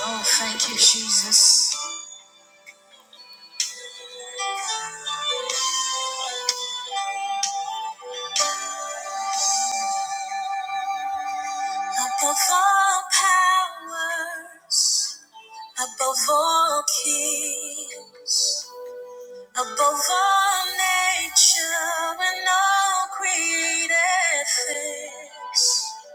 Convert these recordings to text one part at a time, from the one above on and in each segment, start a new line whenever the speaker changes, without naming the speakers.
Oh, thank you, Jesus. Above all powers, above all king, above all nature and all created things,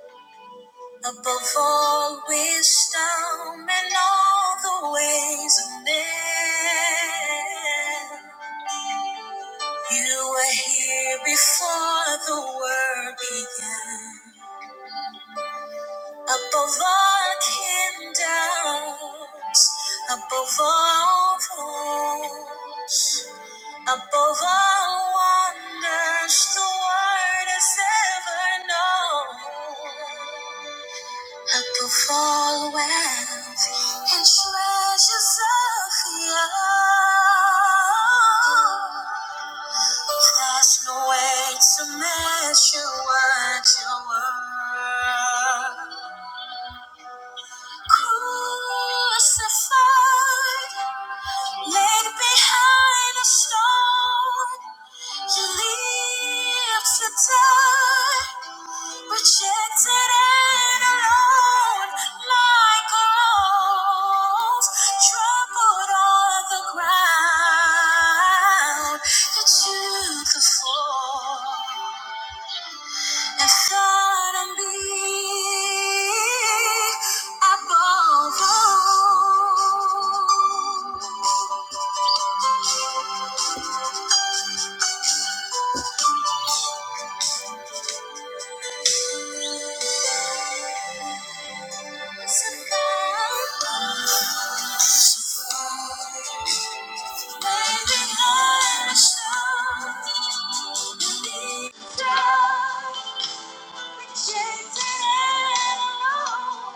above all wisdom and all the ways of men. You were here before the world began. Above all kingdoms, above all thrones, above all wonders the world has ever known, above all wealth and treasures of the earth, there's no way to measure what you're worth. Crucified, laid behind a stone, you live to die, rejected and alone, like a rose, trampled on the ground, that you could fall. Rejected and alone,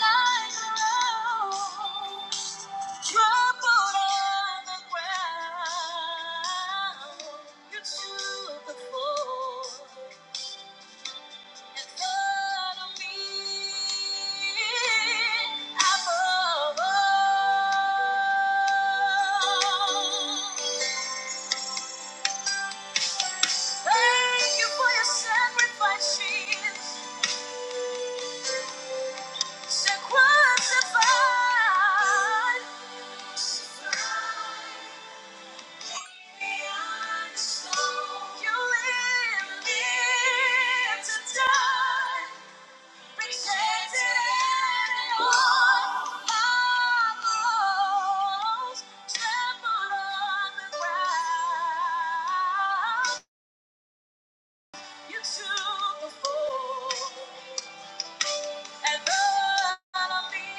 lying alone. Trampled on the ground, you took the fall. and follow me above. all. Thank you for your sacrifice, Jesus. So crucified, crucified. You Took the fall. And though I be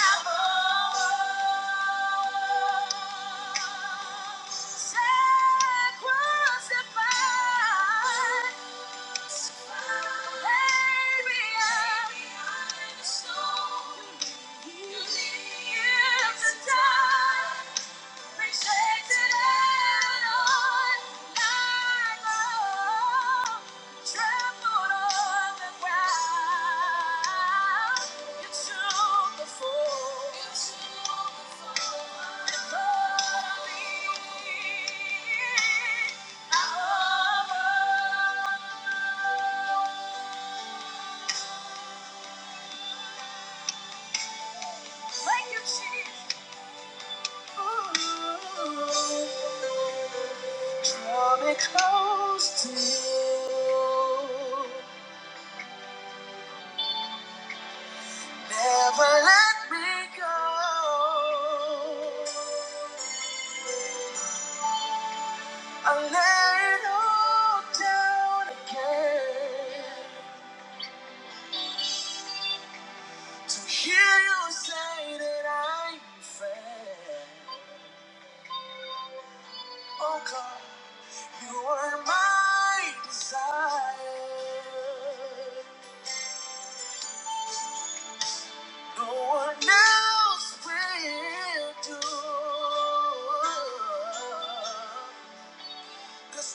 outlaws, sacrificed, maybe I'm so used to die. Thank you, Jesus. Draw me close to you. Never let me go. I lay it all down again to hear you say that I'm fair. Oh God, you are my desire. No one else will do.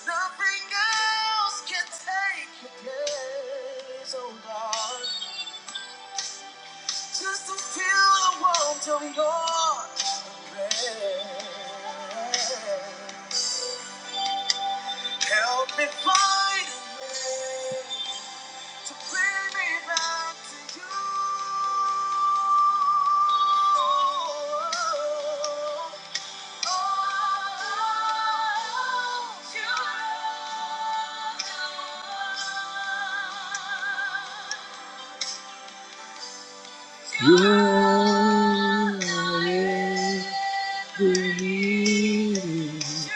nothing else can take your place, oh God. Just to feel the warmth of your embrace. Help me find a way to bring me back to you. You are everything.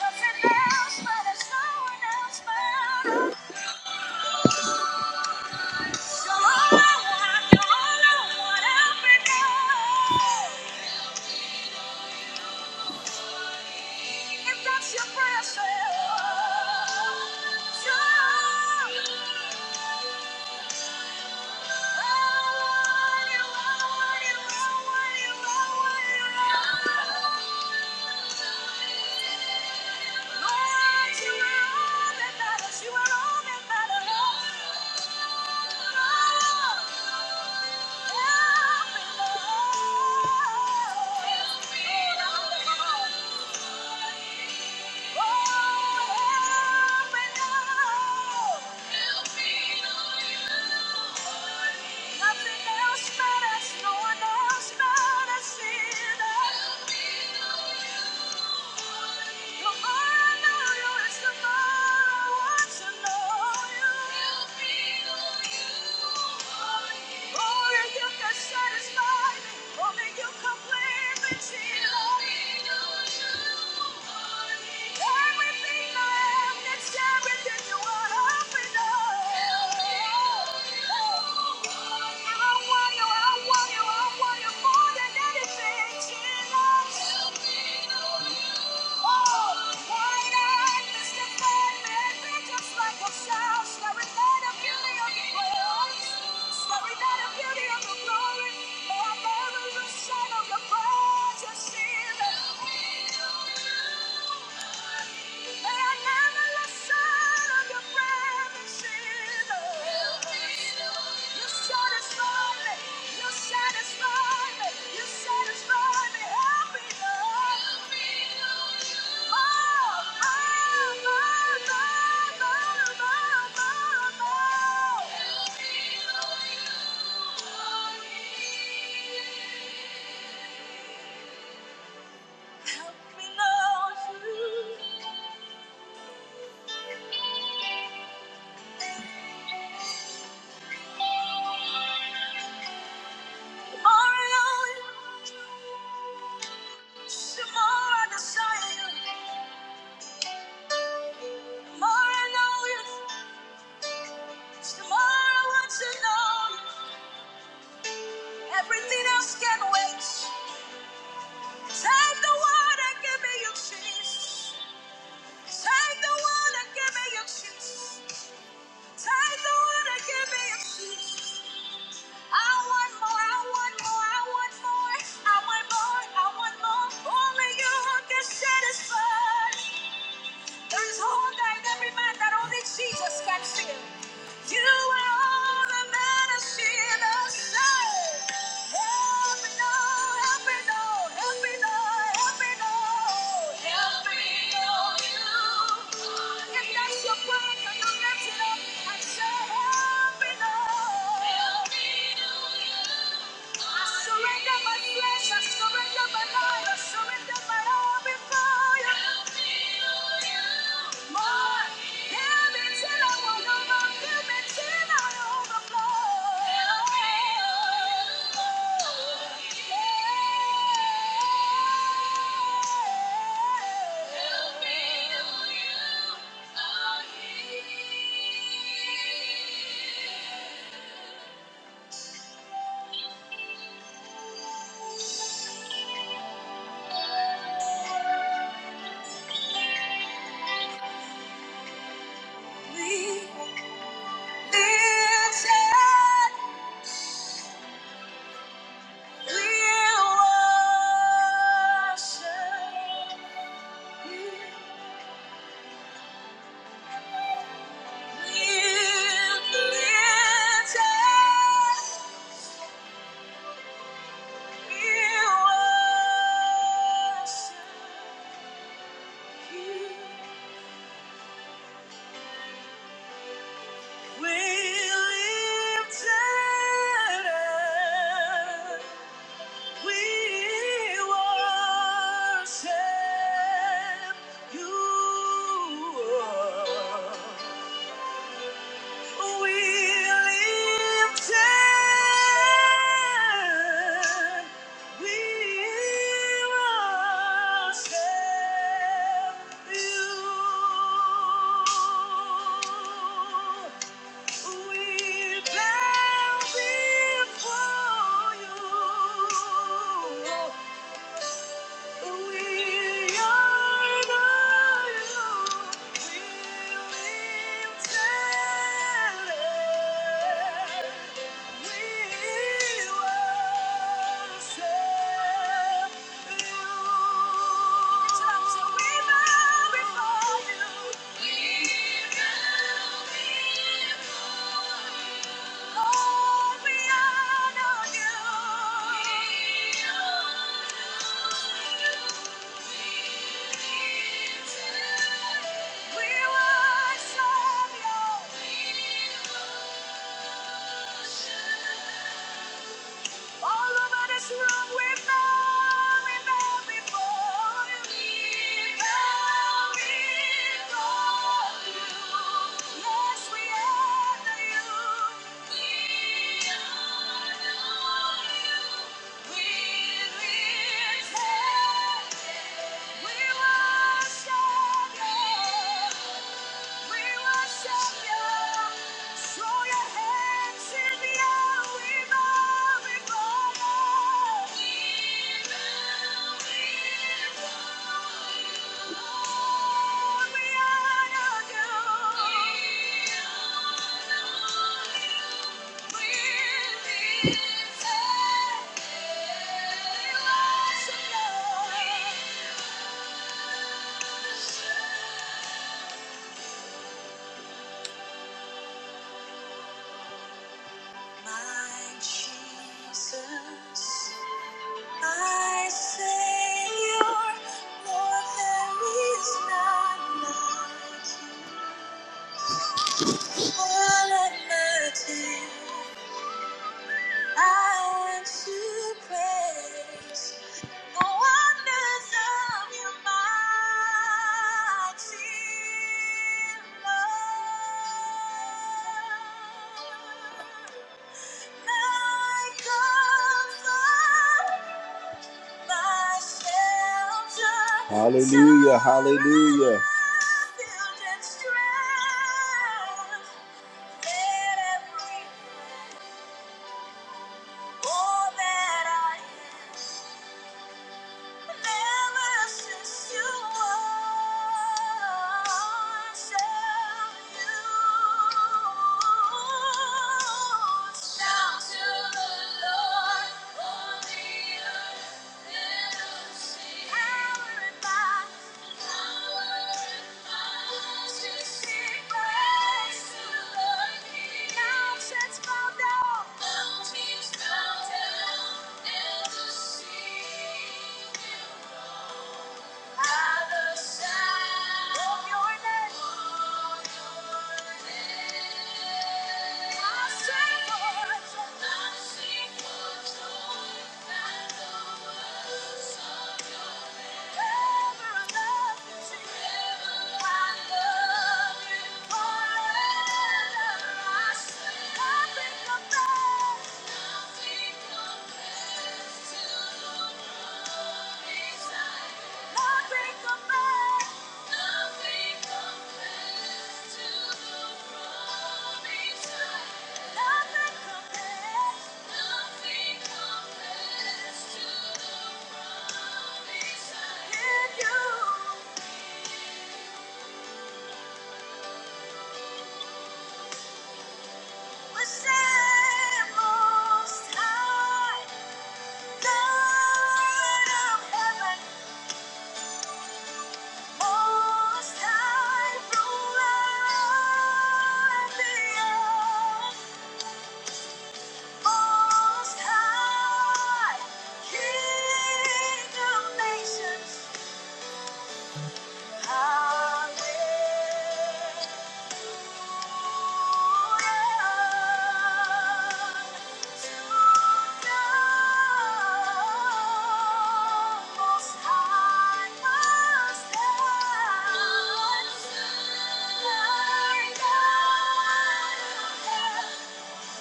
Nothing else matters, no one else matters. Lord, you are all that matters. You are all that matters. Thank you. Satisfy me, only you completely see. Glory, may I never lose sight of your presence. Help me, Lord. Help me love you more and know you. The more I desire you, the more I know you. The more I want to know you. Everything else can wait. Take the word and give me your Jesus. Take the word and give me your Jesus. Take the word and give me your Jesus. I want more, I want more, I want more, I want more, I want more. Only you can satisfy. There is hunger in every man that only Jesus can fill. You are all the man I see in the sun. Help me Lord, help me Lord, help me Lord, help me Lord, Help me, Lord. you. If that's your prayer, can you lift it up and say, Help me now. Help me, oh you. I surrender my flesh, I surrender my life, I surrender my all before you. More, hear me till I want over, fill me till I overflow. Yeah. We worship you. We lifted, we worship you. We bow before you you. We worship you. All of that is wrong with now, we bow before you. We bow before you. Yes, we honor you. We honor you. We lift heaven. We worship you. Yeah. My Jesus, my Savior, Lord, there is none like you. All of my days. I want to praise the wonders of your mighty love. My comfort, my shelter, Hallelujah, hallelujah. Build and strength, let every all that I am, never since you won, shall you. Shout to the Lord, all the earth, let us sing. Thank you. Nothing compares to your love. Most high ruler of the earth. Hallelujah.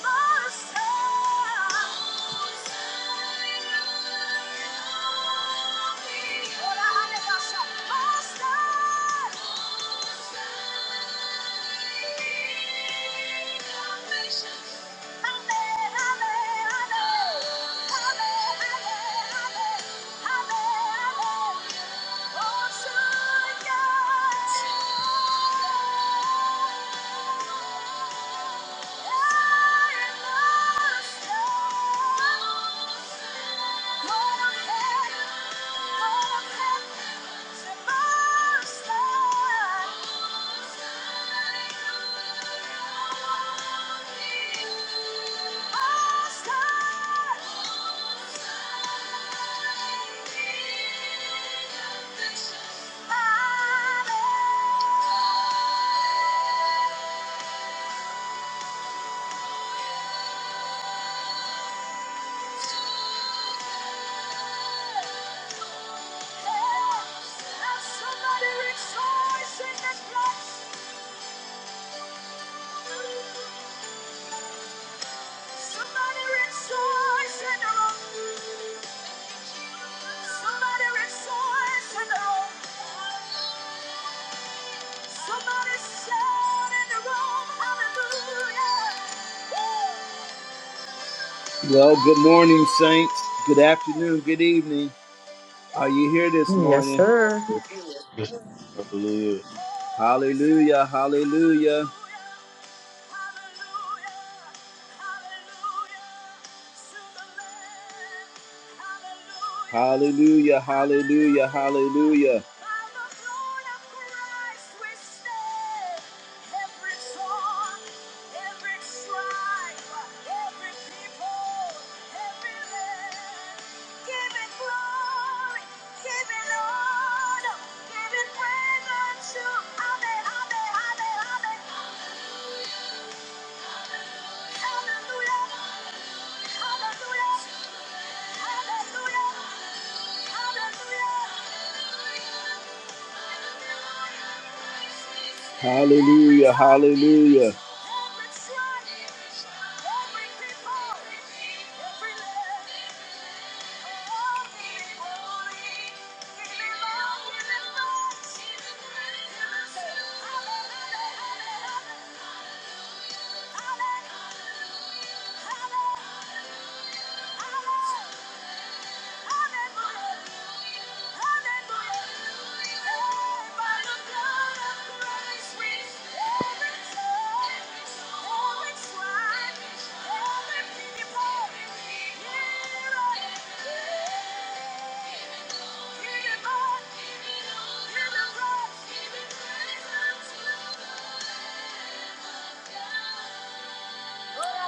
Yeah. Amen. Somebody rejoice in the place. Somebody rejoice in the room. Somebody rejoice in the room. Somebody shout in the room. Hallelujah. Well, good morning, saints. Good afternoon. Good evening. Are you here this
Yes,
morning?
sir.
Yes, hallelujah.
Hallelujah. Hallelujah. Hallelujah, hallelujah, hallelujah. Hallelujah, hallelujah.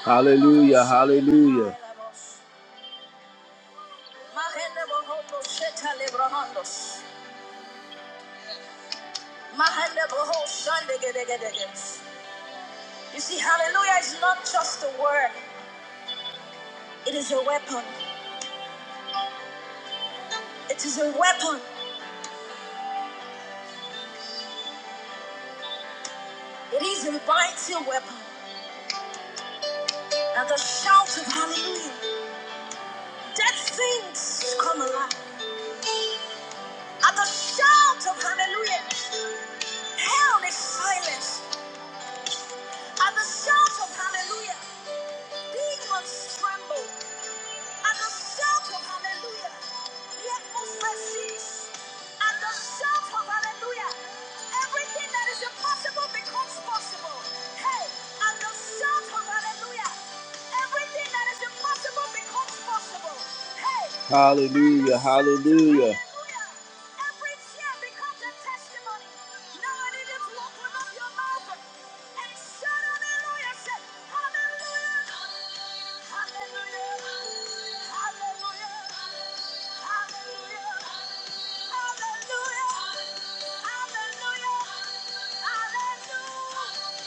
Hallelujah, hallelujah. You see, hallelujah is not just a word, it is a weapon. It is a weapon. It is a mighty weapon. At the shout of hallelujah, dead things come alive. At the shout of hallelujah, hell is silenced. At the shout of hallelujah, demons tremble. And the shout of hallelujah. The atmosphere shifts. And the shout of hallelujah. Everything that is impossible becomes possible. Hey, and the shout of hallelujah. Everything that is impossible becomes possible. Hey. Hallelujah, hallelujah. Every tear becomes a testimony. Now I need you to open up your mouth and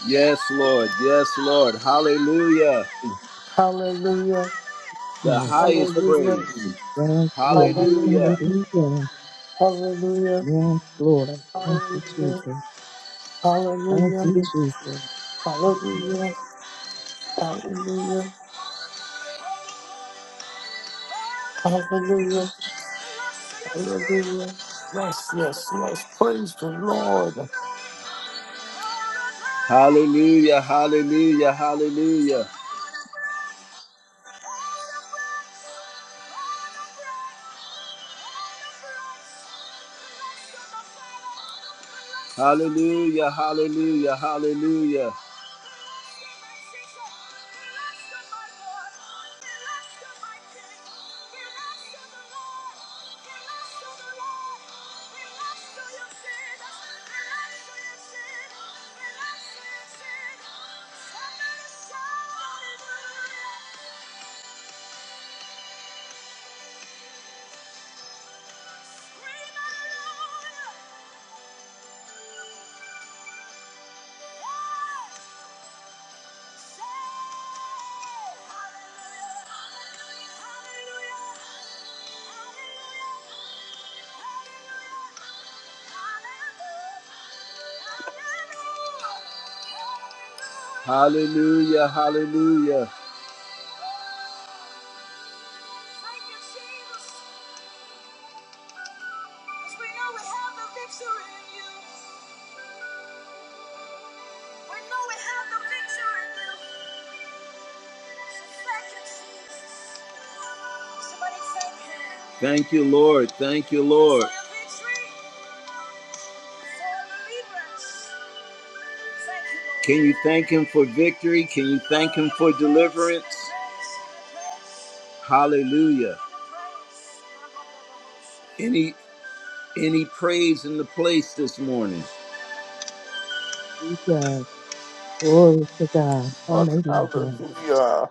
Yes, Lord. Yes, Lord. Hallelujah.
Hallelujah.
The
Yes,
highest
Hallelujah.
praise.
yes, Lord.
Hallelujah.
Hallelujah.
Hallelujah.
Hallelujah.
Yes, Lord. Thank you,
Hallelujah.
Jesus. Thank you,
Hallelujah.
Jesus.
Hallelujah. Hallelujah. Hallelujah. Hallelujah. Yes, yes, yes. Praise the Lord.
Hallelujah, hallelujah, hallelujah. Hallelujah, hallelujah, hallelujah. Scream hallelujah! Hallelujah, hallelujah. We know we have the victory in you. We know we have the victory in you. Thank you, Lord. Thank you, Lord. Can you thank Him for victory? Can you thank Him for deliverance? Hallelujah. Any any praise in the place this morning?
We Glory to God.
Lord,
Hallelujah.
Hallelujah.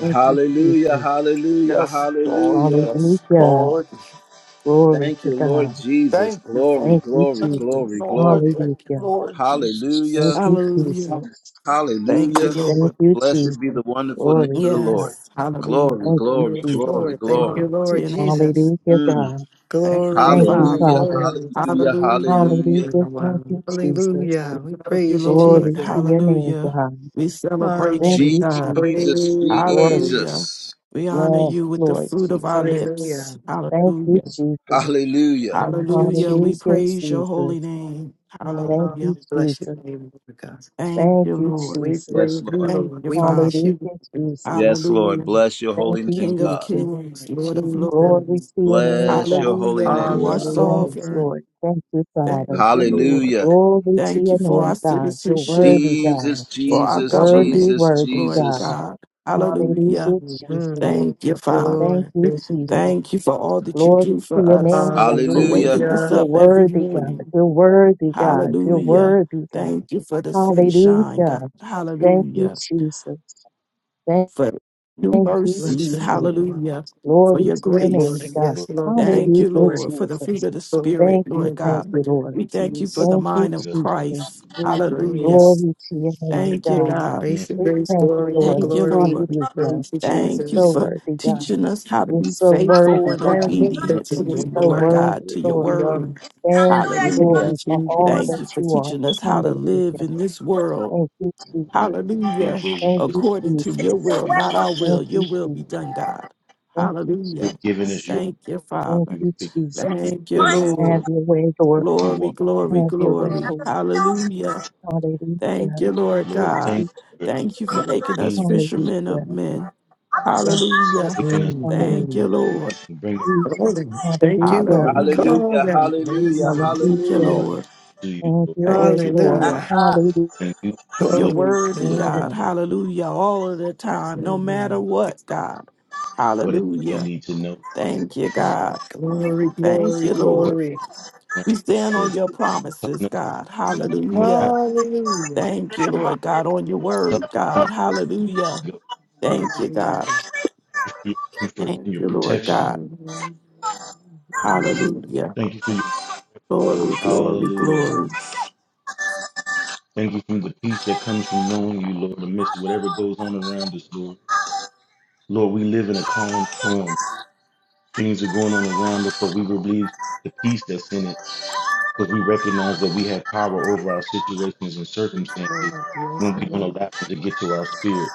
Thank you,
Hallelujah,
Jesus.
hallelujah,
Yes, Lord.
hallelujah.
Yes,
Hallelujah.
Lord.
Glory
Thank
to
you, Lord
God.
Jesus.
Thank you,
Glory,
Father.
Thank you,
glory,
Thank you,
Jesus.
glory,
Lord.
glory.
Thank you,
Hallelujah.
Lord Jesus.
Thank
Hallelujah.
you,
Hallelujah.
Jesus.
Thank
Hallelujah.
you,
Thank
Lord.
you, Jesus.
Blessed be the wonderful name
Glory
of the
to God.
Lord.
Yes.
Glory,
Hallelujah.
Thank you,
glory,
Yes,
glory,
Jesus.
Lord. Thank
glory.
you,
Glory to
Lord
your name.
Jesus.
Hallelujah,
Mm.
God.
Thank
Glory,
you,
Thank you,
glory,
Father.
Hallelujah.
Father.
glory.
Hallelujah.
Hallelujah.
Hallelujah.
Hallelujah.
Thank you, Jesus.
We
Hallelujah. We
love you,
praise you,
Lord.
Glory
Jesus.
to your name,
Hallelujah.
God.
We celebrate
Thank
you,
Hallelujah.
you,
God.
Jesus.
Jesus,
Praise.
Glory.
Hallelujah.
Jesus.
We honor
Yes,
you with the
Lord
fruit of our
Jesus.
Hallelujah.
lips.
Thank you,
Hallelujah.
Jesus.
Hallelujah.
Thank you,
Hallelujah.
Hallelujah,
We
Jesus.
praise your
Jesus.
holy name.
Thank
Lord,
you,
Hallelujah.
we bless your
Jesus.
name, Lord God.
Thank
Thank
you,
you,
Lord.
We
Jesus.
Yes,
praise you,
Lord.
Thank
Lord.
you,
We bless
Father.
Hallelujah,
you,
Jesus.
Yes, Lord.
Hallelujah.
Bless your
Thank
holy
you,
name,
King of
God.
Jesus.
kings,
Lord
Lord of
Glory
Jesus.
lords.
to your name,
Bless your
God.
holy
Hallelujah.
name,
You are
God.
Yes,
Hallelujah.
sovereign.
Lord. Thank you, Father.
Thank you, Lord.
Hallelujah.
Glory to
Thank
your
you for our
name, God. You're
citizenship,
worthy, God.
Jesus,
for
Mhm.
our
Jesus,
Worthy,
government,
Jesus,
worthy,
Lord
God.
Jesus.
God. Hallelujah.
Hallelujah, Jesus.
Thank you,
Thank you,
Father.
Thank
Lord.
you,
Thank you.
Jesus.
Thank you for all that you
Glory
do
to
for
your
us,
name, God.
for
Hallelujah.
waking us
Hallelujah.
You're
up every
worthy, God.
morning.
You're worthy, God. You're
Hallelujah.
worthy, God.
Thank you for the sunshine,
Hallelujah.
God.
Thank you,
Hallelujah.
Jesus. Thank
For new
thank
Thank you,
you,
Lord,
Bless
mercies.
your
Jesus.
name, Lord.
Hallelujah.
Thank
For
Glory
your
to
you
your
for
name,
it.
grace.
God.
Lord,
Yes, Lord. Thank
Thank
for
you
you,
Hallelujah,
for it.
Lord, for the fruit
Jesus.
of the
Lord,
Spirit,
Thank you,
Lord
we thank
thank
God.
you for
you,
your
Lord.
We thank you for
being
mercies,
the
Thank you,
mind
happy
of
us, for
Jesus.
Christ.
your
Hallelujah.
grace,
Glory to your name,
Thank you,
faith,
God.
God.
giving
grace,
us
and
We
grace,
thank you,
glory, your
Lord.
Thank you,
glory.
Lord.
We
Hallelujah.
praise you,
Thank you
So
Jesus.
for
worthy, God.
what
teaching us how to
You're
be
so
faithful
worthy,
and
I
God.
admit that
obedient to
you
You're
you,
giving
are
so
Lord
mine.
God,
worthy,
to your
Lord.
We are.
word.
Thank you,
Hallelujah.
Lord,
Thank
for
you,
all
Thank
Jesus.
that
you for
you are.
teaching us how to live
Hallelujah.
in this world.
Thank you,
want,
Jesus.
Hallelujah.
enjoy what
Thank
it is
you,
According to your
that
Jesus.
will,
we want.
not our will.
Thank
Your
you,
will be
Jesus.
done, God.
Thank you,
You're
Hallelujah.
giving us
Jesus.
your
Thank you,
Thank
we
Father.
you,
recognize what
Jesus.
your
Thank you,
will is,
Lord.
Lord.
Have your way, Lord.
We
Glory,
walk.
glory,
Have your way,
glory.
Lord.
Hallelujah. Thank
Hallelujah.
you, Lord
Lord,
God.
thank
Jesus.
you for
Thank you
allowing
for
us
making
in,
us
you're
fishermen
Hallelujah.
of men.
Yes, Lord.
Hallelujah.
taking us
Mm,
Hallelujah.
Thank you,
mm.
Lord.
and bringing us
Jesus.
Glory. Thank you,
Hallelujah.
Lord.
Hallelujah.
Call
Hallelujah,
out. Thank you,
hallelujah,
Lord.
Thank you,
Hallelujah.
hallelujah.
Lord.
to you,
Have
Lord.
your
Thank
way,
you,
Lord.
God.
Hallelujah.
Hallelujah.
And you
You're
want
Glory.
worthy,
us to
God,
God.
out.
Hallelujah. All of the time, no matter
Amen.
say
what, God.
what it is we
Hallelujah.
need to know.
Thank you,
Oh,
God.
Glory,
Thank
glory,
you, Lord.
glory.
We stand on
Lord,
your promises,
telling us
God.
when we're not
Hallelujah.
Hallelujah.
Thank you,
to do you,
Lord God, on your
telling us
word,
when
God. Hallelujah.
to go. Thank
Thank you, God.
Hallelujah.
you for your comfort and
Thank
your
you, Lord
protection.
God.
Mhm. Mhm.
Hallelujah.
Thank you for your
Glory,
Lord.
glory,
Hallelujah.
glory.
Thank you for the peace that comes from knowing you, Lord, amidst whatever goes on around us, Lord. Lord, we live in a calm storm. Things are going on around us, but we believe the peace that's in it because we recognize that we have power over our situations and
Yes,
circumstances
Lord. Yes,
when we don't
Lord.
allow them to get to our spirit.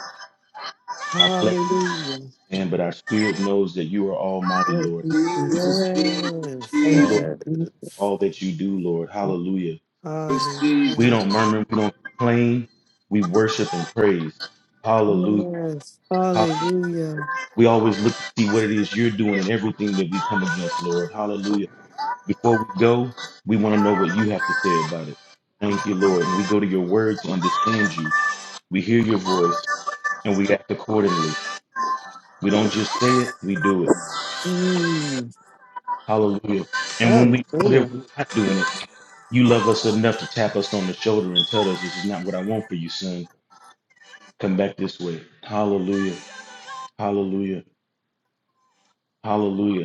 Our flesh
Hallelujah.
can, but our spirit knows that you are almighty,
Thank
Lord.
you, Jesus.
Jesus, Jesus,
Yes.
Thank
Lord,
you,
Jesus,
Jesus.
Yes.
all that you do, Lord. Hallelujah.
Jesus.
We
Hallelujah.
don't murmur, we don't complain. We worship and praise. Hallelujah.
Yes. Hallelujah.
We always look to see what it is you're doing in everything that we come against, Lord. Hallelujah. Before we go, we want to know what you have to say about it. Thank you, Lord. When we go to your word to understand you, we hear your voice and we act accordingly. We don't just say it, we do it.
Mm.
Hallelujah. And when we know that we're
Hallelujah.
not doing it, you love us enough to tap us on the shoulder and tell us this is not what I want for you, son. Come back this way. Hallelujah. Hallelujah. Hallelujah.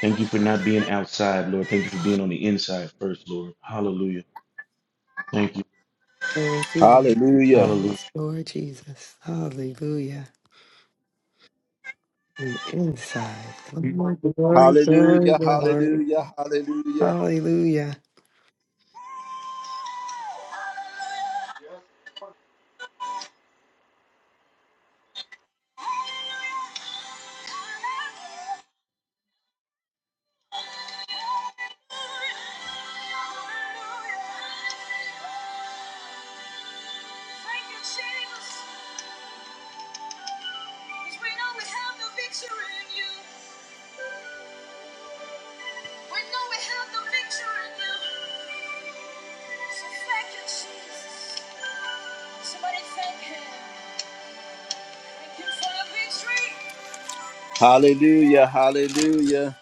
Thank you for not being outside, Lord. Thank you for being on the inside first, Lord. Hallelujah. Thank you.
Thank you, Lord.
Hallelujah.
Hallelujah.
Yes, Lord Jesus. Hallelujah. Mm, Inside. Glory, glory, glory,
Hallelujah,
glory.
hallelujah, hallelujah.
Hallelujah.
Hallelujah, hallelujah.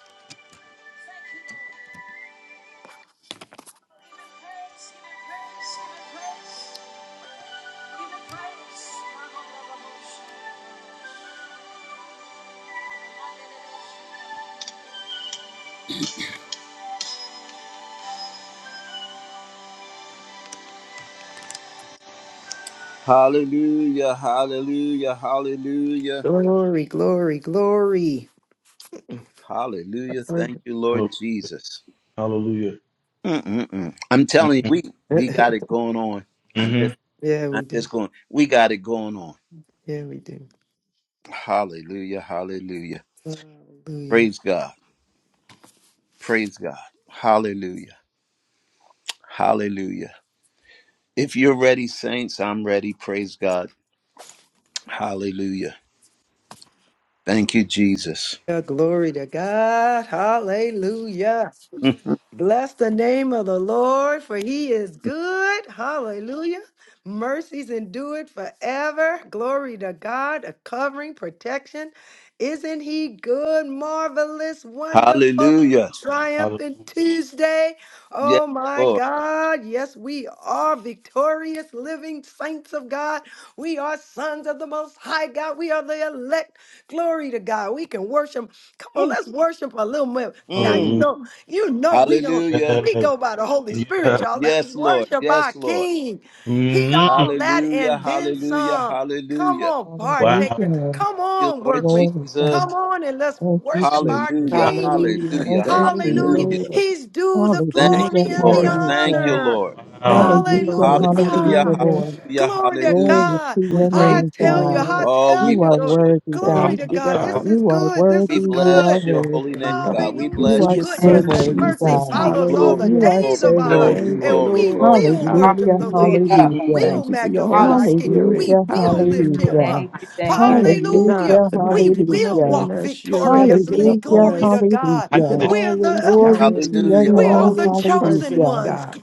Hallelujah, hallelujah, hallelujah,
Glory, glory, glory.
hallelujah. Thank you, Lord Jesus.
Hallelujah.
Mm-mm-mm. I'm telling you,
Hallelujah.
we, we got it going on. I'm
hmm
just,
yeah, we
I'm
do.
just going, we got it going on.
Yeah, we do.
Hallelujah, hallelujah.
Hallelujah.
Praise God, praise God. Hallelujah, hallelujah. If you're ready, saints, I'm ready. Praise God. Hallelujah. Thank you, Jesus.
Yeah, glory to God. Hallelujah. Bless the name of the Lord, for he is good. Hallelujah. Mercies endure it forever. Glory to God, a covering, protection. Isn't he good, marvelous, wonderful,
hallelujah.
Hallelujah.
triumphant Tuesday?
Yes,
Oh my
Lord.
God. Yes, we are victorious, living saints of God. We are sons of the Most High God. We are the elect. Glory to God. We can worship. Come on, let's worship a little more. Now, you
Mm.
Hallelujah.
know. You know we don't
Hallelujah.
we
Yeah.
go by the Holy Spirit, y'all. Let's
Yes, Lord.
worship our
Yes, Lord.
King. He
hmm
all that
Hallelujah.
and then
Hallelujah.
some. Come
Hallelujah.
on,
Wow.
partakers.
Hallelujah.
Come
Thank you,
on,
Lord
workmen.
Glory
Jesus.
God.
Come on and let's
Thank you,
worship our
Jesus.
Hallelujah.
Wow.
King.
Hallelujah.
Thank
Hallelujah.
you,
Thank you,
Hallelujah.
Jesus.
Hallelujah.
Lord.
He's due the
Thank
Thank
Hallelujah,
glory
you,
you,
and the
Lord.
God.
Thank you,
hallelujah.
honor.
Lord.
Thank
Wow.
you,
Hallelujah,
Lord.
hallelujah,
Hallelujah.
Hallelujah.
Hallelujah.
Lord.
Hallelujah.
Glory to
Glory
Hallelujah.
God.
to
We're
your
I
name,
grateful,
tell you,
God.
I
Lord.
Oh, we
tell
You
you,
are
bless
God.
your
Hallelujah.
worthy,
Glory
God.
Thank
to
you,
Hallelujah.
God. This
God.
is
You are
good. This
we
is
worthy, you
bless
are
good.
your holy name,
worthy.
God. We
Thank you
You
Hallelujah.
for
bless
are
your
your
so
holy
Thank
Goodness
son,
name.
you.
and
worthy,
mercy
Jesus.
God.
follows all
Glory,
the
You
Hallelujah.
are
days
so
glory,
of our life.
glory,
Thank
worthy.
you,
And
glory,
we
Lord.
glory.
will
Thank
worship
Hallelujah,
the
Hallelujah.
you.
Lord. We
Mm.
Hallelujah.
hallelujah.
will
Thank you for your
Hallelujah.
magnify
Holy
our King.
Spirit.
We
Hallelujah,
will lift
Hallelujah.
him
hallelujah.
up.
Thank you. Thank you. Thank you.
Thank you, God,
Hallelujah.
Hallelujah,
for
We
not giving
will
up
hallelujah.
on
walk
us. You'll
Thank
never give
victoriously.
up
Hallelujah,
on
Glory
Lord,
us.
to
we see the
God.
We
heights
can
hallelujah.
that
you.
you
We are
always
the
count
Glory to
on
Hallelujah.
you.
your
You're
we are
name.
the
always
chosen
present,
Hallelujah.
ones.
God.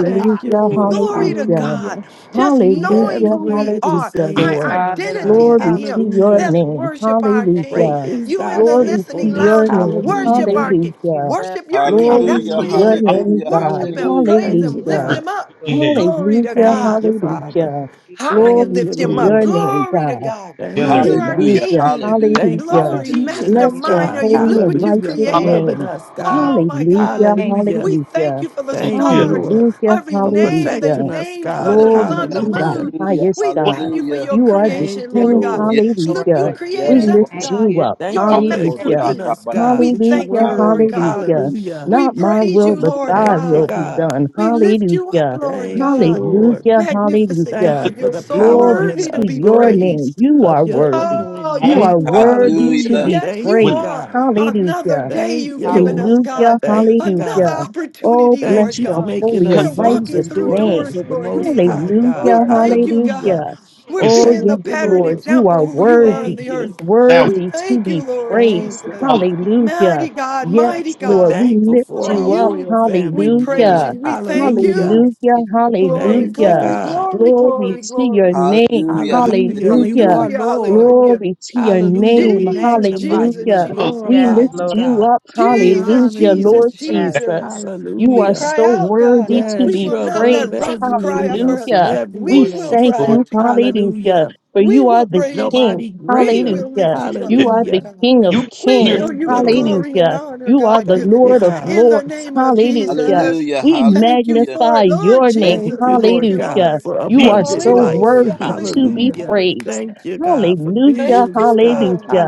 Thank you,
have.
Lord.
Glory to
Hallelujah.
God.
Hallelujah.
Lord,
Just
You're
knowing
Hallelujah.
who
everywhere
we
at the
are,
Hallelujah,
we thought we had
same
seen
our
Lord.
all
time,
these
identity
God.
Hallelujah.
in
Glory to
Him.
your
Let's
Hallelujah.
Jesus.
things,
name.
worship our
Thank
King.
Great
Hallelujah.
is
You
thy
in
you.
the
Glory to
listening
Lord.
faithfulness.
your
lounge,
name.
Thank
worship
you. Thank you.
Hallelujah.
our King.
Hallelujah.
Jesus.
Worship your King.
Thank
Glory
That's who
Hallelujah,
to
He
you.
your
Hallelujah.
is.
name,
Thank
hallelujah,
you,
Hallelujah.
God.
Worship
Lord.
Him,
hallelujah.
How
praise
you
Thank you,
Him,
Hallelujah.
lift
Glory.
disperse
Him
God.
up.
Glory. Glory.
Glory to
Hallelujah,
God
Thank you, Father.
hallelujah.
Jesus.
high and
Thank
Glory
you,
lift
to
him up.
Mm.
your
Lord.
everything
name,
Glory to
We
God.
God.
that you
Thank
Thank
You
you,
are
God.
Hallelujah,
Hallelujah,
king.
hallelujah,
Thank you for
you.
hallelujah.
Glory,
hallelujah,
teaching
Bless
us,
your
mastermind are
God.
you.
holy
Look
and
what you've
Hallelujah.
righteous
For
together.
Thank
created.
loving
name.
us,
you. Father. Thank you. Thank you,
God.
Oh
Jesus.
my
Hallelujah,
God.
Thank you.
Hallelujah.
We thank
hallelujah.
you for the
Thank
Hallelujah.
you,
stars,
Lord,
Hallelujah,
every
for
name, the
hallelujah.
protecting us,
names, the,
God.
the
Glory
sun, the
Rather, than all of us,
hallelujah,
to the
Hallelujah.
moon.
hallelujah,
highest
We
God.
thank you for
hallelujah.
your
You are the
Thank
creation,
you,
Bless
Lord
King,
God.
Lord.
Yes,
your
Look,
Lord.
you
hallelujah.
Bless
Lord,
your
We
created
yes,
name.
Thank
us,
Lord.
lift
Thank
you.
God,
you
you.
up,
your
Thank
Ah,
you for
hallelujah,
Oh,
Thank
hallelujah.
equipping
you,
shaka,
masterpiece.
us,
but I,
Jesus.
God,
We
with your
thank
Hallelujah,
you,
ah,
Lord
word.
God.
Lord.
mm.
hallelujah.
Hallelujah.
We
Not my
praise
will,
you,
but
Lord
Hallelujah,
thy
Thank you,
God.
will be
God.
done.
We lift you up,
Hallelujah.
Lord
Thank you,
God.
Lord.
Hallelujah,
Magnificent
Thank
hallelujah.
you
God,
let
for
you're
the
so
Jesus.
power
Glory
and
worthy to
to
the
be
your
authority
name.
praised.
You
of
are
your
worthy.
her
Oh,
anointing.
You
alone
yes,
are
you are.
worthy to
hallelujah,
Hallelujah.
be
Yes,
Thank
you
you,
with
praised.
are.
God.
Hallelujah.
Another day
Thank
you've
you,
given
Lord.
us,
Hallelujah. Yes,
Hallelujah,
God.
Thank you, God.
Another
hallelujah. Oh,
opportunity,
Thank
Lord
bless
you for
your
God.
making
holy
us
and
We're
coming
sons
walking
righteous
and
through
name.
daughters
doors,
of the
Lord
Most
Jesus.
High God.
We
Hallelujah,
Lord.
thank you, God.
Hallelujah.
hallelujah.
We're
is
Oh,
being the
yes,
Thank you,
pattern
Lord,
Lord.
you
example
are
who you are on
worthy,
Thank
the earth.
you.
loud.
We
worthy to
thank you,
be
Lord
Thank
praised.
you,
Jesus.
God.
Hallelujah,
Mighty
Hallelujah.
God,
Yes,
Yes.
mighty
We're
Lord,
God
we
thankful
lift
for
are
our
you up.
you.
royal
We
family,
praise
Hallelujah.
you.
Lord.
We
Thank
thank
Hallelujah.
you.
Hallelujah,
you, thank you, thank you.
Glory,
Thank you,
hallelujah.
glory,
God.
glory,
Thank
Glory
you,
glory,
Jesus.
to your
glory.
name.
hallelujah,
Hallelujah.
hallelujah,
You
Hallelujah.
are
Hallelujah,
Lord.
hallelujah.
Glory to your
Hallelujah. We
name.
Jesus,
magnify you
Jesus,
Hallelujah.
and
Jesus.
hallelujah.
We
Yes,
glorify
lift
you,
Lord.
you
God.
up.
We
Jesus,
honor
Hallelujah,
Jesus,
you.
Lord
Yes.
That's the
Jesus.
Jesus. You
We
are
Hallelujah.
cry
so
out, God.
worthy to
We
Yes,
be
will
you're
not
above
let
praised.
rocks cry
everything
out for
else
us.
and
Hallelujah. We
We
everyone
will
else.
thank
cry
Lord
out
you.
you
to you, God.
Hallelujah.
Hallelujah.
For
We
you are
will
the
praise
King.
you.
Nobody
We
greater.
will
Hallelujah.
lift you up,
You
did.
are
Lord
the
Hallelujah.
God.
King of
You can't
We
hear
kings.
it.
show
Thank
you
you,
the
Lord.
glory and
Hallelujah.
honor,
You are
God,
the
Thank
given
you,
Lord of
God.
in the
lords.
name of
Hallelujah.
Jesus.
hallelujah,
We
Hallelujah.
Thank you
hallelujah.
for
magnify
it, Lord
your name.
Thank
Jesus.
you,
Thank
Lord
you,
God,
Hallelujah.
Lord.
for
Thank
You
We
are
can because
you, Jesus.
abundant
you did.
so
life.
Hallelujah.
worthy to be
Hallelujah.
Hallelujah.
hallelujah.
praised.
Thank you, God, for
Hallelujah.
Thank
visions,
you,
God.
Lord.
Hallelujah.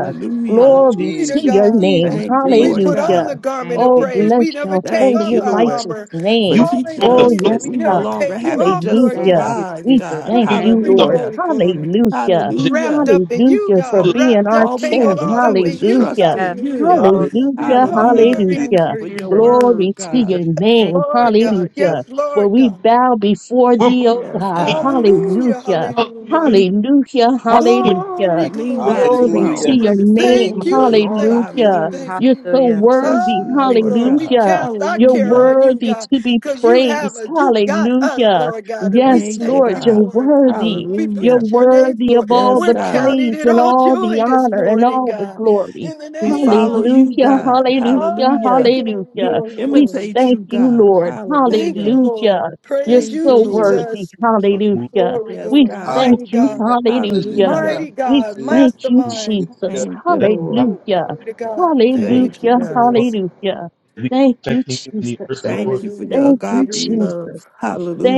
Hallelujah.
Glory
Glory
to
to
Jesus,
your
God.
name.
Jesus,
Thank you,
We
Lord
Jesus.
put on
Hallelujah.
the
God.
garment
Thank
of
Oh,
you,
praise.
Jesus.
bless
We never
your
take
Thank
holy
off
you,
and
our
Lord,
righteous
armor.
for
You
name.
put
teaching
on the
us
Hallelujah.
Oh,
flesh
that
We
yes,
we
of
no
a
never
God.
longer
take
man
you
have to
off,
just
Lord
Thank
and
Hallelujah.
you,
Jesus.
survive,
We
come
Jesus.
with
God.
thank
everything you
Thank
you,
Glory,
you.
thought
Lord.
Hallelujah.
glory,
you could
glory
Hallelujah.
so that
wrapped
Hallelujah.
up in you,
Hallelujah for
A-
God,
you could
being
wrapped
our
up,
All we
King.
tangled
have to
all
do
up in
is
you.
trust
Hallelujah.
Yes,
in
Hallelujah.
you.
Lord.
Hallelujah,
Hallelujah.
purpose
Hallelujah.
us
Glory,
hallelujah,
Thank you
Hallelujah.
for
glory.
In
your
the name of
Glory
and
word,
to
then you
God.
Jesus.
your
send us
Yes,
out
Thank
name.
to be a
you.
Lord
good
Thank
God.
teacher.
Yes,
Hallelujah.
you.
Lord
For we
God.
bow before
We're
thee,
part of
O
Yes,
the
God.
team,
God.
y'all.
Hallelujah,
Hallelujah.
hallelujah.
Hallelujah. We're
Hallelujah.
part of the winning.
Hallelujah.
Glory,
We lean
glory.
Yes.
not to
Thank
our
Glory to
you.
hallelujah.
own
your name.
Thank
understanding, but in
you,
all
thank
thy
you,
Hallelujah.
thank
ways
You're
you.
so
Hallelujah.
we trust
worthy.
you,
Hi,
Lord
Lord. We
God.
Hallelujah.
cast our
You're
care
Hallelujah.
on you,
worthy
God,
to be
because you have
praised.
us. You got us,
Hallelujah.
Lord God, and we
Yes,
Thank you,
thank
Lord,
you
you're
God.
for it.
worthy.
We
You're
Hallelujah.
bless your name
worthy
for it.
of all
Yes,
We're
the
God.
counting
praise
it
and
all
all the
joy this
honor and
morning,
all the
God.
glory.
In the
We
Yes,
name
Lord,
follow
of
you,
Jesus.
Hallelujah.
yes.
God.
Hallelujah.
Ay,
Hallelujah.
glory,
We
Hallelujah.
glory,
We
glory.
imitate you,
thank you,
God.
Lord.
Thank you,
Hallelujah.
Lord.
Hallelujah. You're
Praise
Thank
you,
you,
so
Lord.
worthy.
Jesus.
But move,
Hallelujah.
Glory,
Yes,
We
glory.
Hallelujah.
God.
move,
thank
Mighty
you.
God.
Hallelujah.
Hallelujah.
Hallelujah.
Hallelujah.
Mighty
We
God.
thank you,
move.
Mastermind.
Jesus.
hallelujah.
Thank you,
Let us
Lord.
Woo,
Hallelujah.
glory to God.
But
Thank
what
you,
Thank you,
Hallelujah.
God.
harm
Jesus.
Hallelujah.
that we
Thank you,
affecting in the earth,
Jesus.
Lord,
Thank you for
Hallelujah.
your
Thank you,
agape
Hallelujah.
love.
Jesus.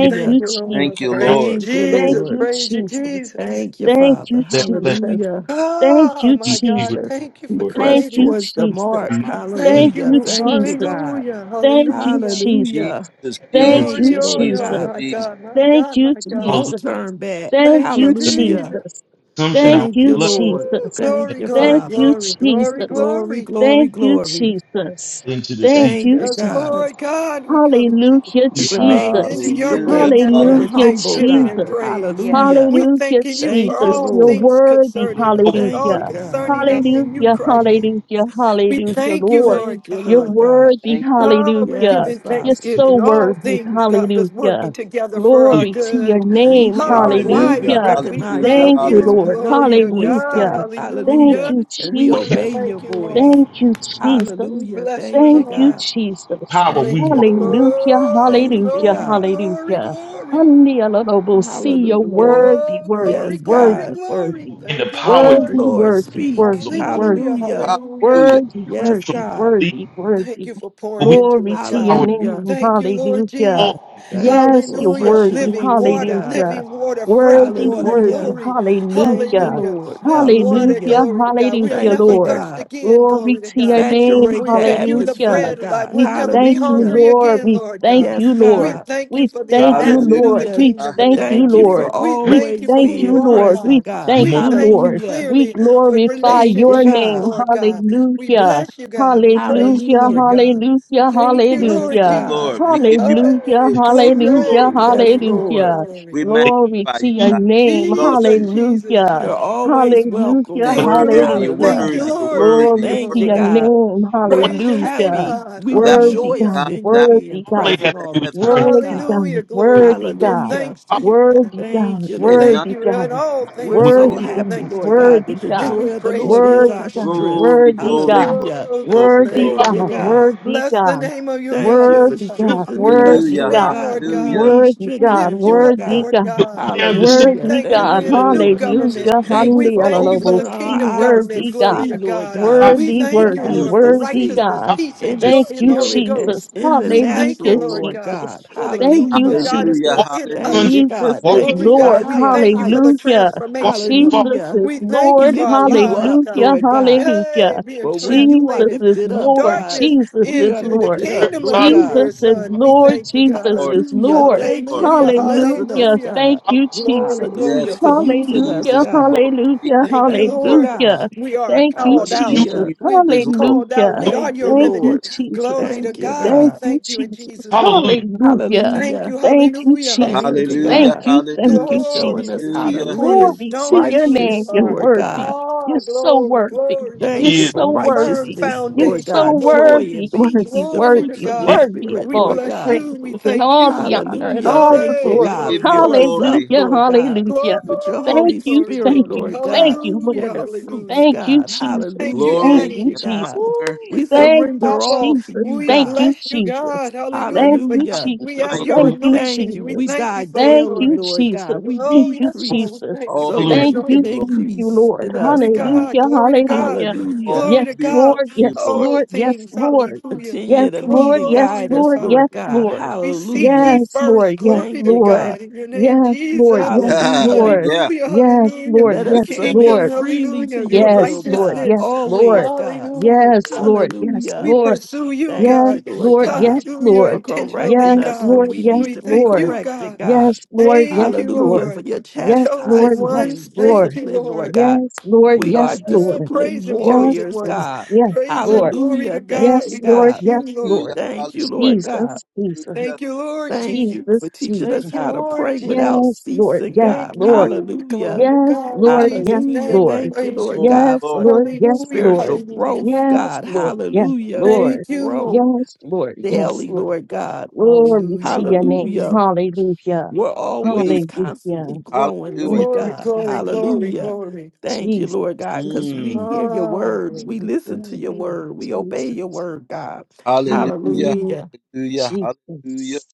is the
Thank
you,
you, Lord.
Thank you,
Jesus.
mountain
Praise
Lord.
you,
Thank you,
Thank
Jesus.
Lord.
you,
Praise you,
Jesus.
Jesus.
Thank you,
Thank
Father.
of
you,
that flesh
Jesus.
Hallelujah.
Thank
Oh,
you,
need
my
to be
God.
Jesus.
removed,
Thank you
We
for
Lord.
Thank
press
creating
you,
us.
towards the
Jesus.
mark.
Our mind needs
Thank
Thank
to
Hallelujah.
you,
you.
Thank
Jesus.
you, God.
Hallelujah.
Thank you,
Hallelujah.
Jesus.
Hallelujah.
Jesus,
have that
Thank
removed.
Thank
Jesus,
you,
Glory,
you,
oh
Lord
Jesus,
oh,
God.
Jesus.
my
Jesus.
God, my
Thank
God,
you,
my
We
God.
Hallelujah.
won't
Jesus.
turn back.
Thank
Thank
you,
you,
That it's our
Jesus.
Hallelujah.
own
Jesus.
consumption, our
Thank
own
Thank
you,
you,
lust
Lord.
Woo.
Jesus.
Thank
that
Glory,
you,
glory,
Thank you,
Father.
glory, glory,
Jesus.
Glory,
glory.
glory,
Thank you,
glory.
Jesus.
fell into the
Thank
sea.
Thank
you,
you,
Yes,
God.
Jesus.
Lord God, we come into,
Hallelujah,
We
Hallelujah.
remain
into
Jesus.
your
Hallelujah.
teachable
gates,
Hallelujah.
Lord,
and
with
Hallelujah,
humble,
Hallelujah.
thanksgiving and
Jesus.
God.
praise.
Yes,
Hallelujah.
We
Hallelujah,
thanking you for
Thank you,
Jesus.
all
You're
Lord.
things
worthy.
concerning us.
Oh,
It's
Thank
all
you,
Hallelujah.
God.
concerning
Lord.
us in you,
Hallelujah.
Christ. Jesus.
Hallelujah.
We
Hallelujah,
thank you,
Lord.
Thank
Lord
you,
You're
hallelujah.
Lord
God.
God.
worthy.
Thank you, Lord.
Oh, we're
Hallelujah.
Yes,
giving
Father.
You're
You,
so
thanksgiving. All
worthy.
things, God, is working
Hallelujah.
together for our
Glory to your
good.
We
name.
hear your
Oh,
voice.
why?
Hallelujah.
We
Hallelujah.
Because we
recognize
Hallelujah.
your
love
Thank you,
voice.
you.
We
Hallelujah.
Lord.
know
Glory
your
to
voice,
God.
Hallelujah.
God.
Thank
Hallelujah.
Hallelujah.
you,
And we
What you
We
Jesus.
obey your
thank you, Lord.
voice.
Thank you, Jesus.
We
Hallelujah.
bless you,
Thank you,
Thank you,
Lord.
God.
Jesus.
power, we
Thank
Thank you.
you,
walk
Lord.
Hallelujah,
Oh,
Thank you,
hallelujah,
glory,
God.
glory,
hallelujah.
glory.
Undialable, see your
Hallelujah.
Glory,
worthy, worthy,
Yes,
glory, glory,
worthy,
God.
glory.
worthy,
in the
Thank
worthy,
you,
power
Speak,
that you,
Lord.
Lord.
worthy,
Speak.
Lord.
worthy,
Hallelujah,
worthy,
Hallelujah.
hallelujah.
Hallelujah.
worthy,
Yes,
so
worthy,
God.
We speak from unbelief,
worthy,
Thank
worthy.
you for
but
pouring
we speak
into
Glory
from
us,
to
the
God.
your
power that you
Hallelujah.
name,
Thank you, Lord
hallelujah.
Jesus.
all things.
Thank you
Yes,
for a
you're
Hallelujah.
fresh
worthy,
Living
anointing,
water,
God.
hallelujah.
living water, fresh
Worthy,
water,
worthy,
Hallelujah.
glory.
Thank you,
hallelujah.
Hallelujah.
Lord.
This water,
Hallelujah,
Hallelujah.
glory to God. We'll
hallelujah,
Thank
never
you,
Lord.
thirst
God.
again, glory
Glory
to
to your
God.
name.
Saturate
We
the
take you the
Hallelujah.
atmosphere,
bread of life.
God.
We'll
We
never be
thank you,
Hallelujah.
hungry
Lord.
again,
We
Lord
thank
God.
you,
Yes,
We
Lord.
God.
thank you
We
for the
thank you,
Hallelujah.
advancement of the
Lord.
Hallelujah.
We
kingdom,
thank
Lord
you,
Thank
God.
you
Hallelujah.
Lord.
for
We
We
Everything
thank you
always
that
for
we
thank
who you
you,
being
have
are,
Lord. We
present,
God.
is
God.
thank
We
more
you,
thank
than
you
Lord.
Hallelujah.
We
clearly for
glorify
Thank you,
your
relationships,
name.
God.
Lord God. We
Hallelujah.
bless you, God. We
hallelujah.
praise you,
Hallelujah.
Lord
Hallelujah.
God.
Hallelujah.
Thank you,
Yes,
Lord
That's
Yes,
why
Hallelujah.
God.
the
Jesus.
Lord. We give you, praise,
Hallelujah.
world
Hey,
is angry.
give you
Hallelujah.
glory,
glory.
Yes,
glory, glory,
Lord.
Hallelujah.
glory.
We
They can't
Glory
magnify
to
you,
see you,
your
God. We
name.
exalt
Jesus,
you.
Jesus,
Hallelujah.
You're
Jesus.
always welcome,
You're
Hallelujah.
but they
Thank
see
you,
God.
worthy. You're
Lord.
Hallelujah.
Thank you,
worthy.
Hallelujah.
You're
Lord.
worthy.
Thank
Glory
you,
You're
Thank
to
worthy.
you,
your
Lord.
God.
name.
your
We're
warning.
Praise your name,
Hallelujah.
happy.
God.
We
Thou,
Worthy
Hallelujah.
rejoice
God,
God,
in you
thou
And
being
worthy
all they
made
God,
present
have to
the
all
do
the
heaven.
is surrender
time,
worthy
God.
God,
Hallelujah.
and
Glory.
call
We
worthy
give
God,
Hallelujah.
thanks to
out.
you, God.
worthy God,
Thank you,
and
Lord.
Thank
nothing
worthy
is
you. In
God,
all
impossible
We're
things,
When
we're
with
to
so
you.
worthy
give
God,
happy,
thanks to
Lord
you.
God,
worthy
that the
we
And
God,
we
joy of the
praise
Lord
you
is
worthy
for
our
it,
God,
Lord.
strength.
Glory,
worthy
glory,
God,
glory,
look,
Hallelujah.
Oh, God,
glory,
worthy
save
Thank
us,
glory.
hallelujah,
God,
you,
Lord.
God.
worthy
Bless the
God,
name of you,
we look
Thank
God,
you
like
for
Lord
worthy
God.
sons,
God,
We
strengthening
bless
us,
worthy
your
Hallelujah,
Lord
name,
God,
God,
Lord
when we
God.
hallelujah.
need
worthy
We
God,
lift
strengthening,
hallelujah.
you
Lord
up,
worthy
God.
Lord
God.
You'll
God.
come down to sit
We
Hallelujah.
Worthy
on
thank you.
Thank
God,
your
We're
you,
in a
blood.
Jesus,
new
Lord.
Jesus,
government.
hallelujah,
Thank
We
Jesus,
you for
thank you for
Jesus.
the
opening our
hallelujah,
kingdom
eyes to
government.
worthy God.
Glory
see,
to
Lord
This
God.
is
God,
my
what
We
Worthy,
you
beloved
thank
would
who
you,
I
have
worthy,
Mm.
us
am
Lord, for
to
well.
worthy
see
righteousness,
God.
peace, and
in the
Hallelujah.
joy
Thank
in
you,
the Holy
spirit and
Jesus.
Ghost.
in the
We
Hallelujah,
thank you,
natural,
Lord
Lord
God,
Jesus.
God.
for the
Thank
kingdom
you,
of
Hallelujah.
God is
Hallelujah,
Walk
Jesus.
in
within
your
Thank
sonship.
us.
hallelujah,
you,
Jesus
God.
is
Walk in
Thank
Glory,
you
your
hallelujah.
for
God.
Lord.
We
sonship.
higher
thank you for the
heights.
Hallelujah.
Don't walk in
transformation,
the
Lord.
Jesus
fault.
Hallelujah.
is
We thank you
We
Lord.
for our
lift you
lives,
up,
God.
Hallelujah.
Lord God.
Yay,
Hallelujah.
being
For when you are
Jesus
translated
is
lifted
from
up,
Lord.
God,
darkness
Jesus
we
is
are
into the
Don't
Lord.
lifted up,
serve the
kingdom of
Lord
gods
your
of your
God.
Jesus
dear
is
son. We
forefathers.
Lord.
thank you,
Jesus
God.
Lord,
is
Hallelujah.
Lord.
Thank you
Lord.
Hallelujah.
for
Hallelujah,
blessing
Hallelujah.
us,
hallelujah.
Thank
God.
you,
Glory,
Jesus.
Hallelujah.
glory,
Hallelujah
Listen
Yes,
for
to
Lord.
what
glory.
using
Joshua
us,
Hallelujah.
Jesus is
God.
Lord.
said.
Jesus
Hallelujah.
Thank you,
is
Thank you,
Lord.
Lord.
Hallelujah.
God.
We are
Thank you,
called
Choose
out.
Jesus.
Hallelujah.
you
Jesus
We've
this
been
is
day.
Lord.
called out.
Hallelujah.
We
Hallelujah.
are
Thank
your
you,
Thank you,
Lord.
remnant.
Jesus.
Glory to
Thank you,
God. We
Thank
God.
you,
thank you in
Jesus.
Jesus' name.
Hallelujah.
We
Hallelujah.
thank you.
Hallelujah.
Thank you,
Hallelujah,
Thank you,
Jesus.
hallelujah.
Thank
Hallelujah,
God,
you, thank
hallelujah.
for
you,
showing
Glory,
Jesus.
us how to
chief
Hallelujah.
live
Glory
cornerstone
to
is
your
who you
name.
righteous,
You're
are.
Lord God.
worthy. You're
Ah,
so
glory,
worthy.
glory,
Yes,
You're
Thank
glory.
you
he is.
for
so
Hallelujah.
Firm
worthy.
righteousness,
You're
Lord
foundation,
so
God,
glory,
joy
worthy,
and
He's
worthy,
peace,
so
the
glory
worthy.
to
fruits
worthy,
of the
He's innocent.
God.
worthy of
Spirit,
We
all
Lord
the
bless
God.
you. We
praises and
thank
all the
you.
honor and
Hallelujah.
all the
Thank you,
Hey,
We
glory.
God.
glory,
give you
Fill
glory,
us
glory,
up,
glory,
Hallelujah,
Lord God,
hallelujah.
with your
glory,
Thank
Holy
you,
glory,
thank
Spirit,
glory.
you,
Lord
thank
God,
you, Lord.
Hallelujah,
and the
hallelujah.
fruits,
Thank you,
God.
Jesus.
Thank you,
Hallelujah.
Thank
glory
Thank
Daddy.
you,
you,
and
God.
Jesus.
Ooh,
honor,
we
We
thank
Thank
you,
you,
surrender
Papa.
all to
Jesus.
you,
We
Thank
God.
you,
bless you,
Jesus.
God. Hallelujah.
Thank
For
you,
power,
Hallelujah.
we have
Jesus.
might,
Hallelujah.
your
Thank you,
Thank
anointing.
you.
We
We
Jesus.
thank you
die
for it,
Thank
daily,
you,
Lord.
Lord
Jesus.
God. We
Thank
Oh,
you,
yes, Lord.
decrease
We
Jesus.
thank you
all
for
so
belong
your
Hallelujah.
that
Thank
you
to you,
you,
can
Lord.
anointing.
thank you,
increase
Lord.
in
Glory
us,
to
God.
God,
Hallelujah,
glory to God,
hallelujah.
Hallelujah.
All
glory
Yes,
to
belong
God.
to
Lord.
you,
Yes,
Lord.
All
Lord. Yes,
things,
Lord.
hallelujah.
Yes,
Continue to lead
Lord.
and
Yes,
Glory
guide
to
us,
Lord.
God.
Yes,
Lord God.
Lord.
We seek ye
Hallelujah.
Yes,
first.
Lord. Yes,
Glory
Thank
to
you,
Lord.
God.
God. In your name,
Yes, Lord.
Jesus.
Yes,
yeah.
Hallelujah.
Lord.
Hallelujah.
Yes,
Hallelujah.
Lord.
Let us
Yes,
Hallelujah.
Lord.
submit
Kingdom.
freely to
Hallelujah.
your
Your
Yes,
will,
Lord.
God.
righteousness.
Yes,
Always,
Lord.
God.
Hallelujah.
Yes, Lord. Yes,
We
Hallelujah.
Lord.
pursue you,
Thank
Yes,
God.
you, Lord
Lord.
God,
Yes,
Hallelujah.
Lord.
for
Intentionally,
correcting
Yes,
us
God.
when
Lord.
we
Yes,
need
We
to be
thank
Lord.
you,
corrected,
God.
God.
Yes, Lord. Yes,
Thank you,
Hallelujah
Lord.
for
Lord.
your
Yes,
Chosen
Lord.
chastisement
ones.
and
Thank you,
discipline,
Lord.
Lord God.
Yes, Lord.
We are
Yes, Lord.
Praise
disciplined
him,
Yes,
chosen
warriors,
Lord.
ones.
Yes, Lord.
God.
Yes,
Praise him.
Lord.
Glory to
Hallelujah.
God.
Thank
Yes,
you,
We
Lord.
bless
God.
you,
Yes,
Lord.
Lord.
Thank you, Lord
Hallelujah.
God.
Jesus, Jesus,
Hallelujah.
Thank you, Lord
Thank
Jesus.
you
Jesus,
for teaching
Jesus.
Thank
us
you,
how to
Lord
pray
Jesus.
without
Yes, Lord.
ceasing,
Yes,
Thank
God.
Lord.
you.
Hallelujah.
Glory to
Yes,
God. In
Lord. Yes,
Jesus'
Hallelujah.
name, we
Lord.
Thank you,
praise
Lord
you.
Glory,
Yes,
God, for
glory.
Lord. Yes,
Hallelujah.
Lord.
spiritual
Hallelujah.
growth,
Yes,
God.
Lord. Yes,
Hallelujah. We
Lord.
Thank you.
grow
Yes, Lord. Yes,
daily,
Lord.
Lord God.
Glory
Hallelujah.
to your name.
Hallelujah.
Hallelujah.
Hallelujah.
We're always
Hallelujah.
constantly
Hallelujah.
growing,
Thank
Hallelujah.
Lord
you,
Glory,
God.
glory, glory,
Hallelujah.
glory.
Thank you,
Jesus.
Lord God,
Jesus.
because we
Mm.
hear your
Ah,
word. We
glory.
Jesus.
listen to your word. We obey your
Jesus.
word, God.
Jesus.
Mhm.
Hallelujah.
Hallelujah.
Hallelujah. Hallelujah.
Jesus.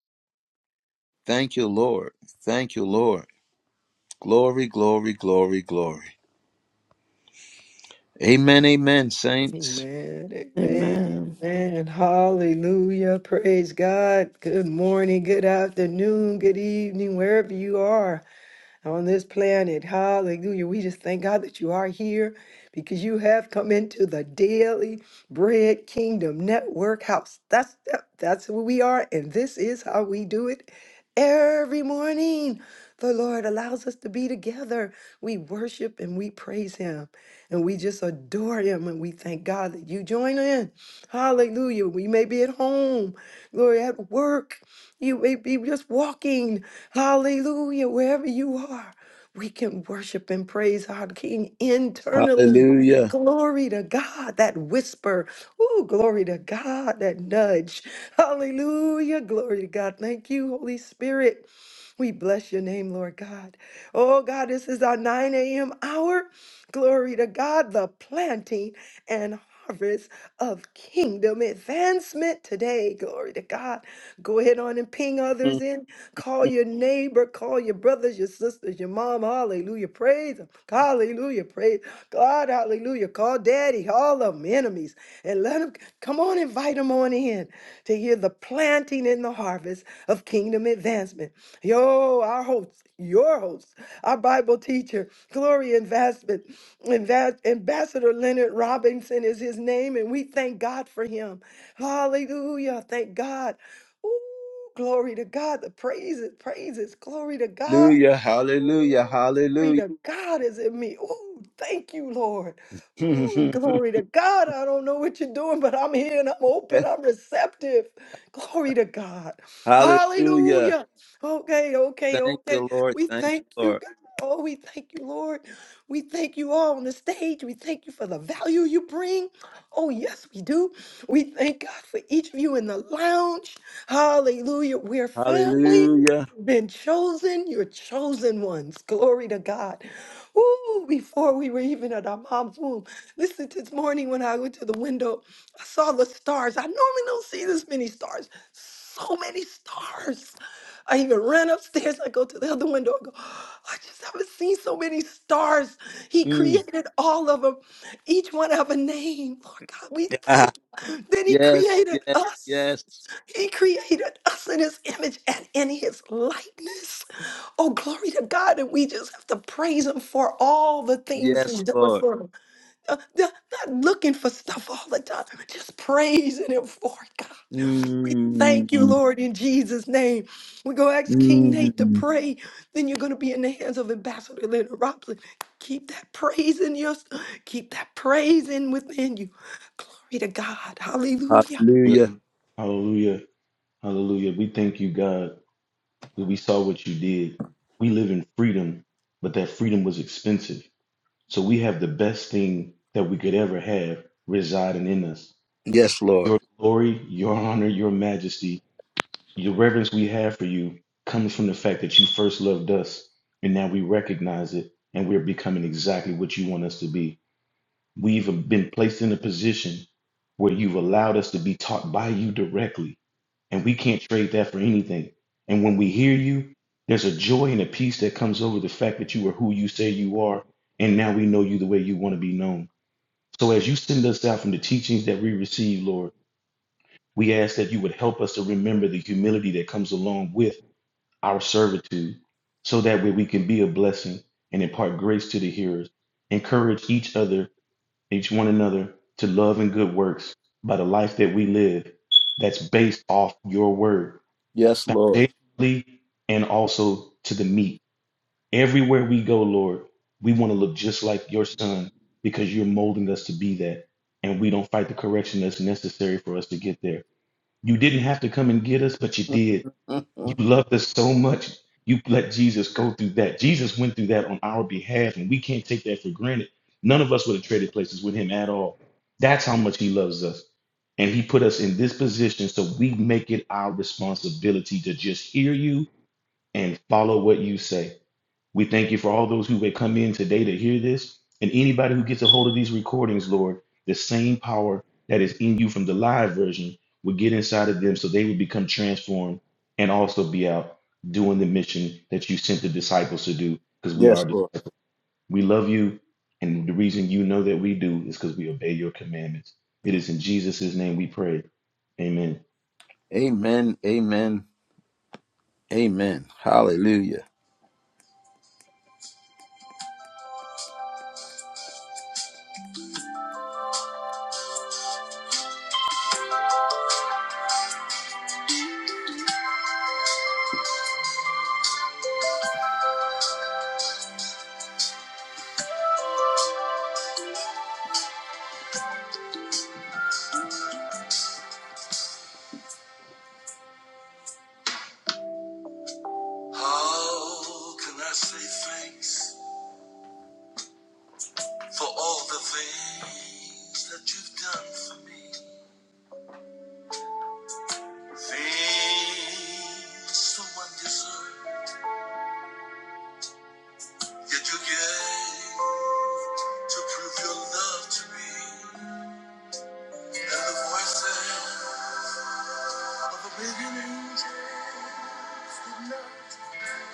Thank you, Lord. Thank you, Lord. Glory, glory, glory, glory. Amen. Amen, saints.
Amen. Amen.
Amen.
Amen. Hallelujah. Praise God. Good morning, good afternoon, good evening, wherever you are on this planet. Hallelujah. We just thank God that you are here because you have come into the Daily Bread Kingdom Network House. That's that- that's who we are, and this is how we do it every morning. The Lord allows us to be together. We worship and we praise Him and we just adore Him and we thank God that you join in. Hallelujah. We may be at home, glory, at work. You may be just walking. Hallelujah. Wherever you are, we can worship and praise our King internally.
Hallelujah.
Glory to God, that whisper. Oh, glory to God, that nudge. Hallelujah. Glory to God. Thank you, Holy Spirit. We bless your name, Lord God. Oh God, this is our 9 a.m. hour. Glory to God, the planting and harvest of kingdom advancement today. Glory to God. Go ahead on and ping others in. Call your neighbor, call your brothers, your sisters, your mom. Hallelujah. Praise them. Hallelujah. Praise God. Hallelujah. Call daddy, all of them enemies, and let them come on, invite them on in to hear the planting and the harvest of kingdom advancement. Yo, our host, your host, our Bible teacher, Gloria Investment, Inva- Ambassador Leonard Robinson is his name, and we thank God for him. Hallelujah. Thank God. Ooh, glory to God. The praises, praises, glory to God.
Hallelujah. Hallelujah.
Glory
Hallelujah.
to God is in me. Oh, thank you, Lord. Oh, glory to God. I don't know what you're doing, but I'm here and I'm open. I'm receptive. Glory to God.
hallelujah.
Hallelujah. Okay, okay,
Thank
okay.
you, Lord.
We
Thank you,
thank you,
Lord.
God. Oh, we thank you, Lord. We thank you all on the stage. We thank you for the value you bring. Oh, yes, we do. We thank God for each of you in the lounge. Hallelujah. We're family
Hallelujah.
been chosen. You're chosen ones. Glory to God. Ooh, before we were even at our mom's womb. Listen, this morning when I went to the window, I saw the stars. I normally don't see this many stars. So many stars. I even ran upstairs. I go to the other window. I go, I just haven't seen so many stars. He
Mm.
created all of them. Each one have a name. Lord God, we thank.
Ah,
you. Then he
yes,
created
yes,
us.
yes,
He created us in his image and in his likeness. Oh, glory to God. And we just have to praise him for all the things he's
yes,
done
Lord.
for him. Uh, Not not looking for stuff all the time, just praising him for it, God. We
Mm,
thank you, Lord, in Jesus' name. We go ask King Nate to
mm.
pray. Then you're going to be in the hands of Ambassador Leonard Robson. Keep that praise in your, keep that praise in within you. Glory to God. Hallelujah.
Yeah.
Hallelujah.
Hallelujah. Hallelujah. We thank you, God, that we saw what you did. We live in freedom, but that freedom was expensive. So we have the best thing that we could ever have residing in us.
Yes, Lord.
Your glory, your honor, your majesty The reverence we have for you comes from the fact that you first loved us, and now we recognize it, and we're becoming exactly what you want us to be. We've been placed in a position where you've allowed us to be taught by you directly, and we can't trade that for anything. And when we hear you, there's a joy and a peace that comes over the fact that you are who you say you are, and now we know you the way you want to be known. So as you send us out from the teachings that we receive, Lord, we ask that you would help us to remember the humility that comes along with our servitude, so that way we can be a blessing and impart grace to the hearers. Encourage each other, each one another, to love and good works by the life that we live that's based off your word,
Yes, Lord.
foundationally and also to the meat. Everywhere we go, Lord, we want to look just like your son because you're molding us to be that. And we don't fight the correction that's necessary for us to get there. You didn't have to come and get us, but you did
Mhm.
loved us so much. You let Jesus go through that. Jesus went through that on our behalf, and we can't take that for granted. None of us would have traded places with him at all. That's how much he loves us. And he put us in this position so we make it our responsibility to just hear you and follow what you say. We thank you for all those who would come in today to hear this and anybody who gets a hold of these recordings, Lord, the same power that is in you from the live version would get inside of them so they would become transformed and also be out doing the mission that you sent the disciples to do because we
yes,
are
Lord.
we love you and the reason you know that we do is because we obey your commandments. It is in Jesus' name we pray. Amen.
Amen. Amen. Amen. Hallelujah. How can I say thanks for all the things that you've done for me? Things so undeserved, yet you gave to prove your love to me. And the voices of the beginnings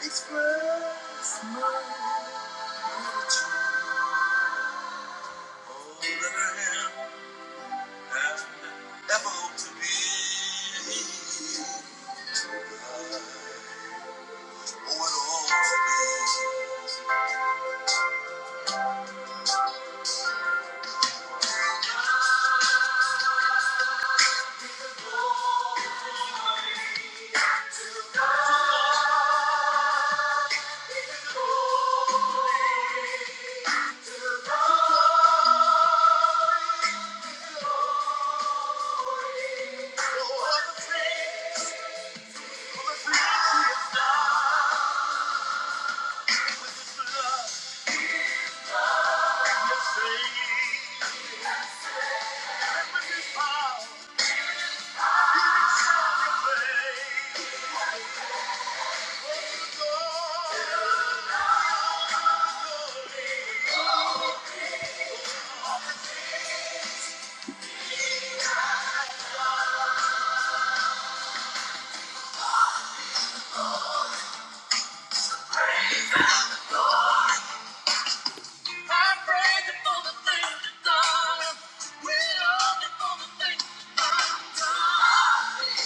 express my gratitude. All that I am, have, ever hope to be. Oh, it all to be. So all the things, for the things he has done with his blood, his faith, and with his power. I praise him for the things he's done. We love him for the things he's done.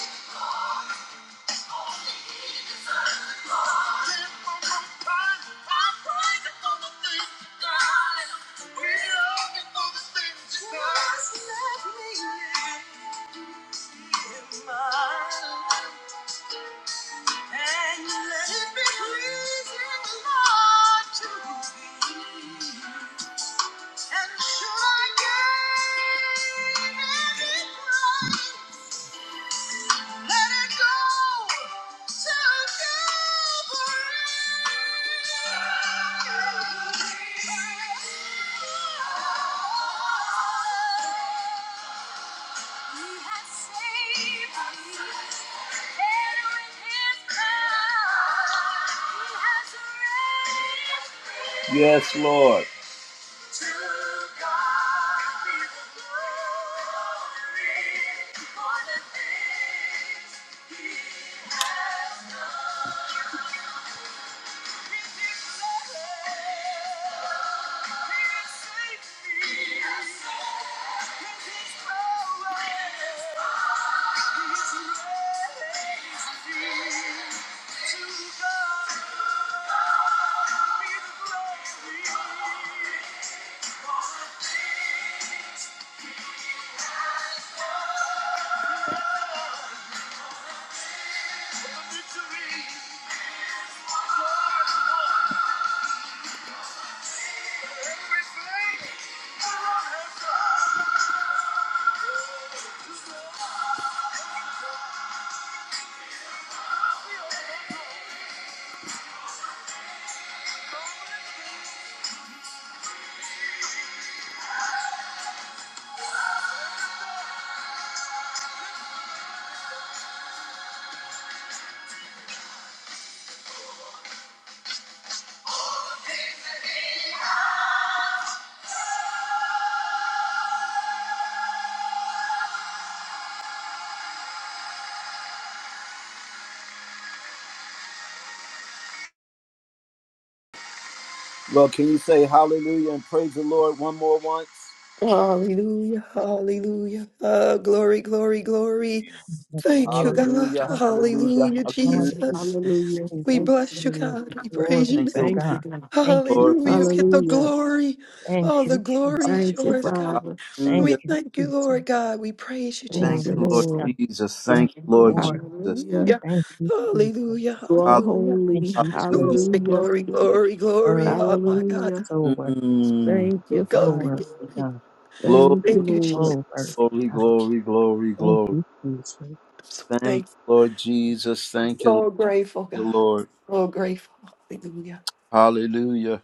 And sure I gave it Yes, Lord. To God be the glory for the things He has done. Lord, can you say hallelujah and praise the Lord one more once?
Hallelujah, hallelujah. Ah, glory, glory, glory. Thank you,
Glory to
God.
Hallelujah,
God.
hallelujah,
Hallelujah.
Hallelujah,
Hallelujah.
hallelujah.
Jesus.
Hallelujah.
We
Thank
Jesus.
you.
bless you,
Lord.
God. We praise
Glory
you.
Thank
to
you,
Thank you,
God.
God.
Thank you,
Lord.
Hallelujah. You
Jesus.
Get the
Hallelujah.
glory.
Thank
All the
you, Jesus.
glory is
Thank you,
yours, God.
Hallelujah,
Father.
Thank
hallelujah.
We
you,
thank you,
Jesus.
Lord God. We praise you,
Thank
Thank
Jesus.
you,
Glory
you, Lord
to
Lord.
God.
Jesus.
Yes,
Thank you, Lord
Lord.
Jesus.
Hallelujah.
Hallelujah.
Thank you, Jesus.
Hallelujah.
You are
Hall-
Hallelujah.
Thank
holy.
you,
Hallelujah,
Glory,
Hallelujah.
Jesus.
glory,
hallelujah.
glory, glory.
Worthy
Oh
God.
my God.
Hallelujah.
So worthy.
Mm.
Thank you,
So
Father.
Glory,
worthy
glory.
God.
Glory,
Thank you,
Thank you,
Lord.
So worthy
Jesus.
glory,
God.
glory, glory,
Thank
glory.
you, Jesus.
Thank you, Lord Jesus. Thank
Well,
you,
So grateful,
your
God.
Lord.
So grateful. Hallelujah.
Hallelujah.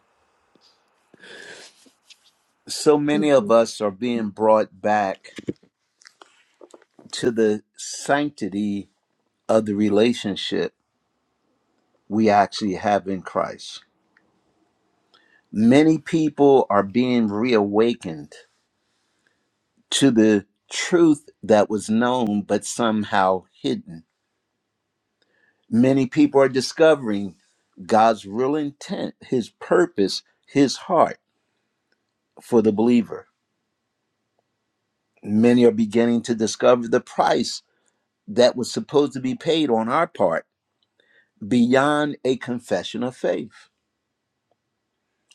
So many of
Mhm.
us are being brought back to the sanctity of the relationship we actually have in Christ. Many people are being reawakened to the truth that was known but somehow hidden. Many people are discovering God's real intent, his purpose, his heart for the believer. Many are beginning to discover the price that was supposed to be paid on our part beyond a confession of faith.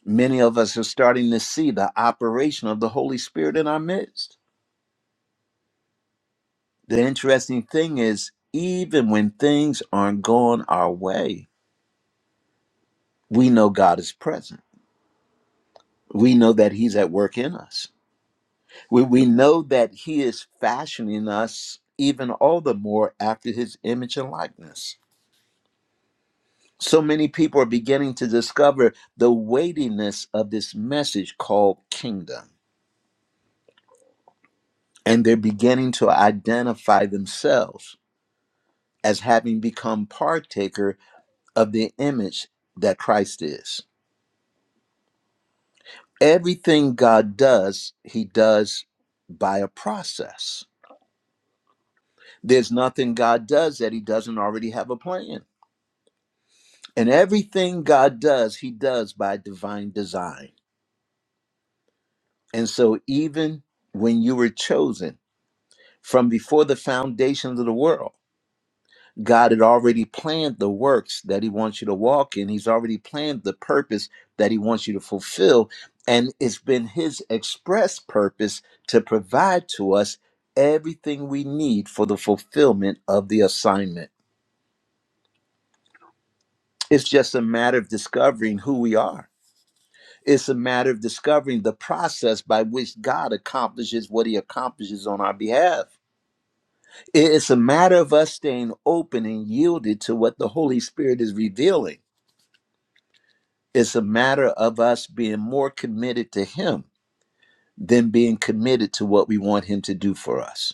Many of us are starting to see the operation of the Holy Spirit in our midst. The interesting thing is, even when things aren't going our way, we know God is present. We know that He's at work in us. We, we know that He is fashioning us even all the more after His image and likeness So many people are beginning to discover the weightiness of this message called kingdom, and they're beginning to identify themselves as having become partaker of the image that Christ is. Everything God does, he does by a process. There's nothing God does that he doesn't already have a plan. And everything God does, he does by divine design. And so even when you were chosen, From before the foundations of the world, God had already planned the works that He wants you to walk in. He's already planned the purpose that He wants you to fulfill. And it's been His express purpose to provide to us everything we need for the fulfillment of the assignment. It's just a matter of discovering who we are. It's a matter of discovering the process by which God accomplishes what He accomplishes on our behalf. It's a matter of us staying open and yielded to what the Holy Spirit is revealing. It's a matter of us being more committed to Him than being committed to what we want Him to do for us.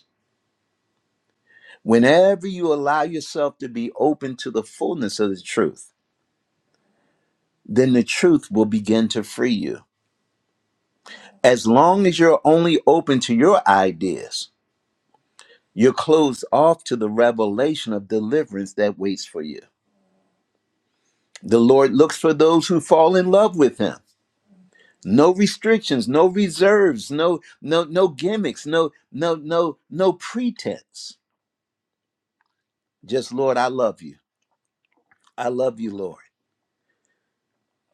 Whenever you allow yourself to be open to the fullness of the truth, then the truth will begin to free you. As long as you're only open to your ideas, you're closed off to the revelation of deliverance that waits for you. The Lord looks for those who fall in love with Him no restrictions no reserves no no no gimmicks no no no no pretense just lord i love you i love you lord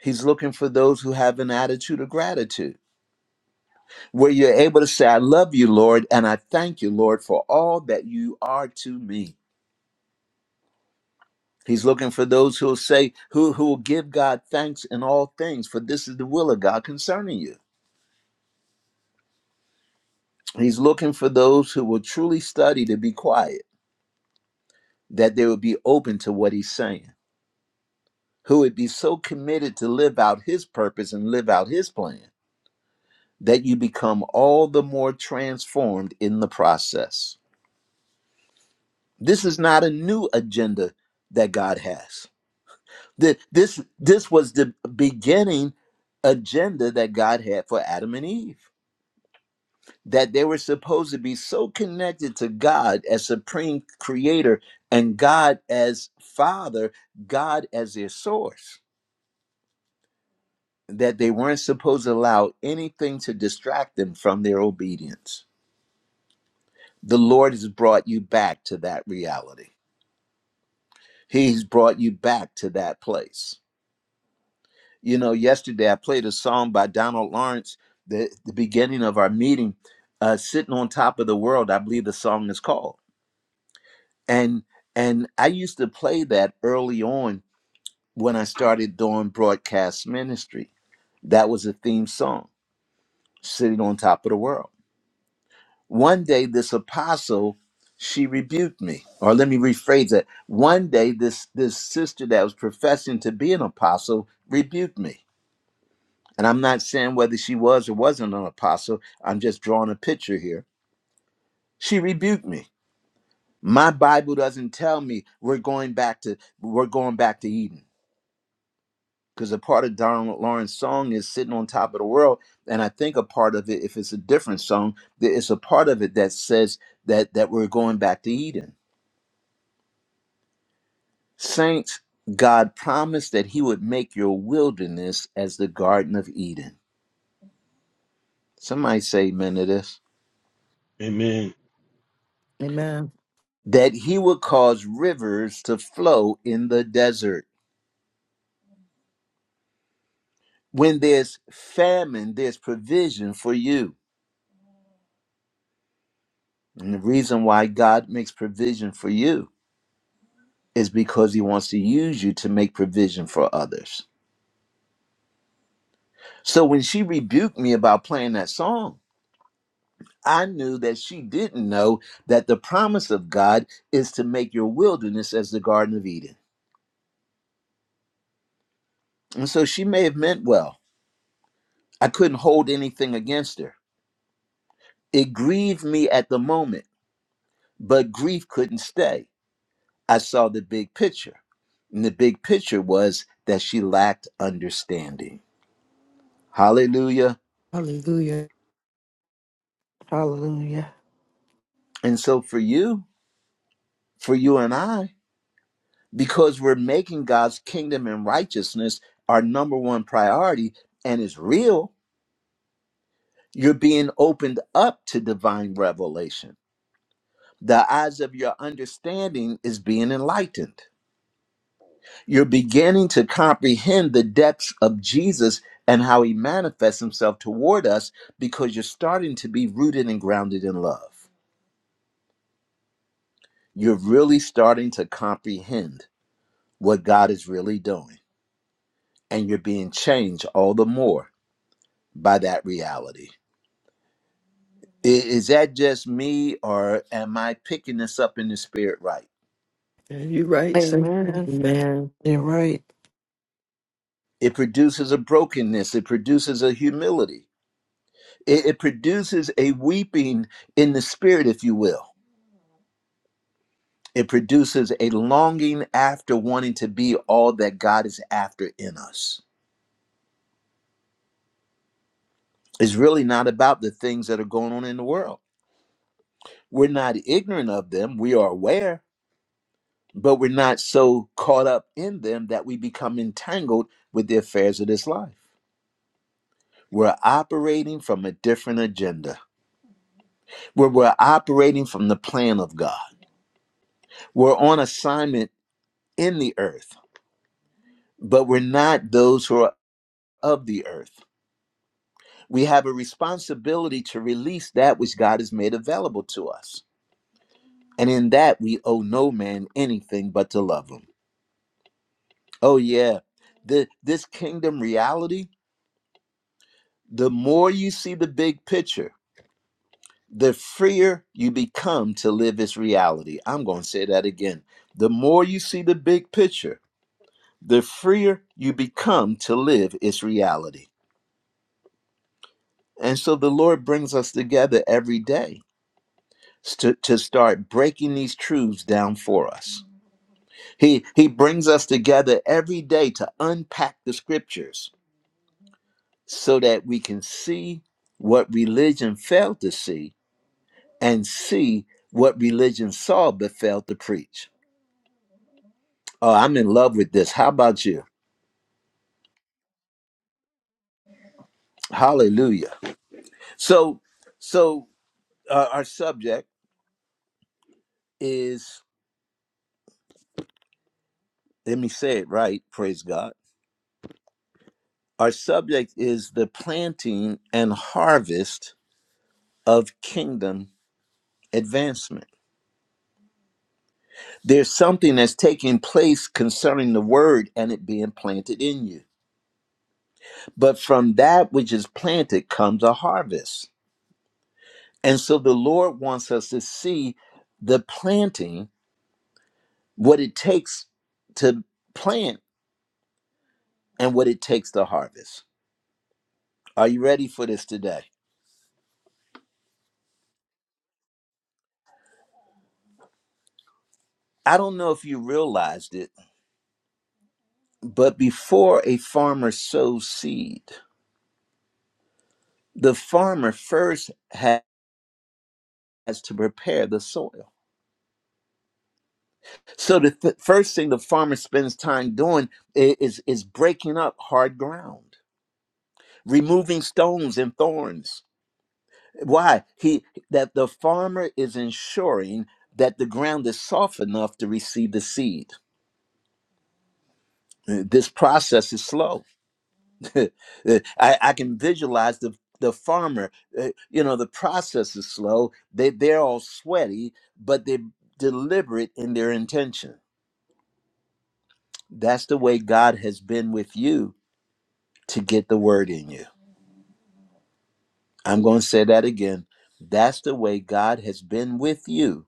he's looking for those who have an attitude of gratitude where you're able to say i love you lord and i thank you lord for all that you are to me he's looking for those who will say who who will give god thanks in all things for this is the will of god concerning you he's looking for those who will truly study to be quiet that they will be open to what he's saying who would be so committed to live out his purpose and live out his plan that you become all the more transformed in the process. This is not a new agenda that God has. Th- This, this was the beginning agenda that God had for Adam and Eve, that they were supposed to be so connected to God as supreme creator and God as father, God as their source that they weren't supposed to allow anything to distract them from their obedience. The Lord has brought you back to that reality. He's brought you back to that place. You know, yesterday I played a song by Donald Lawrence, the, the beginning of our meeting, uh, Sitting on Top of the World, I believe the song is called. And and I used to play that early on when I started doing broadcast ministry. That was a theme song, Sitting on Top of the World One day, this apostle, she rebuked me. Or let me rephrase that. One day, this, this sister that was professing to be an apostle rebuked me. And I'm not saying whether she was or wasn't an apostle, I'm just drawing a picture here. She rebuked me. My Bible doesn't tell me we're going back to we're going back to Eden. Because a part of Donald Lawrence's song is sitting on top of the world. And I think a part of it, if it's a different song, there is a part of it that says that that we're going back to Eden Saints, God promised that He would make your wilderness as the Garden of Eden. Somebody say amen to this.
Amen.
Amen.
That He would cause rivers to flow in the desert. When there's famine, there's provision for you. And the reason why God makes provision for you is because He wants to use you to make provision for others. So when she rebuked me about playing that song, I knew that she didn't know that the promise of God is to make your wilderness as the Garden of Eden. And so she may have meant well. I couldn't hold anything against her. It grieved me at the moment, but grief couldn't stay. I saw the big picture. And the big picture was that she lacked understanding. Hallelujah.
Hallelujah.
Hallelujah.
And so for you, for you and I, because we're making God's kingdom and righteousness our number one priority and it's real, You're being opened up to divine revelation. The eyes of your understanding is being enlightened. You're beginning to comprehend the depths of Jesus and how he manifests himself toward us because you're starting to be rooted and grounded in love. You're really starting to comprehend what God is really doing, and you're being changed all the more by that reality. I- Is that just me, or am I picking this up in the spirit right?
Yeah, you're right. sir.
Amen.
Amen.
You're right.
It produces a brokenness. It produces a humility. It, it produces a weeping in the spirit, if you will. It produces a longing after wanting to be all that God is after in us. It's really not about the things that are going on in the world. We're not ignorant of them. We are aware, but we're not so caught up in them that we become entangled with the affairs of this life. We're operating from a different agenda, where we're operating from the plan of God We're on assignment in the earth, but we're not those who are of the earth. We have a responsibility to release that which God has made available to us. And in that, we owe no man anything but to love him. Oh, yeah. The, this kingdom reality, the more you see the big picture, the freer you become to live its reality. I'm going to say that again. The more you see the big picture, the freer you become to live its reality. And so the Lord brings us together every day to, to start breaking these truths down for us. He, he brings us together every day to unpack the scriptures so that we can see what religion failed to see and see what religion saw but failed to preach. Oh, I'm in love with this. How about you? Hallelujah. So, so uh, our subject is, let me say it right, praise God Our subject is the planting and harvest of kingdom advancement. There's something that's taking place concerning the word and it being planted in you. But from that which is planted comes a harvest. And so the Lord wants us to see the planting, what it takes to plant and what it takes to harvest. Are you ready for this today? I don't know if you realized it, but before a farmer sows seed, The farmer first has to prepare the soil. So the th- first thing the farmer spends time doing is is breaking up hard ground, removing stones and thorns. Why? He that the farmer is ensuring that the ground is soft enough to receive the seed. Uh, This process is slow I, I can visualize the the farmer. uh, you know, the process is slow. They they're all sweaty, but they're deliberate in their intention. That's the way God has been with you to get the word in you. I'm going to say that again. That's the way God has been with you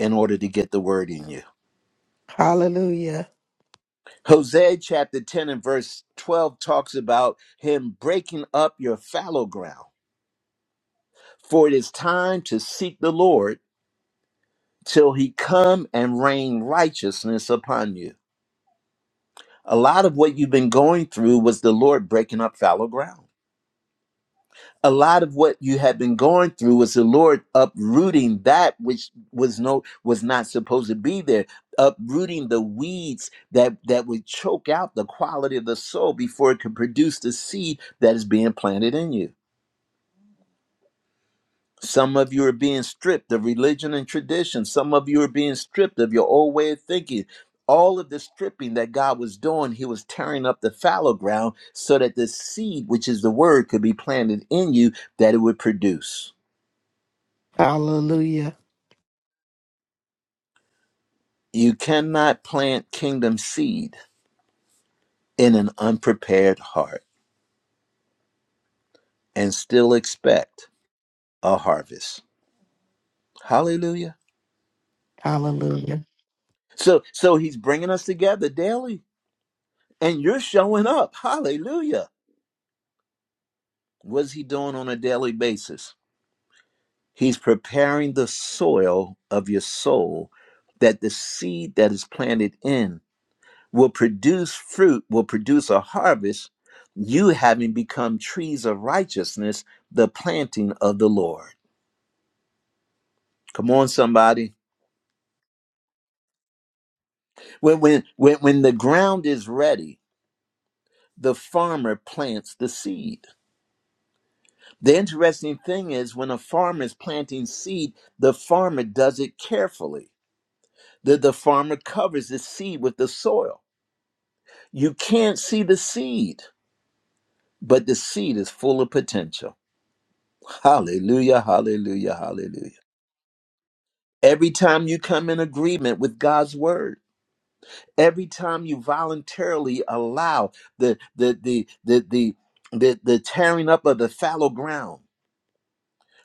in order to get the word in you.
Hallelujah.
Hosea chapter 10 and verse 12 talks about him breaking up your fallow ground. For it is time to seek the Lord till he come and rain righteousness upon you. A lot of what you've been going through was the Lord breaking up fallow ground. A lot of what you had been going through was the Lord uprooting that which was no was not supposed to be there, uprooting the weeds that that would choke out the quality of the soul before it could produce the seed that is being planted in you. Some of you are being stripped of religion and tradition. Some of you are being stripped of your old way of thinking. All of the stripping that God was doing, He was tearing up the fallow ground so that the seed, which is the word, could be planted in you that it would produce.
Hallelujah.
You cannot plant kingdom seed in an unprepared heart and still expect a harvest. Hallelujah.
Hallelujah.
So, so He's bringing us together daily, and you're showing up. Hallelujah. What's He doing on a daily basis? He's preparing the soil of your soul that the seed that is planted in will produce fruit, will produce a harvest, you having become trees of righteousness, the planting of the Lord. Come on, somebody. When, when, when, when the ground is ready, the farmer plants the seed. The interesting thing is when a farmer is planting seed, the farmer does it carefully. The, the farmer covers the seed with the soil You can't see the seed, but the seed is full of potential. Hallelujah, hallelujah, hallelujah. Every time you come in agreement with God's word, every time you voluntarily allow the the the the the the, the tearing up of the fallow ground,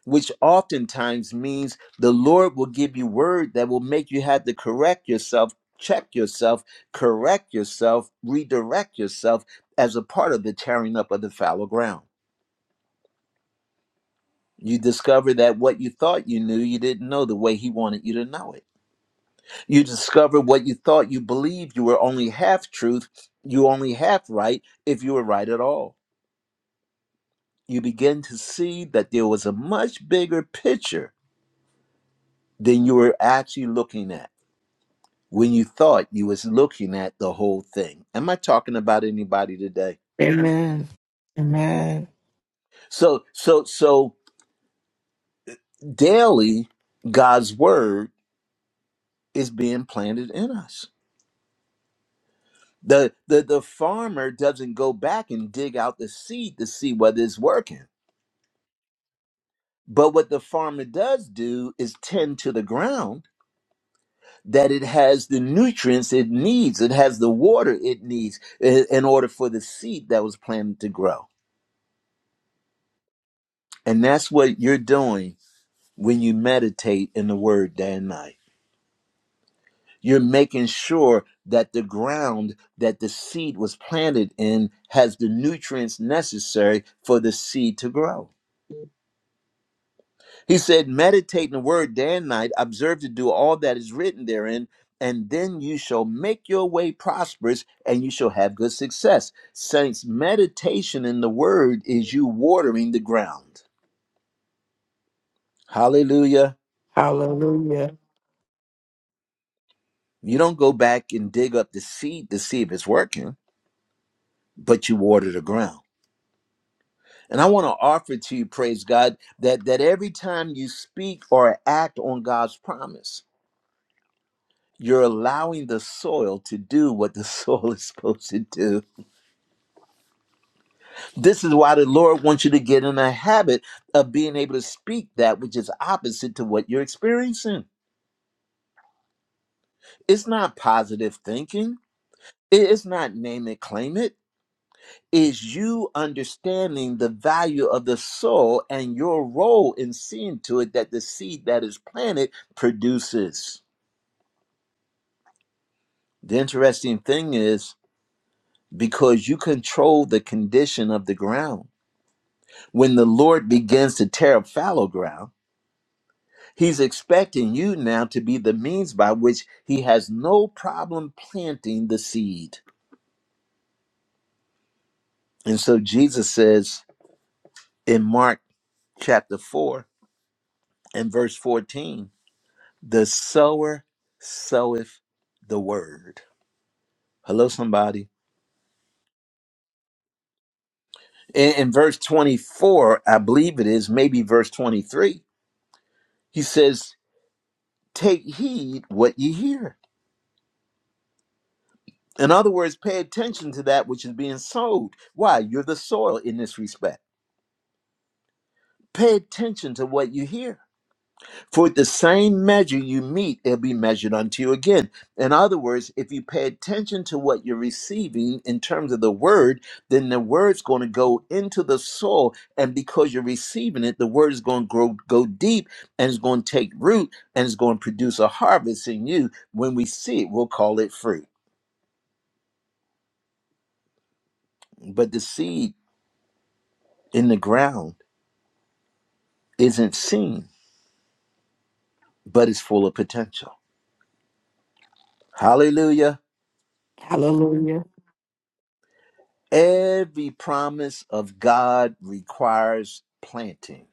which oftentimes means the Lord will give you word that will make you have to correct yourself, check yourself, correct yourself, redirect yourself as a part of the tearing up of the fallow ground. You discover that what you thought you knew, you didn't know the way he wanted you to know it. You discover what you thought you believed you were only half truth, you only half right, if you were right at all. You begin to see that there was a much bigger picture than you were actually looking at when you thought you was looking at the whole thing. Am I talking about anybody today?
Amen. Amen.
So so so daily God's word is being planted in us The, the the farmer doesn't go back and dig out the seed to see whether it's working. But what the farmer does do is tend to the ground that it has the nutrients it needs, it has the water it needs i- in order for the seed that was planted to grow. And that's what you're doing when you meditate in the word day and night. You're making sure that the ground that the seed was planted in has the nutrients necessary for the seed to grow He said, Meditate in the word day and night, observe to do all that is written therein, and then you shall make your way prosperous and you shall have good success. Saints, meditation in the word is you watering the ground. Hallelujah.
Hallelujah.
You don't go back and dig up the seed to see if it's working, but you water the ground. And I want to offer to you, praise God, that, that every time you speak or act on God's promise, you're allowing the soil to do what the soil is supposed to do This is why the Lord wants you to get in a habit of being able to speak that which is opposite to what you're experiencing. It's not positive thinking, it's not name it, claim it. Is you understanding the value of the soul and your role in seeing to it that the seed that is planted produces. The interesting thing is because you control the condition of the ground. When the Lord begins to tear up fallow ground, He's expecting you now to be the means by which he has no problem planting the seed. And so Jesus says in Mark chapter 4 and verse 14, the sower soweth the word. Hello, somebody. In, in verse 24, I believe it is, maybe verse 23, he says, Take heed what ye hear. In other words, pay attention to that which is being sowed. Why? You're the soil in this respect. Pay attention to what you hear. For the same measure you meet, it'll be measured unto you again. In other words, if you pay attention to what you're receiving in terms of the word, then the word's going to go into the soul. And because you're receiving it, the word is going to grow, go deep and it's going to take root and it's going to produce a harvest in you. When we see it, we'll call it fruit. But the seed in the ground isn't seen, but it's full of potential. Hallelujah.
Hallelujah.
Every promise of God requires planting.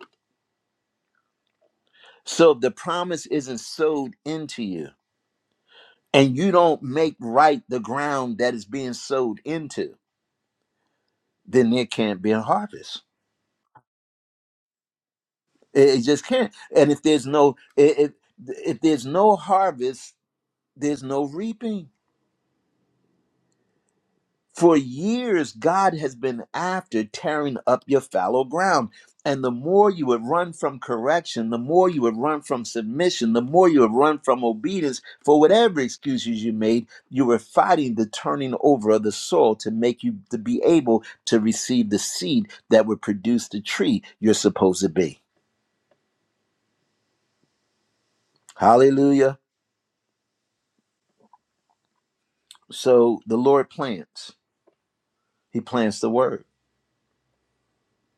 So if the promise isn't sowed into you and you don't make right the ground that is being sowed into, then there can't be a harvest. It, it just can't. And if there's no if, if if there's no harvest, there's no reaping. For years, God has been after tearing up your fallow ground. And the more you would run from correction, the more you would run from submission, the more you would run from obedience, for whatever excuses you made, you were fighting the turning over of the soil to make you to be able to receive the seed that would produce the tree you're supposed to be. Hallelujah. So the Lord plants. He plants the word.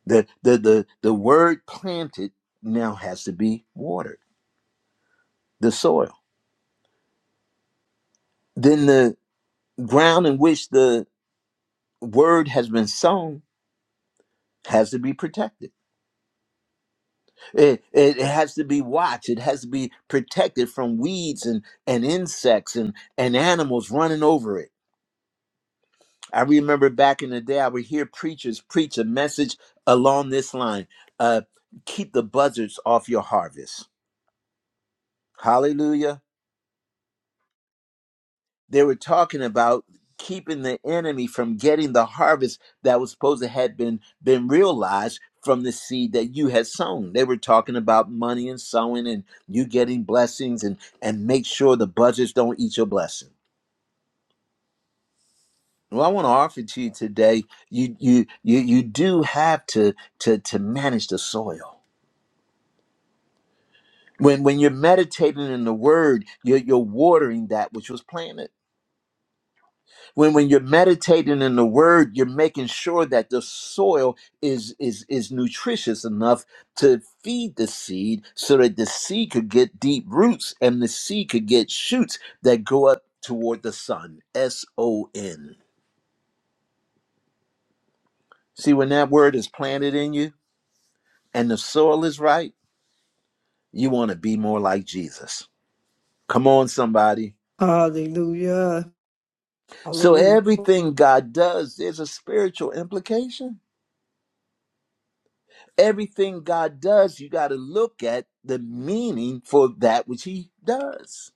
The the the, the word planted now has to be watered the soil. Then the ground in which the word has been sown has to be protected. It, it, it has to be watched. It has to be protected from weeds and, and insects and, and animals running over it. I remember back in the day, I would hear preachers preach a message along this line uh, keep the buzzards off your harvest. Hallelujah. They were talking about keeping the enemy from getting the harvest that was supposed to had been been realized from the seed that you had sown. They were talking about money and sowing and you getting blessings and and make sure the budgets don't eat your blessing. Well, I want to offer to you today, you you you you do have to to to manage the soil. When when you're meditating in the word, you're you're watering that which was planted when when you're meditating in the word you're making sure that the soil is is is nutritious enough to feed the seed so that the seed could get deep roots and the seed could get shoots that go up toward the sun s o n see when that word is planted in you and the soil is right you want to be more like jesus come on somebody
Hallelujah.
so
Hallelujah.
everything god does there's a spiritual implication Everything God does, you got to look at the meaning for that which He does.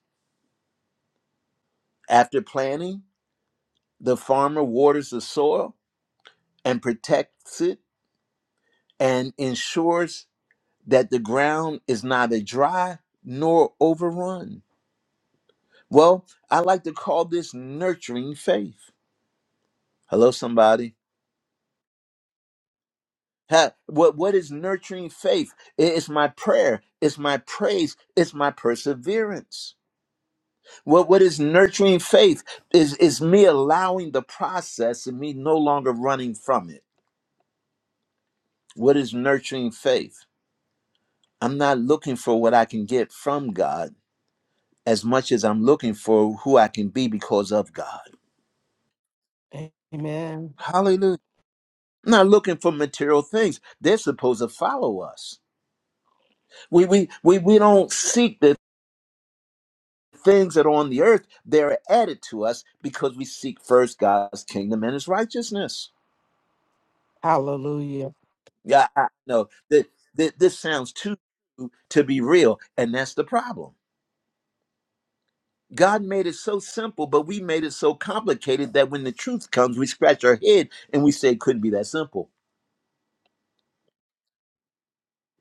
After planting, the farmer waters the soil and protects it and ensures that the ground is neither dry nor overrun. Well, I like to call this nurturing faith. Hello, somebody. Ha- What, what is nurturing faith? It- It's my prayer, it's my praise, it's my perseverance. What what is nurturing faith is is me allowing the process and me no longer running from it. What is nurturing faith? I'm not looking for what I can get from God as much as I'm looking for who I can be because of God.
Amen.
Hallelujah. I'm not looking for material things. They're supposed to follow us. We we we we don't seek the things that are on the earth. They're added to us because we seek first God's kingdom and his righteousness.
Hallelujah.
Yeah, I know that that this sounds too good to be real, and that's the problem. God made it so simple, but we made it so complicated that when the truth comes, we scratch our head and we say it couldn't be that simple.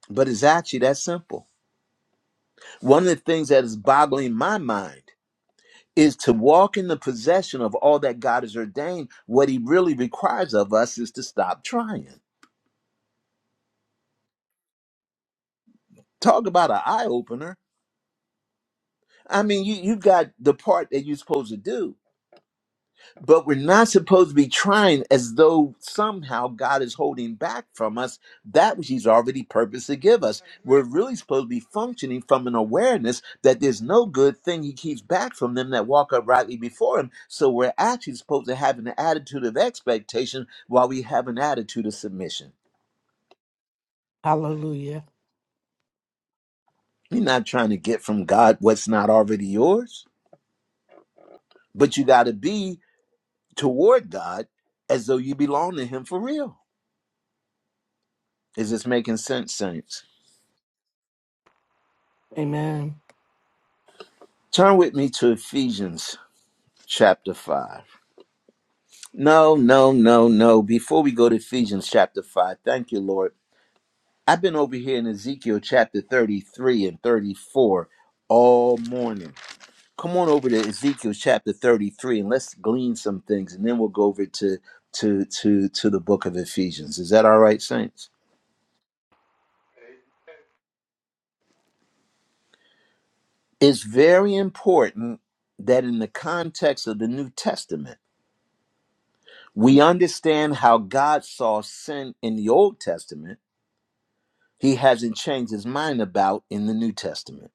But it's actually that simple. One of the things that is boggling my mind is to walk in the possession of all that God has ordained. What He really requires of us is to stop trying. Talk about an eye opener. I mean, you you got the part that you're supposed to do But we're not supposed to be trying as though somehow God is holding back from us that which He's already purposed to give us. We're
agree.
really supposed to be functioning from an awareness that there's no good thing He keeps back from them that walk uprightly before Him. So we're actually supposed to have an attitude of expectation while we have an attitude of submission.
Hallelujah.
You're not trying to get from God what's not already yours, but you got to be toward God as though you belong to Him for real. Is this making sense, Saints?
Amen.
Turn with me to Ephesians chapter 5. No, no, no, no. Before we go to Ephesians chapter 5, thank you, Lord. I've been over here in Ezekiel chapter 33 and 34 all morning. Come on over to Ezekiel chapter 33 and let's glean some things and then we'll go over to to to to the book of Ephesians. Is that all right, saints? It's very important that in the context of the New Testament, we understand how God saw sin in the Old Testament he hasn't changed his mind about in the New Testament.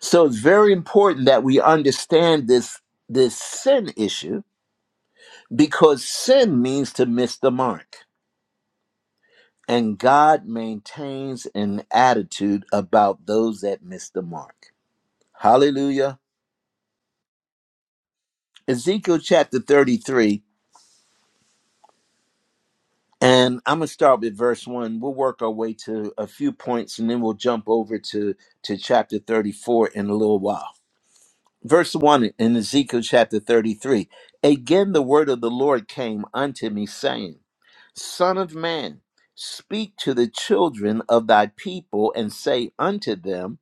So it's very important that we understand this this sin issue because sin means to miss the mark and God maintains an attitude about those that miss the mark. Hallelujah. Ezekiel chapter 33 and I'm going to start with verse 1. We'll work our way to a few points and then we'll jump over to to chapter 34 in a little while. verse 1 in Ezekiel chapter 33 again the word of the Lord came unto me saying Son of man, speak to the children of thy people and say unto them,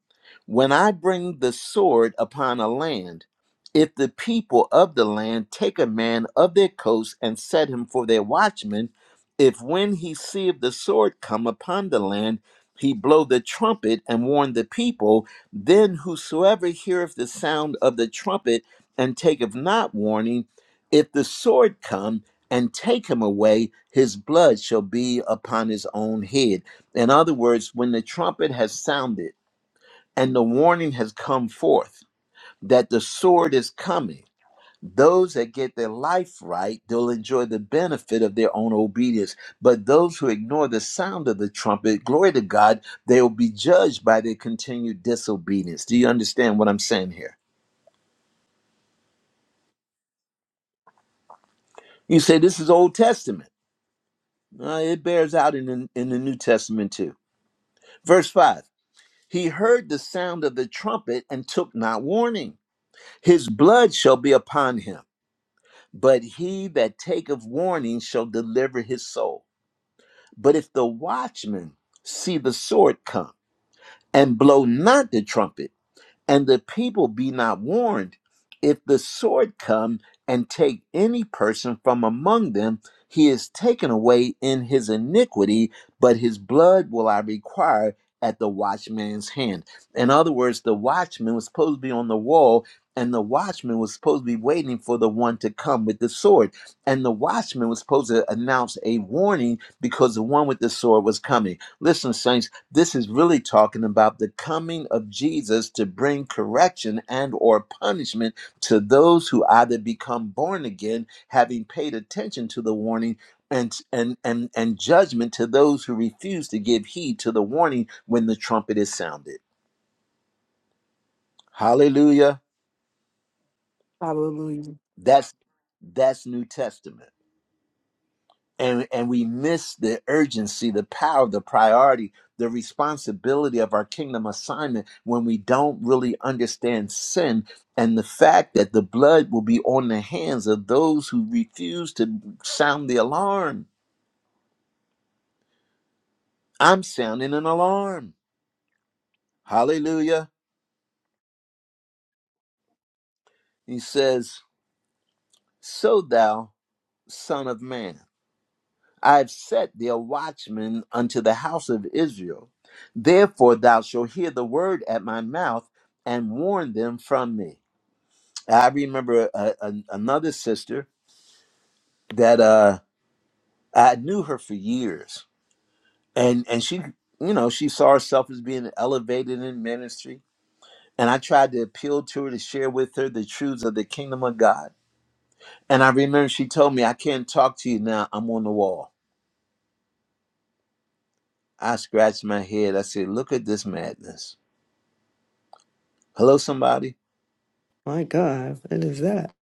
When I bring the sword upon a land, if the people of the land take a man of their coast and set him for their watchman, if when he seeth the sword come upon the land, he blow the trumpet and warn the people, then whosoever heareth the sound of the trumpet and taketh not warning, if the sword come, and take him away, his blood shall be upon his own head. In other words, when the trumpet has sounded and the warning has come forth that the sword is coming, those that get their life right, they'll enjoy the benefit of their own obedience. But those who ignore the sound of the trumpet, glory to God, they will be judged by their continued disobedience. Do you understand what I'm saying here? You say this is Old Testament. Uh, it bears out in the, in the New Testament too. Verse 5 He heard the sound of the trumpet and took not warning. His blood shall be upon him, but he that taketh warning shall deliver his soul. But if the watchman see the sword come and blow not the trumpet, and the people be not warned. If the sword come and take any person from among them, he is taken away in his iniquity, but his blood will I require at the watchman's hand. In other words, the watchman was supposed to be on the wall, and the watchman was supposed to be waiting for the one to come with the sword. And the watchman was supposed to announce a warning because the one with the sword was coming. Listen, saints. This is really talking about the coming of Jesus to bring correction and or punishment to those who either become born again having paid attention to the warning and and and and judgment to those who refuse to give heed to the warning when the trumpet is sounded. Hallelujah.
Hallelujah.
That's that's New Testament. and and we miss the urgency the power the priority the responsibility of our kingdom assignment when we don't really understand sin and the fact that the blood will be on the hands of those who refuse to sound the alarm i'm sounding an alarm hallelujah he says so thou son of man I've set thee a watchman unto the house of Israel. Therefore thou shalt hear the word at my mouth and warn them from me. I remember a, a, another sister that uh, I knew her for years, and and she, you know, she saw herself as being elevated in ministry. And I tried to appeal to her to share with her the truths of the kingdom of God. And I remember she told me, "I can't talk to you now. I'm on the wall." I scratched my head. I said, "Look at this madness." Hello, somebody.
My God, what is that?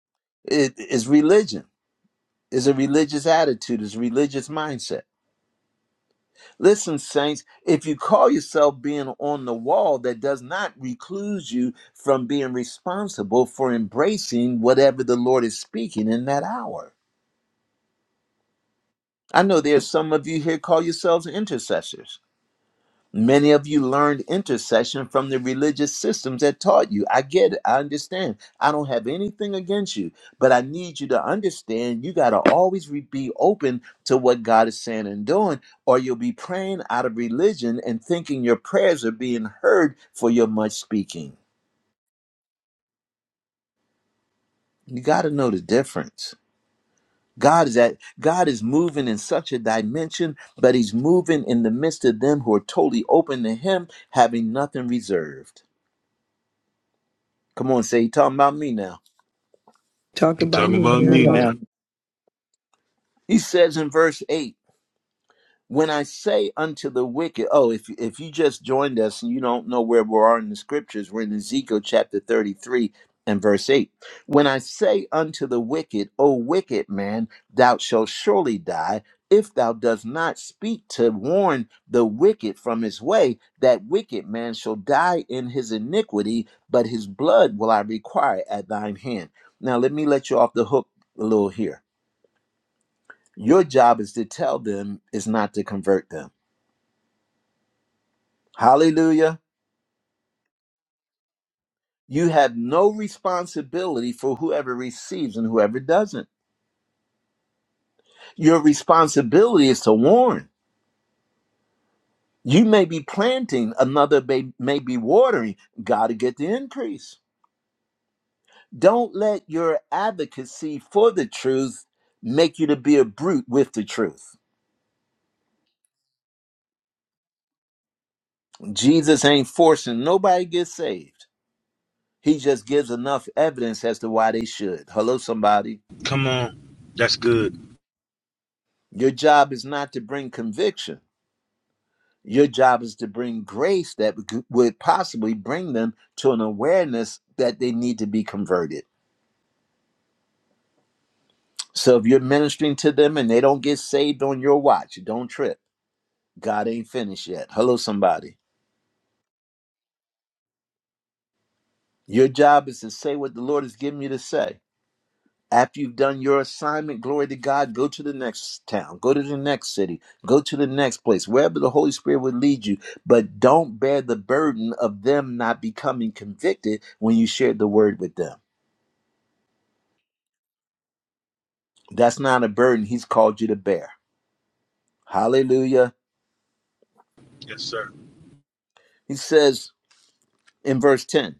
It is religion. It's a religious attitude. It's a religious mindset. Listen, saints, if you call yourself being on the wall, that does not recluse you from being responsible for embracing whatever the Lord is speaking in that hour. I know there's some of you here call yourselves intercessors Many of you learned intercession from the religious systems that taught you. I get it. I understand. I don't have anything against you, but I need you to understand you got to always re- be open to what God is saying and doing, or you'll be praying out of religion and thinking your prayers are being heard for your much speaking. You got to know the difference. God is at God is moving in such a dimension, but he's moving in the midst of them who are totally open to him, having nothing reserved. Come on, say, he talking about me now.
Talk
You
about
talking
me
about me
now.
now?
He says in verse 8, when I say unto the wicked, oh, if, if you just joined us and you don't know where we are in the scriptures, we're in Ezekiel chapter 33 and verse 8. When I say unto the wicked, O wicked man, thou shalt surely die, if thou dost not speak to warn the wicked from his way, that wicked man shall die in his iniquity, but his blood will I require at thine hand. Now, let me let you off the hook a little here Your job is to tell them, is not to convert them. Hallelujah. You have no responsibility for whoever receives and whoever doesn't. Your responsibility is to warn. You may be planting, another may, may be watering. Got to get the increase. Don't let your advocacy for the truth make you to be a brute with the truth. Jesus ain't forcing nobody to get saved. He just gives enough evidence as to why they should. Hello, somebody.
Good.
Your job is not to bring conviction. Your job is to bring grace that would possibly bring them to an awareness that they need to be converted. So if you're ministering to them and they don't get saved on your watch, don't trip. God ain't finished yet. Hello, somebody. Your job is to say what the Lord has given you to say. After you've done your assignment, glory to God, go to the next town, go to the next city, go to the next place, wherever the Holy Spirit would lead you. But don't bear the burden of them not becoming convicted when you shared the word with them. That's not a burden He's called you to bear. Hallelujah.
Yes, sir.
He says in verse 10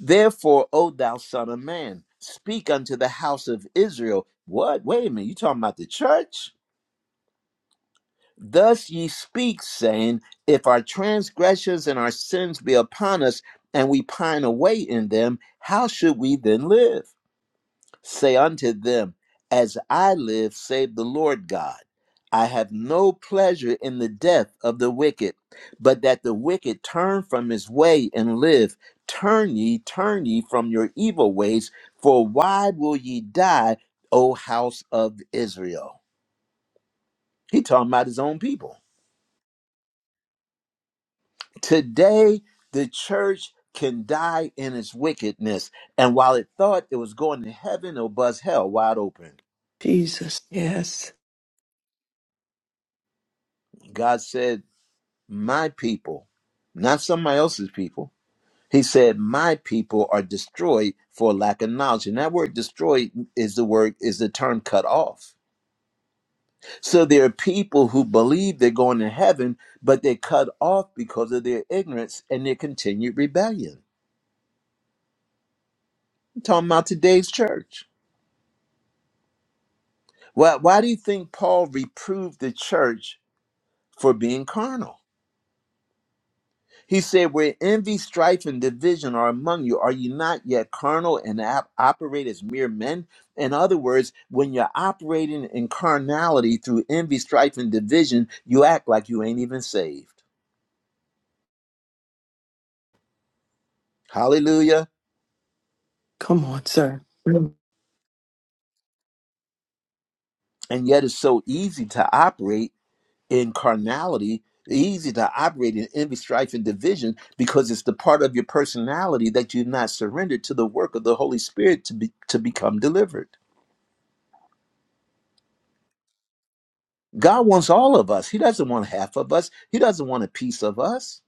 Therefore, O thou son of man, speak unto the house of Israel. What? Wait a minute. You talking about the church? Thus ye speak, saying, If our transgressions and our sins be upon us, and we pine away in them, how should we then live? Say unto them, As I live, save the Lord God. I have no pleasure in the death of the wicked, but that the wicked turn from his way and live. Turn ye, turn ye from your evil ways, for why will ye die, O house of Israel? He talking about his own people. Today, the church can die in its wickedness. And while it thought it was going to heaven, it'll buzz hell wide open.
Jesus. Yes.
God said, My people, not somebody else's people. He said, My people are destroyed for lack of knowledge. And that word destroyed is the word, is the term cut off. So there are people who believe they're going to heaven, but they're cut off because of their ignorance and their continued rebellion. I'm talking about today's church. Why, why do you think Paul reproved the church for being carnal? He said, Where envy, strife, and division are among you, are you not yet carnal and op- operate as mere men? In other words, when you're operating in carnality through envy, strife, and division, you act like you ain't even saved. Hallelujah.
Come on, sir. Mm.
And yet it's so easy to operate in carnality it's easy to operate in envy strife and division because it's the part of your personality that you've not surrendered to the work of the holy spirit to be to become delivered god wants all of us he doesn't want half of us he doesn't want a piece of us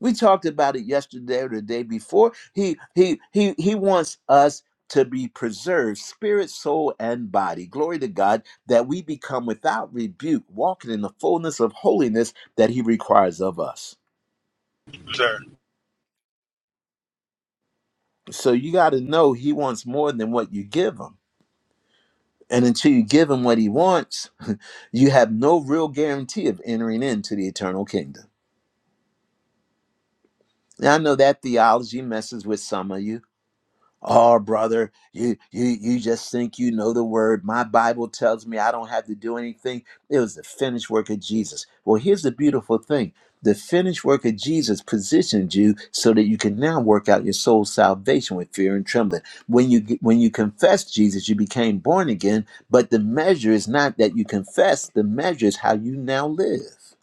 we talked about it yesterday or the day before he he he he wants us to be preserved spirit soul and body glory to god that we become without rebuke walking in the fullness of holiness that he requires of us
Sir,
So you got to know he wants more than what you give him. And until you give him what he wants, you have no real guarantee of entering into the eternal kingdom. Now, I know that theology messes with some of you Oh, brother, you you you just think you know the word. My Bible tells me I don't have to do anything. It was the finished work of Jesus. Well, here's the beautiful thing. The finished work of Jesus positioned you so that you can now work out your soul's salvation with fear and trembling. When you when you confess Jesus, you became born again, but the measure is not that you confess, the measure is how you now live.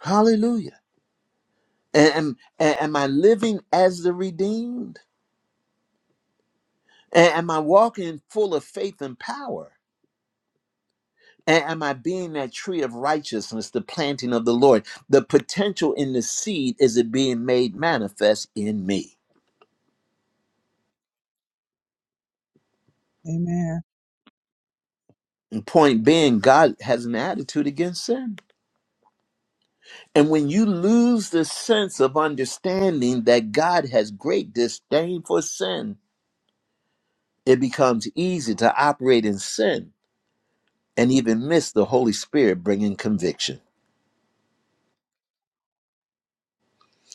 Hallelujah. And and am I living as the redeemed? A- Am I walking full of faith and power? A- Am I being that tree of righteousness, the planting of the Lord? The potential in the seed is it being made manifest in me?
Amen.
And point being, God has an attitude against sin. And when you lose the sense of understanding that God has great disdain for sin, it becomes easy to operate in sin and even miss the Holy Spirit bringing conviction.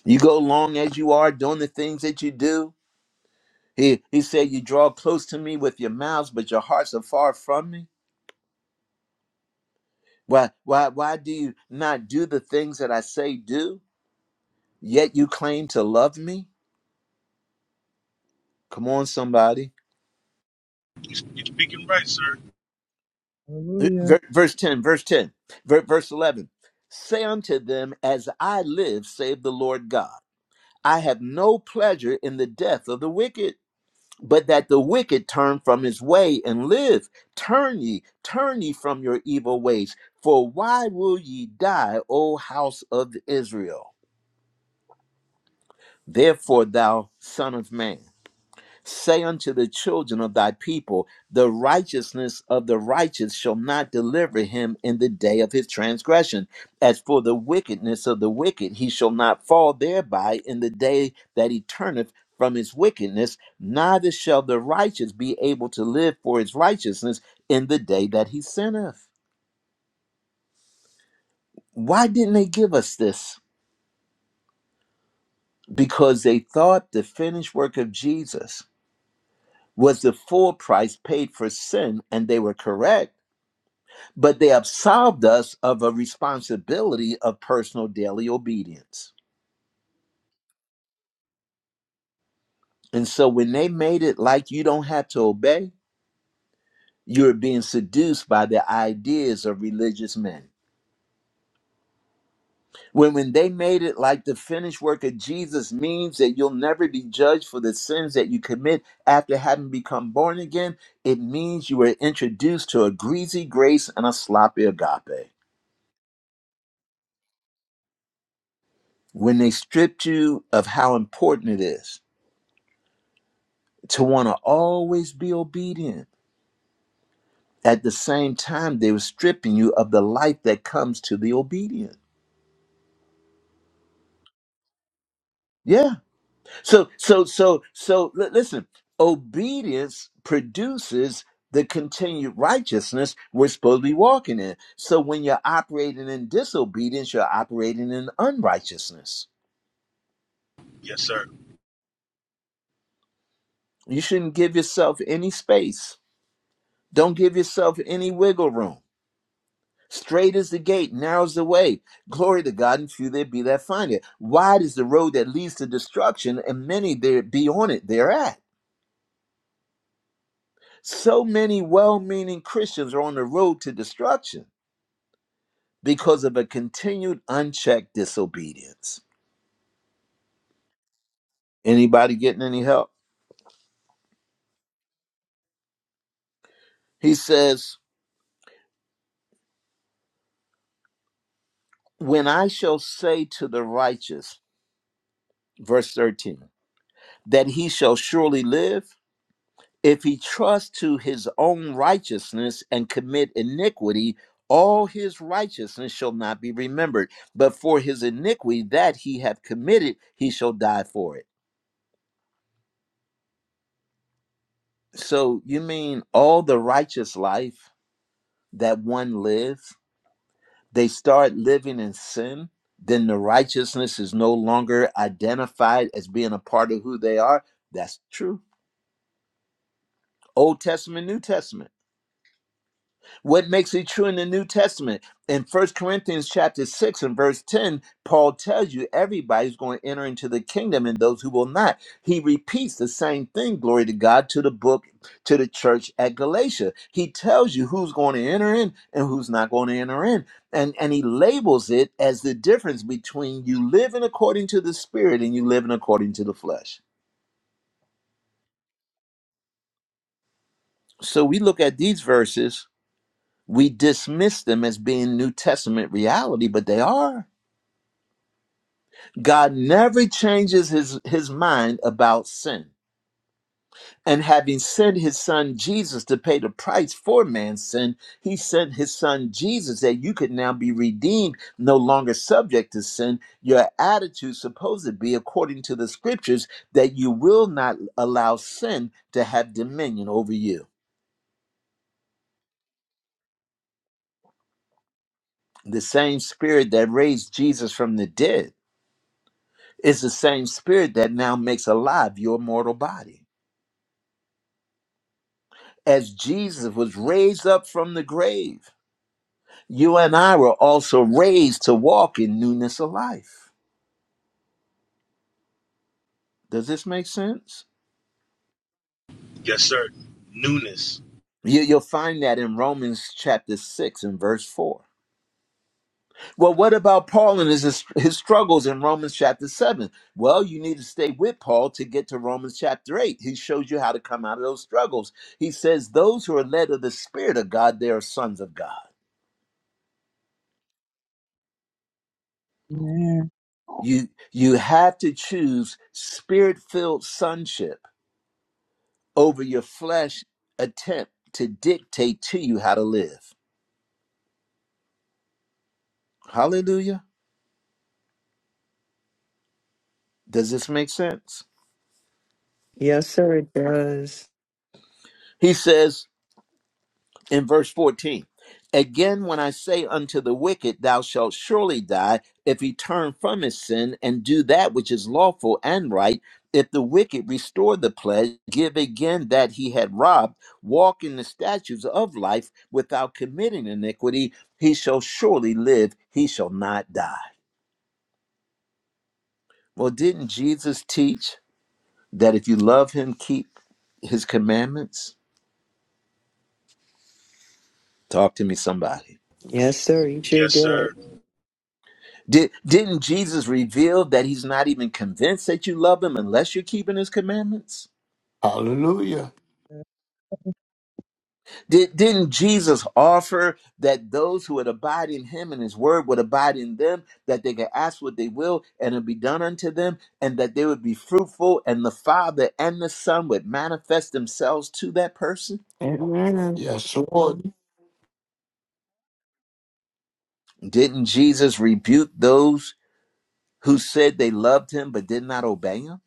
You go along as you are doing the things that you do, He he said, You draw close to me with your mouths, but your hearts are far from me. Why why why do you not do the things that I say do? Yet you claim to love me? Come on, somebody.
you speaking right, sir?
Hallelujah.
Ver- Verse 10, verse 10, ver- verse 11. Say unto them, As I live, save the Lord God, I have no pleasure in the death of the wicked but that the wicked turn from his way and live. Turn ye, turn ye from your evil ways. For why will ye die, O house of Israel? Therefore, thou son of man. Say unto the children of thy people, the righteousness of the righteous shall not deliver him in the day of his transgression. As for the wickedness of the wicked, he shall not fall thereby in the day that he turneth from his wickedness, neither shall the righteous be able to live for his righteousness in the day that he sinneth. Why didn't they give us this? Because they thought the finished work of Jesus was the full price paid for sin, and they were correct but they absolved us of a responsibility of personal daily obedience. And so when they made it like you don't have to obey, you're being seduced by the ideas of religious men. When, when they made it like the finished work of Jesus means that you'll never be judged for the sins that you commit after having become born again, it means you were introduced to a greasy grace and a sloppy agape. When they stripped you of how important it is, to want to always be obedient. At the same time, they were stripping you of the life that comes to the obedient. Yeah. So, so, so, so, li- listen, obedience produces the continued righteousness we're supposed to be walking in. So, when you're operating in disobedience, you're operating in unrighteousness.
Yes, sir.
You shouldn't give yourself any space, don't give yourself any wiggle room. Straight is the gate, narrow's the way. Glory to God, and few there be that find it. Wide is the road that leads to destruction, and many there be on it thereat. So many well meaning Christians are on the road to destruction because of a continued unchecked disobedience. Anybody getting any help? He says, When I shall say to the righteous, verse 13, that he shall surely live If he trusts to his own righteousness and commit iniquity, all his righteousness shall not be remembered. But for his iniquity that he hath committed, he shall die for it. So you mean all the righteous life that one lives, they start living in sin? Then the righteousness is no longer identified as being a part of who they are. That's true. Old Testament, New Testament. What makes it true in the New Testament? In First Corinthians chapter 6 and verse 10, Paul tells you everybody's going to enter into the kingdom and those who will not. He repeats the same thing, glory to God, to the book, to the church at Galatia. He tells you who's going to enter in and who's not going to enter in. And, and he labels it as the difference between you living according to the spirit and you living according to the flesh. So we look at these verses, we dismiss them as being New Testament reality, but they are. God never changes his, his mind about sin. And having sent his son Jesus to pay the price for man's sin, he sent his son Jesus that you could now be redeemed, no longer subject to sin. Your attitude supposed to be according to the scriptures that you will not allow sin to have dominion over you. The same spirit that raised Jesus from the dead is the same spirit that now makes alive your mortal body. as Jesus was raised up from the grave, you and I were also raised to walk in newness of life. Does this make sense?
Yes, sir. Newness.
You, you'll find that in Romans chapter 6 and verse 4. Well, what about Paul and his, his struggles in Romans chapter 7? Well, you need to stay with Paul to get to Romans chapter 8. He shows you how to come out of those struggles. He says, Those who are led of the Spirit of God, they are sons of God.
Amen.
You, you have to choose spirit filled sonship over your flesh attempt to dictate to you how to live. Hallelujah. Does this make sense?
Yes, sir, it does.
He says in verse 14, Again, when I say unto the wicked, Thou shalt surely die, if he turn from his sin and do that which is lawful and right, if the wicked restore the pledge, give again that he had robbed, walk in the statutes of life without committing iniquity, he shall surely live, he shall not die. Well, didn't Jesus teach? that if you love him, keep his commandments? Talk to me, somebody.
Yes, sir, you sure
Yes,
did.
sir.
Did, didn't Jesus reveal that he's not even convinced that you love him unless you're keeping his commandments?
Hallelujah.
Did, didn't Jesus offer that those who would abide in him and his word would abide in them, that they could ask what they will and it'd be done unto them, and that they would be fruitful, and the Father and the Son would manifest themselves to that person?
Amen.
Yes, Lord.
Didn't Jesus rebuke those who said they loved him but did not obey him?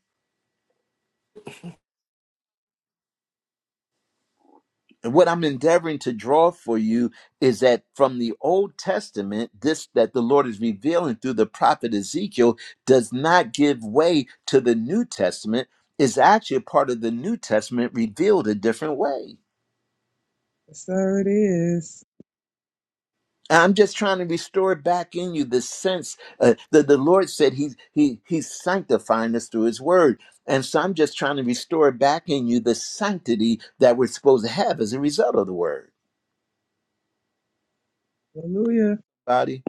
And what I'm endeavoring to draw for you is that from the Old Testament, this that the Lord is revealing through the prophet Ezekiel does not give way to the New Testament, is actually a part of the New Testament revealed a different way.
Yes, sir, it is.
And I'm just trying to restore back in you the sense uh, that the Lord said he, he, He's sanctifying us through His Word. And so I'm just trying to restore back in you the sanctity that we're supposed to have as a result of the Word.
Hallelujah.
Body.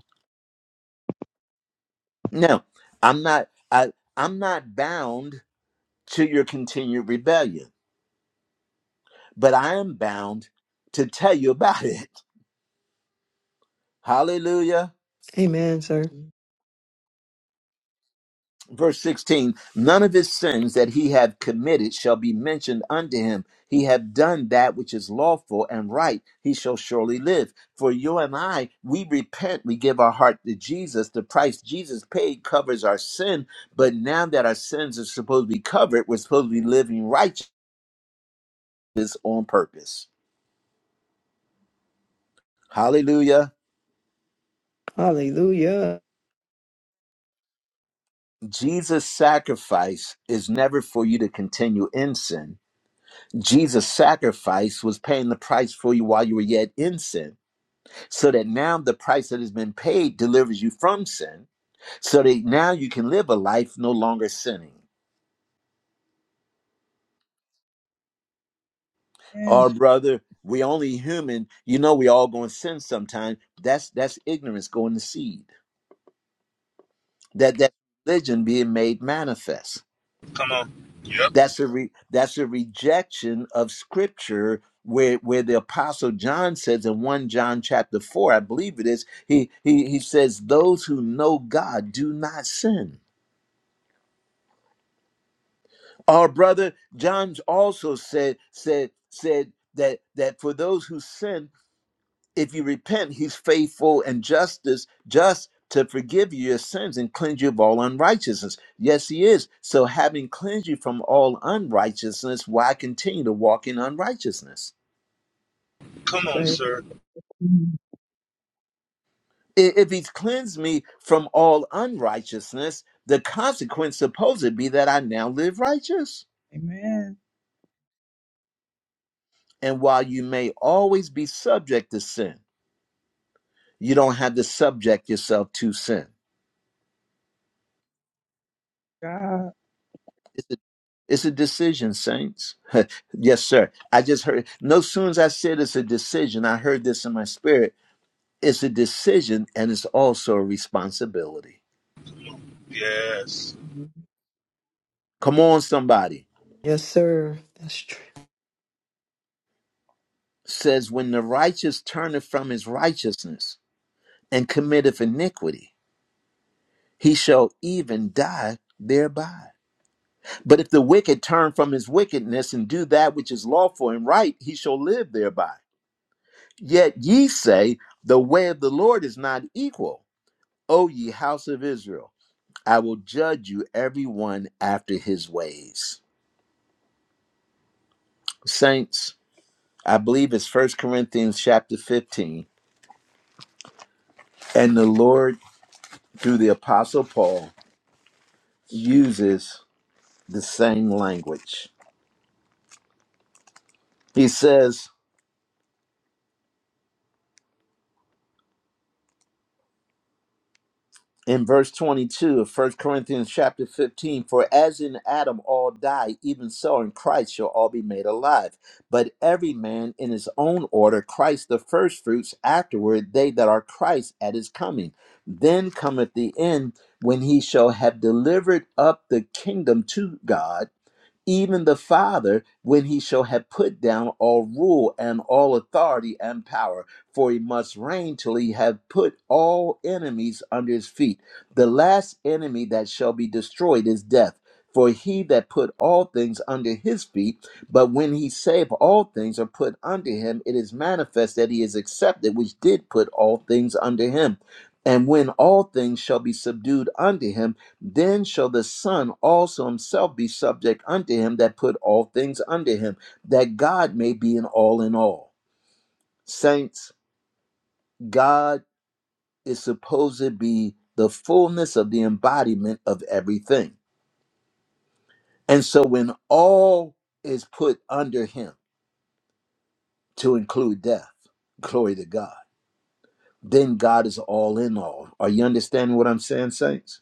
No, I'm not. I, I'm not bound to your continued rebellion, but I am bound to tell you about it. Hallelujah.
Amen, sir.
Verse 16 None of his sins that he have committed shall be mentioned unto him. He have done that which is lawful and right. He shall surely live. For you and I, we repent. We give our heart to Jesus. The price Jesus paid covers our sin. But now that our sins are supposed to be covered, we're supposed to be living righteous on purpose. Hallelujah.
Hallelujah.
Jesus' sacrifice is never for you to continue in sin. Jesus' sacrifice was paying the price for you while you were yet in sin, so that now the price that has been paid delivers you from sin, so that now you can live a life no longer sinning.
And
Our brother, we only human. You know we all going to sin sometime. That's that's ignorance going to seed. That that religion being made manifest.
Come on. Yep.
That's a re, that's a rejection of scripture where where the apostle John says in 1 John chapter 4, I believe it is, he he he says those who know God do not sin. Our brother John also said said said that that for those who sin if you repent, he's faithful and justice, just to forgive you your sins and cleanse you of all unrighteousness. Yes, he is. So having cleansed you from all unrighteousness, why continue to walk in unrighteousness?
Come on,
say
sir.
I- If he's cleansed me from all unrighteousness, the consequence supposed to be that I now live righteous.
amen.
And while you may always be subject to sin, you don't have to subject yourself to sin.
God.
It's a decision, saints. yes, sir. I just heard. No sooner as I said it's a decision, I heard this in my spirit. It's a decision and it's also a responsibility.
Yes.
Come on, somebody.
Yes, sir. That's true.
Says, when the righteous turneth from his righteousness and committeth iniquity, he shall even die thereby. But if the wicked turn from his wickedness and do that which is lawful and right, he shall live thereby. Yet ye say, the way of the Lord is not equal O ye house of Israel, I will judge you every one after his ways. Saints, I believe it's First Corinthians chapter 15, and the Lord, through the Apostle Paul, uses the same language. He says, in verse 22 of First Corinthians chapter 15, for as in Adam all die, even so in Christ shall all be made alive. But every man in his own order, Christ the firstfruits, afterward they that are Christ at his coming. Then cometh the end when he shall have delivered up the kingdom to God even the Father, when he shall have put down all rule and all authority and power, for he must reign till he have put all enemies under his feet. The last enemy that shall be destroyed is death. For he that put all things under his feet, but when he saved all things are put under him, it is manifest that he is accepted, which did put all things under him. And when all things shall be subdued unto him, then shall the Son also himself be subject unto him that put all things under him, that God may be in all in all. Saints, God is supposed to be the fullness of the embodiment of everything. And so when all is put under him, to include death, glory to God, then God is all in all. Are you understanding what I'm saying, Saints?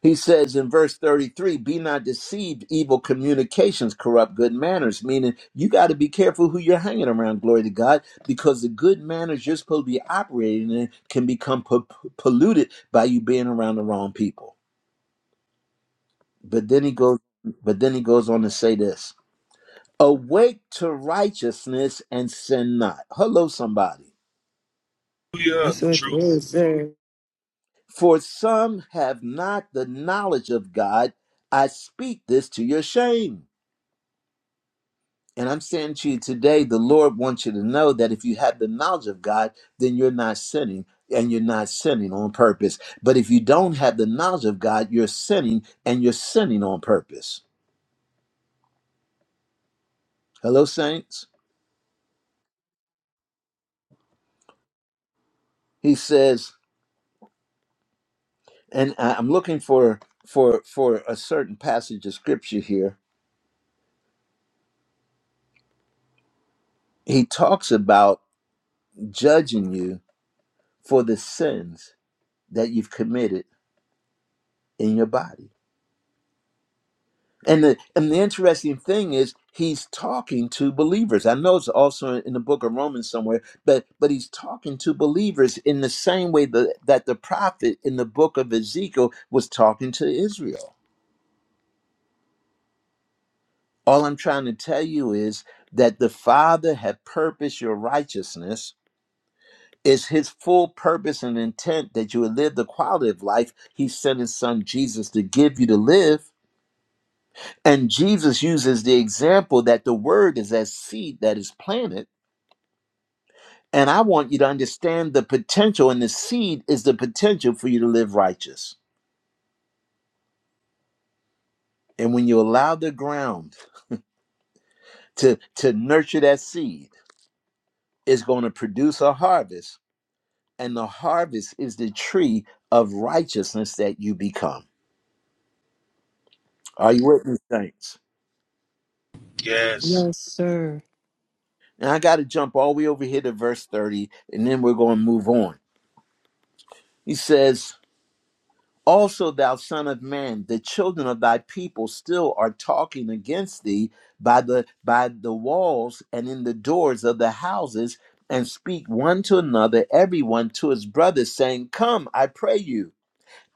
He says in verse 33, be not deceived, evil communications corrupt good manners, meaning you got to be careful who you're hanging around, glory to God, because the good manners you're supposed to be operating in can become po- polluted by you being around the wrong people. But then he goes but then he goes on to say this, awake to righteousness and sin not. Hello somebody.
That's what it is, sir.
For some have not the knowledge of God. I speak this to your shame. And I'm saying to you today, the Lord wants you to know that if you have the knowledge of God, then you're not sinning and you're not sinning on purpose. But if you don't have the knowledge of God, you're sinning and you're sinning on purpose. Hello, saints. He says, and I- I'm looking for for for a certain passage of scripture here. He talks about judging you for the sins that you've committed in your body. And the and the interesting thing is he's talking to believers. I know it's also in the book of Romans somewhere, but but he's talking to believers in the same way that, that the prophet in the book of Ezekiel was talking to Israel. All I'm trying to tell you is that the Father had purposed your righteousness. It's his full purpose and intent that you would live the quality of life he sent his son Jesus to give you to live. And Jesus uses the example that the word is as seed that is planted And I want you to understand the potential, and the seed is the potential for you to live righteous. And when you allow the ground to, to nurture that seed, it's going to produce a harvest. And the harvest is the tree of righteousness that you become. Are you with me, saints?
Yes.
Yes, sir.
And I got to jump all the way over here to verse 30, and then we're going to move on. He says, Also, thou son of man, the children of thy people still are talking against thee by the by the walls and in the doors of the houses, and speak one to another, everyone to his brother, saying, Come, I pray you,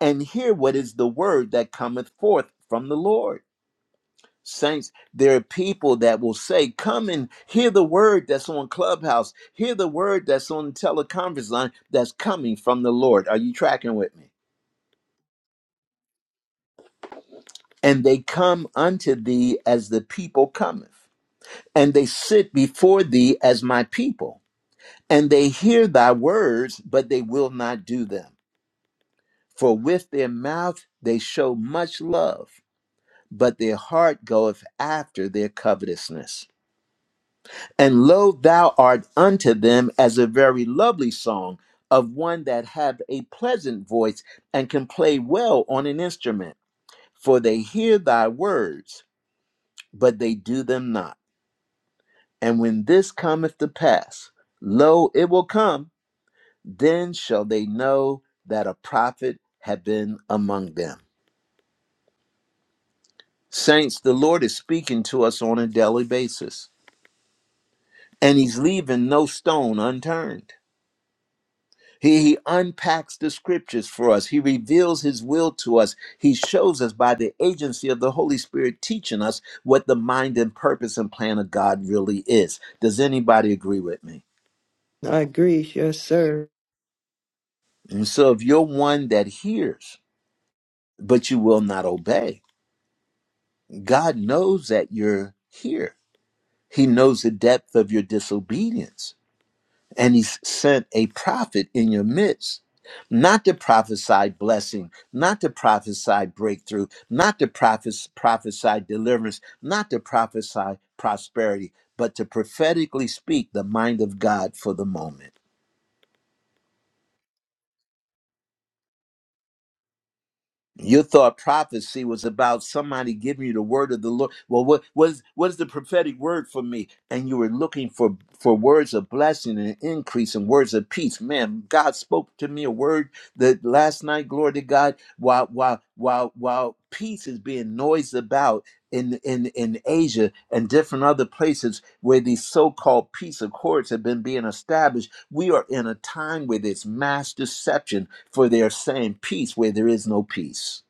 and hear what is the word that cometh forth from the Lord. Saints, there are people that will say, Come and hear the word that's on Clubhouse, hear the word that's on the teleconference line that's coming from the Lord. Are you tracking with me? and they come unto thee as the people cometh, and they sit before thee as my people, and they hear thy words, but they will not do them. For with their mouth they show much love, but their heart goeth after their covetousness. And lo, thou art unto them as a very lovely song of one that hath a pleasant voice and can play well on an instrument. For they hear thy words, but they do them not And when this cometh to pass, lo, it will come, then shall they know that a prophet had been among them. Saints, the Lord is speaking to us on a daily basis, and He's leaving no stone unturned. He, he unpacks the scriptures for us. He reveals his will to us. He shows us by the agency of the Holy Spirit teaching us what the mind and purpose and plan of God really is. Does anybody agree with me?
I agree. Yes, sir.
And so, if you're one that hears but you will not obey. God knows that you're here. He knows the depth of your disobedience. And He sent a prophet in your midst, not to prophesy blessing, not to prophesy breakthrough, not to prophes- prophesy deliverance, not to prophesy prosperity, but to prophetically speak the mind of God for the moment. You thought prophecy was about somebody giving you the word of the Lord. Well, what was what is the prophetic word for me? And you were looking for for words of blessing and increase and words of peace. Man, God spoke to me a word that last night, glory to God, while while while while peace is being noised about in in in Asia and different other places where these so-called peace accords have been being established we are in a time where there's mass deception for they're saying peace where there is no peace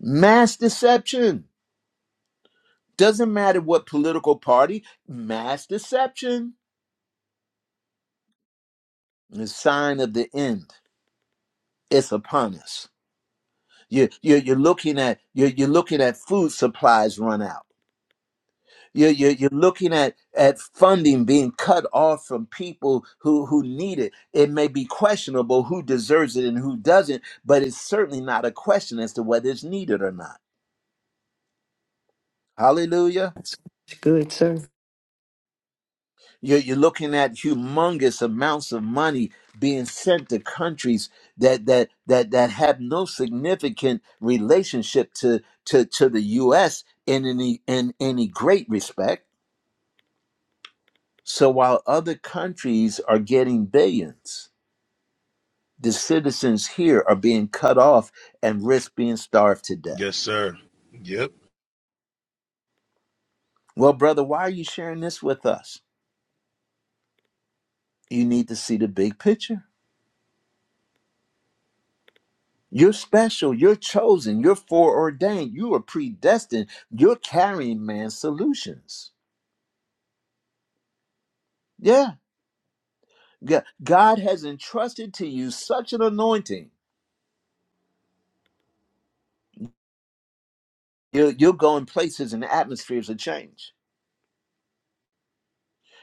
mass deception doesn't matter what political party mass deception the sign of the end it's upon us you, you, you're looking at you're, you're looking at food supplies run out You're, you're, you're looking at, at funding being cut off from people who, who need it. It may be questionable who deserves it and who doesn't, but it's certainly not a question as to whether it's needed or not. Hallelujah.
That's good, sir.
You're, you're looking at humongous amounts of money being sent to countries that that that that have no significant relationship to to, to the US in any in any great respect. So while other countries are getting billions The citizens here are being cut off and risk being starved to death.
Yes, sir. Yep.
Well, brother, why are you sharing this with us? You need to see the big picture. You're special. You're chosen. You're foreordained. You are predestined. You're carrying man's solutions. Yeah. God has entrusted to you such an anointing. You'll, you'll go in places and atmospheres of change.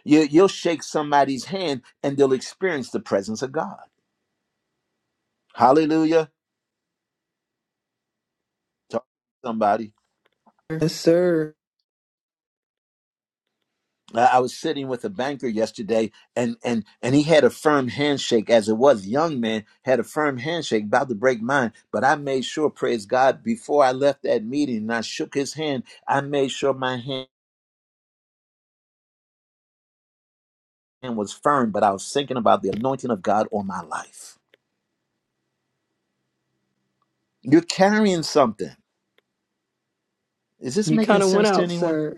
You, you'll shake somebody's hand and they'll experience the presence of God. Hallelujah. Talk to somebody.
Yes, sir.
uh, I was sitting with a banker yesterday, and and and he had a firm handshake. As it was, young man had a firm handshake, about to break mine. But I made sure, praise God, before I left that meeting, and I shook his hand. I made sure my hand was firm, but I was thinking about the anointing of God on my life. You're carrying something. Is this
You kind
making
of went
sense to
out,
anyone?
sir.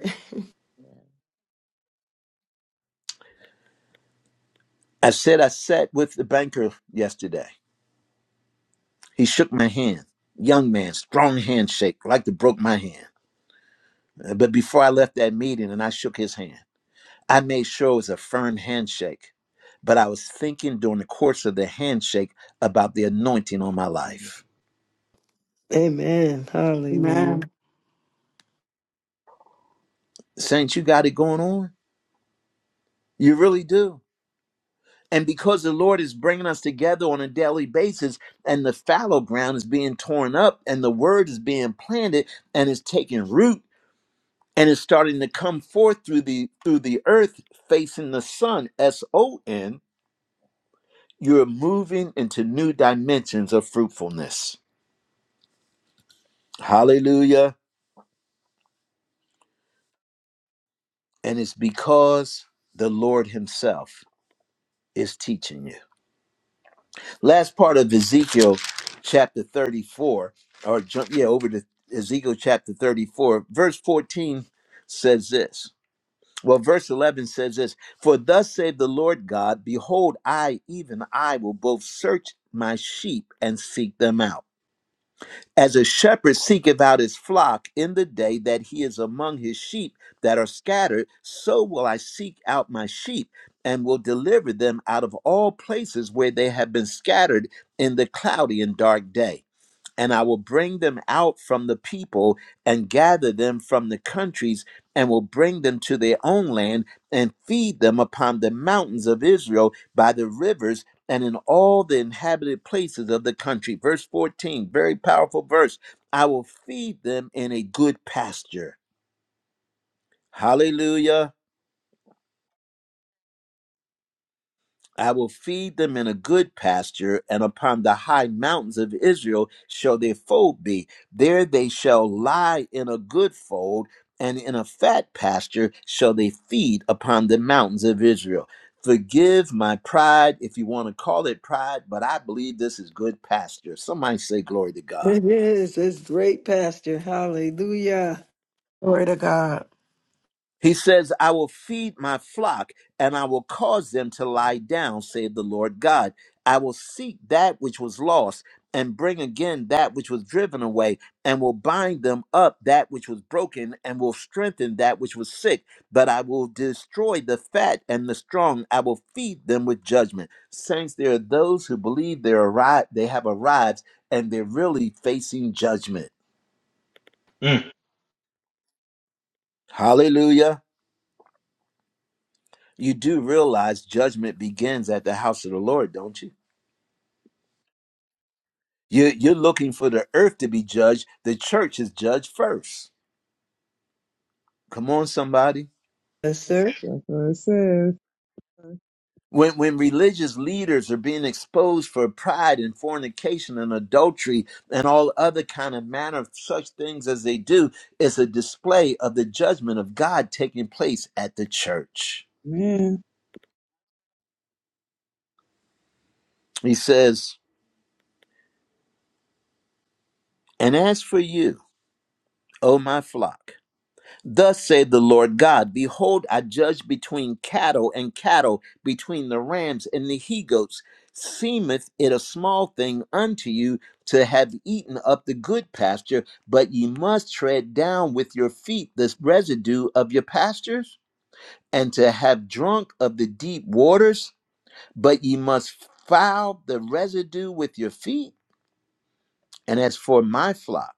I said I sat with the banker yesterday. He shook my hand. Young man, strong handshake, like to broke my hand. Uh, But before I left that meeting, and I shook his hand. I made sure it was a firm handshake, but I was thinking during the course of the handshake about the anointing on my
Hallelujah.
life.
Amen. Hallelujah.
Amen.
Saints, you got it going on? You really do. And because the Lord is bringing us together on a daily basis, and the fallow ground is being torn up, and the word is being planted, and it's taking root, and it's starting to come forth through the through the earth, facing the sun. S O N. You're moving into new dimensions of fruitfulness. Hallelujah. And it's because the Lord Himself is teaching you. Last part of Ezekiel chapter 34, or jump, yeah, over to Ezekiel chapter 34, verse 14 says this. Well, verse 11 says this For thus saith the Lord God, Behold, I, even I, will both search my sheep and seek them out. As a shepherd seeketh out his flock in the day that he is among his sheep that are scattered, so will I seek out my sheep and will deliver them out of all places where they have been scattered in the cloudy and dark day and I will bring them out from the people and gather them from the countries and will bring them to their own land and feed them upon the mountains of Israel by the rivers and in all the inhabited places of the country. Verse 14, very powerful verse. I will feed them in a good pasture. Hallelujah. I will feed them in a good pasture, and upon the high mountains of Israel shall their fold be. There they shall lie in a good fold, and in a fat pasture shall they feed upon the mountains of Israel. Forgive my pride, if you want to call it pride, but I believe this is good pasture. Somebody say, Glory to God.
It is. It's great pasture. Hallelujah.
Glory to God.
He says, I will feed my flock and I will cause them to lie down, saith the Lord God. I will seek that which was lost and bring again that which was driven away, and will bind them up that which was broken, and will strengthen that which was sick. But I will destroy the fat and the strong. I will feed them with judgment. Saints, there are those who believe they're arrived, they have arrived, and they're really facing judgment.
Mm.
Hallelujah. you do realize judgment begins at the house of the Lord, don't you? you you're looking for the earth to be judged. The church is judged first. Come on, somebody.
Yes,
That's
sir.
that's what it says.
When, when religious leaders are being exposed for pride and fornication and adultery and all other kind of manner of such things as they do, it's a display of the judgment of God taking place at the church.
Amen.
He says, And as for you, O my flock, Thus saith the Lord God Behold, I judge between cattle and cattle, between the rams and the he goats. Seemeth it a small thing unto you to have eaten up the good pasture, but ye must tread down with your feet this residue of your pastures, and to have drunk of the deep waters, but ye must foul the residue with your feet. And as for my flock,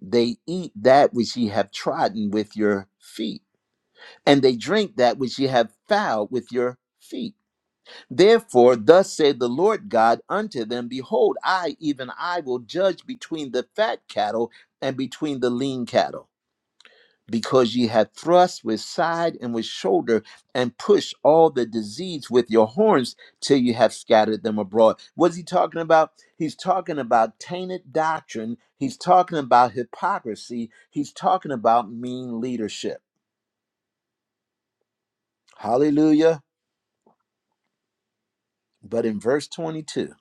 they eat that which ye have trodden with your feet and they drink that which ye have fouled with your feet. Therefore, thus said the Lord God unto them Behold, I, even I, will judge between the fat cattle and between the lean cattle. Because ye have thrust with side and with shoulder, and pushed all the disease with your horns till you have scattered them abroad. What's he talking about? He's talking about tainted doctrine. He's talking about hypocrisy. He's talking about mean leadership. Hallelujah. But in verse 22,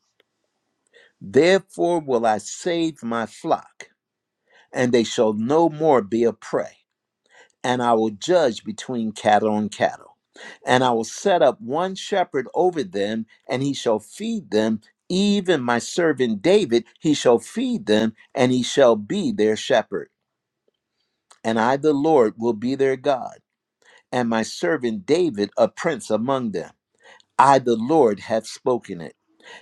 therefore will I save my flock, and they shall no more be a prey, and I will judge between cattle and cattle. And I will set up one shepherd over them, and he shall feed them, even my servant David, he shall feed them, and he shall be their shepherd. And I, the Lord, will be their God, and my servant David, a prince among them. I, the Lord, have spoken it.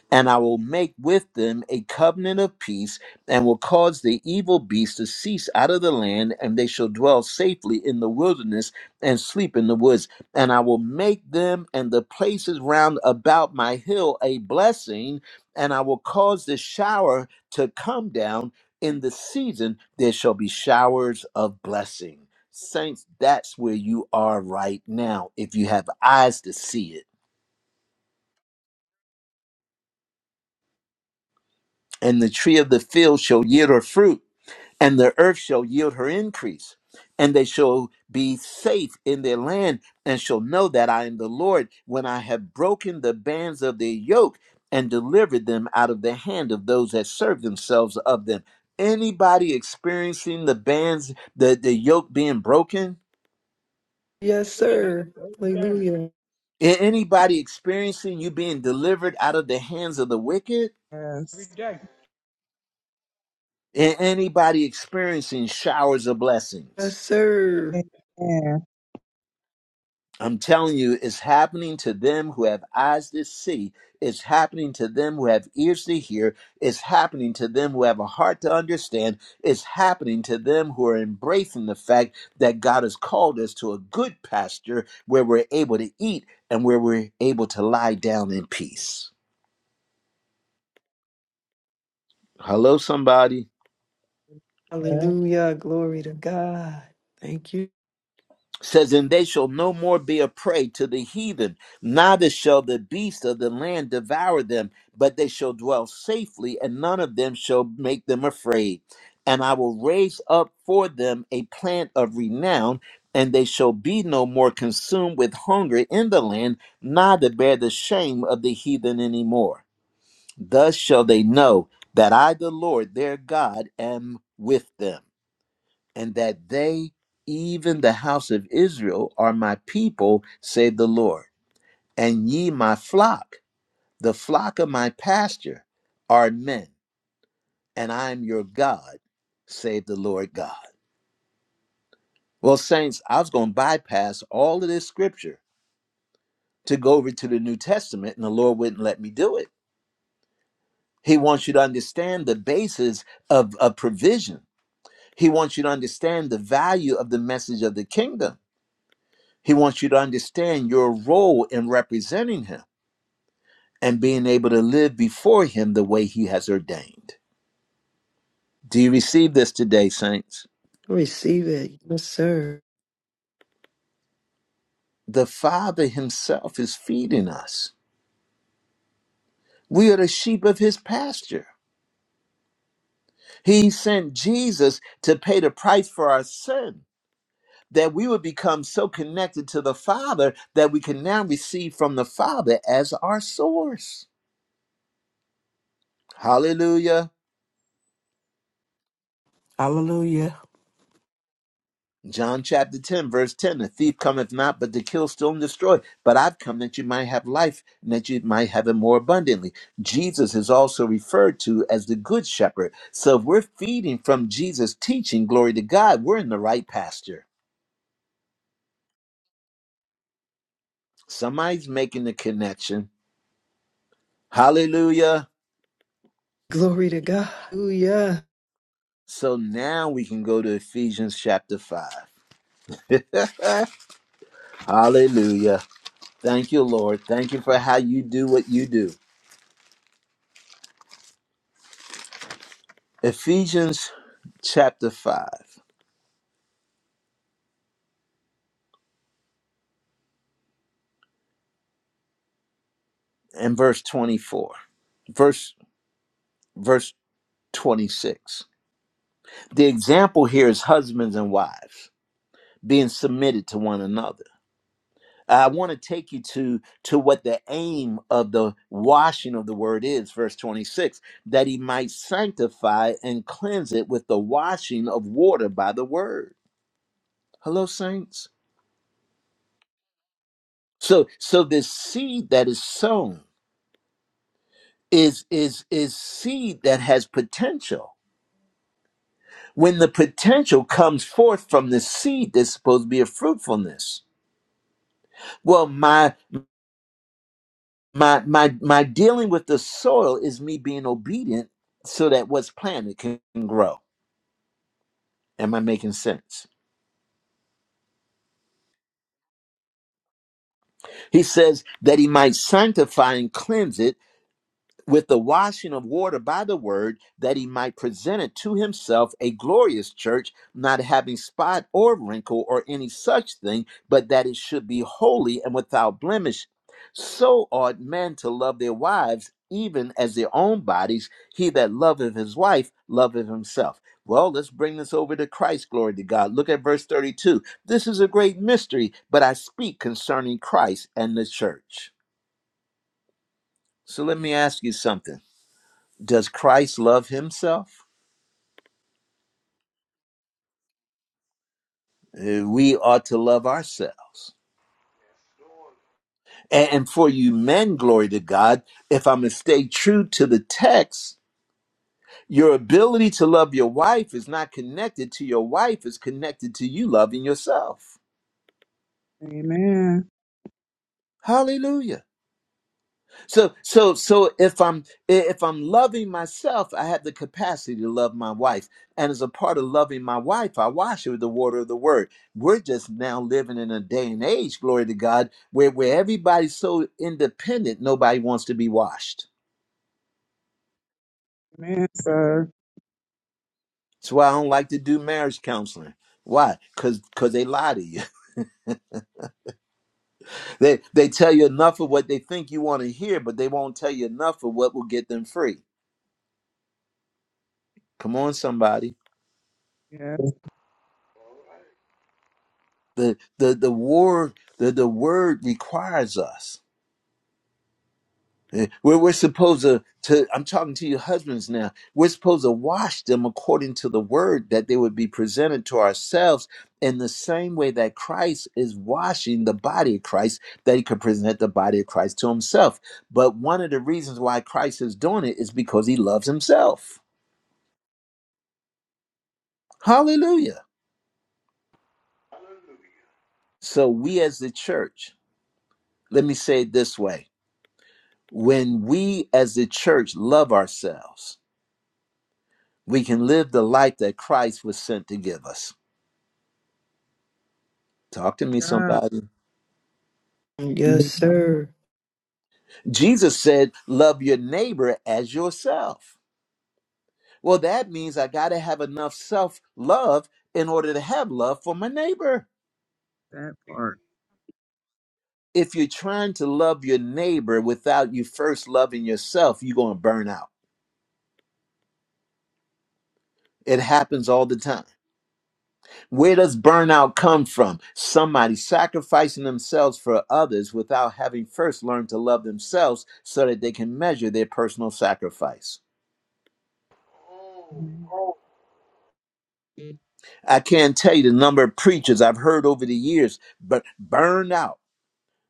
And I will make with them a covenant of peace, and will cause the evil beast to cease out of the land, and they shall dwell safely in the wilderness and sleep in the woods. And I will make them and the places round about my hill a blessing, and I will cause the shower to come down in the season. There shall be showers of blessing. Saints, that's where you are right now, if you have eyes to see it. And the tree of the field shall yield her fruit and the earth shall yield her increase, and they shall be safe in their land, and shall know that I am the Lord when I have broken the bands of their yoke and delivered them out of the hand of those that serve themselves of them. Anybody experiencing the bands, the, the yoke being broken?
Yes, sir. Hallelujah.
Anybody experiencing you being delivered out of the hands of the wicked?
Every
Yes.
day.
Anybody experiencing showers of blessings?
Yes, sir.
Amen.
I'm telling you, it's happening to them who have eyes to see. It's happening to them who have ears to hear. It's happening to them who have a heart to understand. It's happening to them who are embracing the fact that God has called us to a good pasture where we're able to eat and where we're able to lie down in peace. Hello, somebody.
well,
Hallelujah. Glory to God. Thank you.
says, And they shall no more be a prey to the heathen, neither shall the beasts of the land devour them, but they shall dwell safely, and none of them shall make them afraid. And I will raise up for them a plant of renown, and they shall be no more consumed with hunger in the land, neither bear the shame of the heathen any more. Thus shall they know that I, the Lord their God, am with them and that they, even the house of Israel, are my people, saith the Lord. And ye, my flock, the flock of my pasture, are men, and I am your God, saith the Lord God. Well, saints, I was going to bypass all of this scripture to go over to the New Testament, and the Lord wouldn't let me do it. He wants you to understand the basis of, of provision. He wants you to understand the value of the message of the kingdom He wants you to understand your role in representing him and being able to live before him the way he has ordained. Do you receive this today, saints?
Receive it. Yes, sir.
The Father himself is feeding us. We are the sheep of his pasture. He sent Jesus to pay the price for our sin, that we would become so connected to the Father that we can now receive from the Father as our source. Hallelujah.
Hallelujah.
John chapter 10, verse 10 The thief cometh not but to kill, steal, and destroy. But I've come that you might have life and that you might have it more abundantly. Jesus is also referred to as the good shepherd. So if we're feeding from Jesus' teaching, glory to God, we're in the right pasture. Somebody's making the connection. Hallelujah.
Glory to God. Hallelujah.
So now we can go to Ephesians chapter 5. Uh, Hallelujah. Thank you, Lord. Thank you for how you do what you do. Ephesians chapter 5. and verse 24 verse verse 26 the example here is husbands and wives being submitted to one another i want to take you to to what the aim of the washing of the word is verse 26 that he might sanctify and cleanse it with the washing of water by the word hello saints so so this seed that is sown is is is seed that has potential when the potential comes forth from the seed that's supposed to be a fruitfulness well my my my my dealing with the soil is me being obedient so that what's planted can grow am i making sense he says that he might sanctify and cleanse it with the washing of water by the word, that he might present it to himself a glorious church, not having spot or wrinkle or any such thing, but that it should be holy and without blemish. So ought men to love their wives even as their own bodies. He that loveth his wife loveth himself. Well, let's bring this over to Christ. Glory to God. Look at verse 32. This is a great mystery, but I speak concerning Christ and the church. So let me ask you something does Christ love himself? Uh, We ought to love ourselves. And, and for you men, glory to God, if I'm going to stay true to the text, your ability to love your wife is not connected to your wife, it's connected to you loving yourself.
Amen.
Hallelujah. So so so if I'm if I'm loving myself, I have the capacity to love my wife. And as a part of loving my wife, I wash her with the water of the word. We're just now living in a day and age, glory to God, where where everybody's so independent, nobody wants to be washed.
Amen, sir.
That's why I don't like to do marriage counseling. Why? Cause cause they lie to you. They they tell you enough of what they think you want to hear, but they won't tell you enough of what will get them free. Come on, somebody.
Yes,
the the the word the the word requires us Eh, we're, we're supposed to, to i'm talking to your husbands now we're supposed to wash them according to the word that they would be presented to ourselves in the same way that christ is washing the body of christ that he could present the body of christ to himself but one of the reasons why christ is doing it is because he loves himself hallelujah so we as the church let me say it this way When we as the church love ourselves, we can live the life that Christ was sent to give us. Talk to me,
God.
somebody.
Yes, sir.
Jesus said, Love your neighbor as yourself. Well, that means I got to have enough self love in order to have love for my neighbor.
That part.
If you're trying to love your neighbor without you first loving yourself, you're going to burn out. It happens all the time. Where does burnout come from? Somebody sacrificing themselves for others without having first learned to love themselves so that they can measure their personal sacrifice.
Amen.
I can't tell you the number of preachers I've heard over the years, but burn out.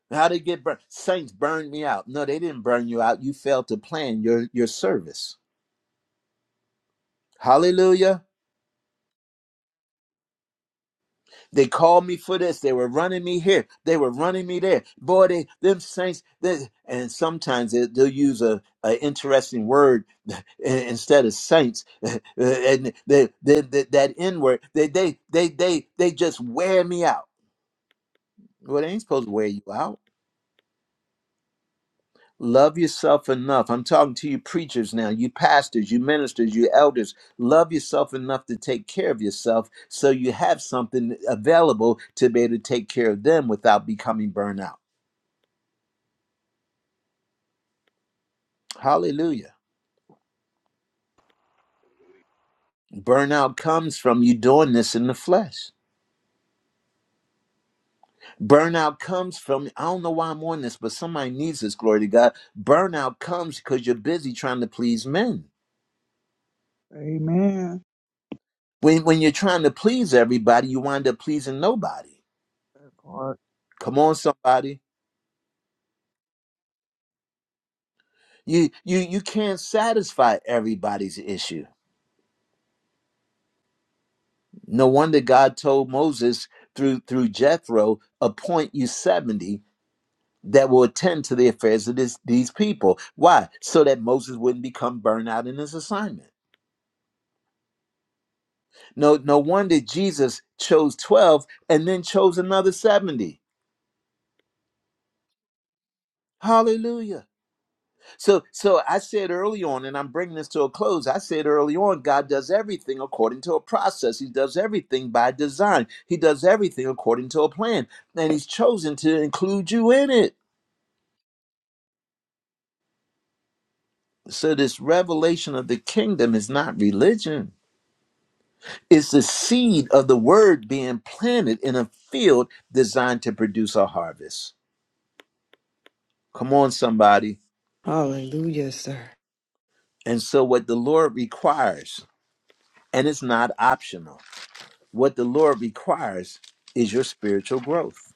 How they get burned? Saints burned me out. No, they didn't burn you out. You failed to plan your, your service. Hallelujah. They called me for this. They were running me here. They were running me there. Boy, they them saints. They, and sometimes they, they'll use a, a interesting word instead of saints. and they, they, they, that N word. They, they they they they just wear me out. Well, they ain't supposed to wear you out Love yourself enough. I'm talking to you preachers now, you pastors, you ministers, you elders. Love yourself enough to take care of yourself so you have something available to be able to take care of them without becoming burnout. Hallelujah. Burnout comes from you doing this in the flesh. Burnout comes from, I don't know why I'm on this, but somebody needs this, glory to God. Burnout comes because you're busy trying to please men.
Amen.
When, when you're trying to please everybody, you wind up pleasing nobody.
That part.
Come on, somebody. You you you can't satisfy everybody's issue. No wonder God told Moses through through Jethro, appoint you 70 that will attend to the affairs of this, these people. Why? So that Moses wouldn't become burned out in his assignment. No no wonder Jesus chose 12 and then chose another 70. Hallelujah. So, so I said early on, and I'm bringing this to a close. I said early on, God does everything according to a process. He does everything by design. He does everything according to a plan, and He's chosen to include you in it. So, this revelation of the kingdom is not religion. It's the seed of the word being planted in a field designed to produce a harvest. Come on, somebody.
Hallelujah, sir.
And so, what the Lord requires, and it's not optional What the Lord requires is your spiritual growth.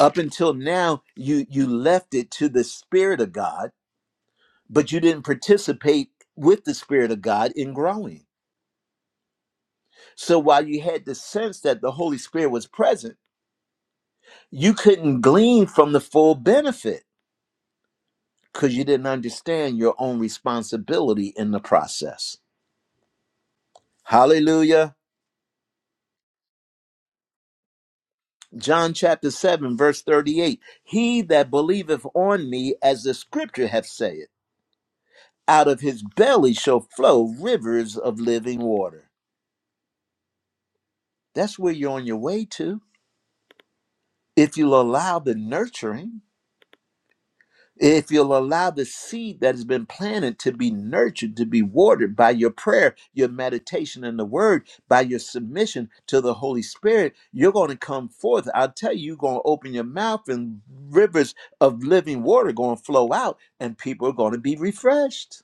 Up until now, you you left it to the Spirit of God, but you didn't participate with the Spirit of God in growing. So while you had the sense that the Holy Spirit was present, you couldn't glean from the full benefit because you didn't understand your own responsibility in the process. Hallelujah. John chapter 7, verse 38 He that believeth on me, as the scripture hath said. Out of his belly shall flow rivers of living water. That's where you're on your way to. If you'll allow the nurturing, if you'll allow the seed that has been planted to be nurtured, to be watered by your prayer, your meditation, and the word, by your submission to the Holy Spirit, you're going to come forth. I'll tell you, you're going to open your mouth and rivers of living water going to flow out, and people are going to be refreshed.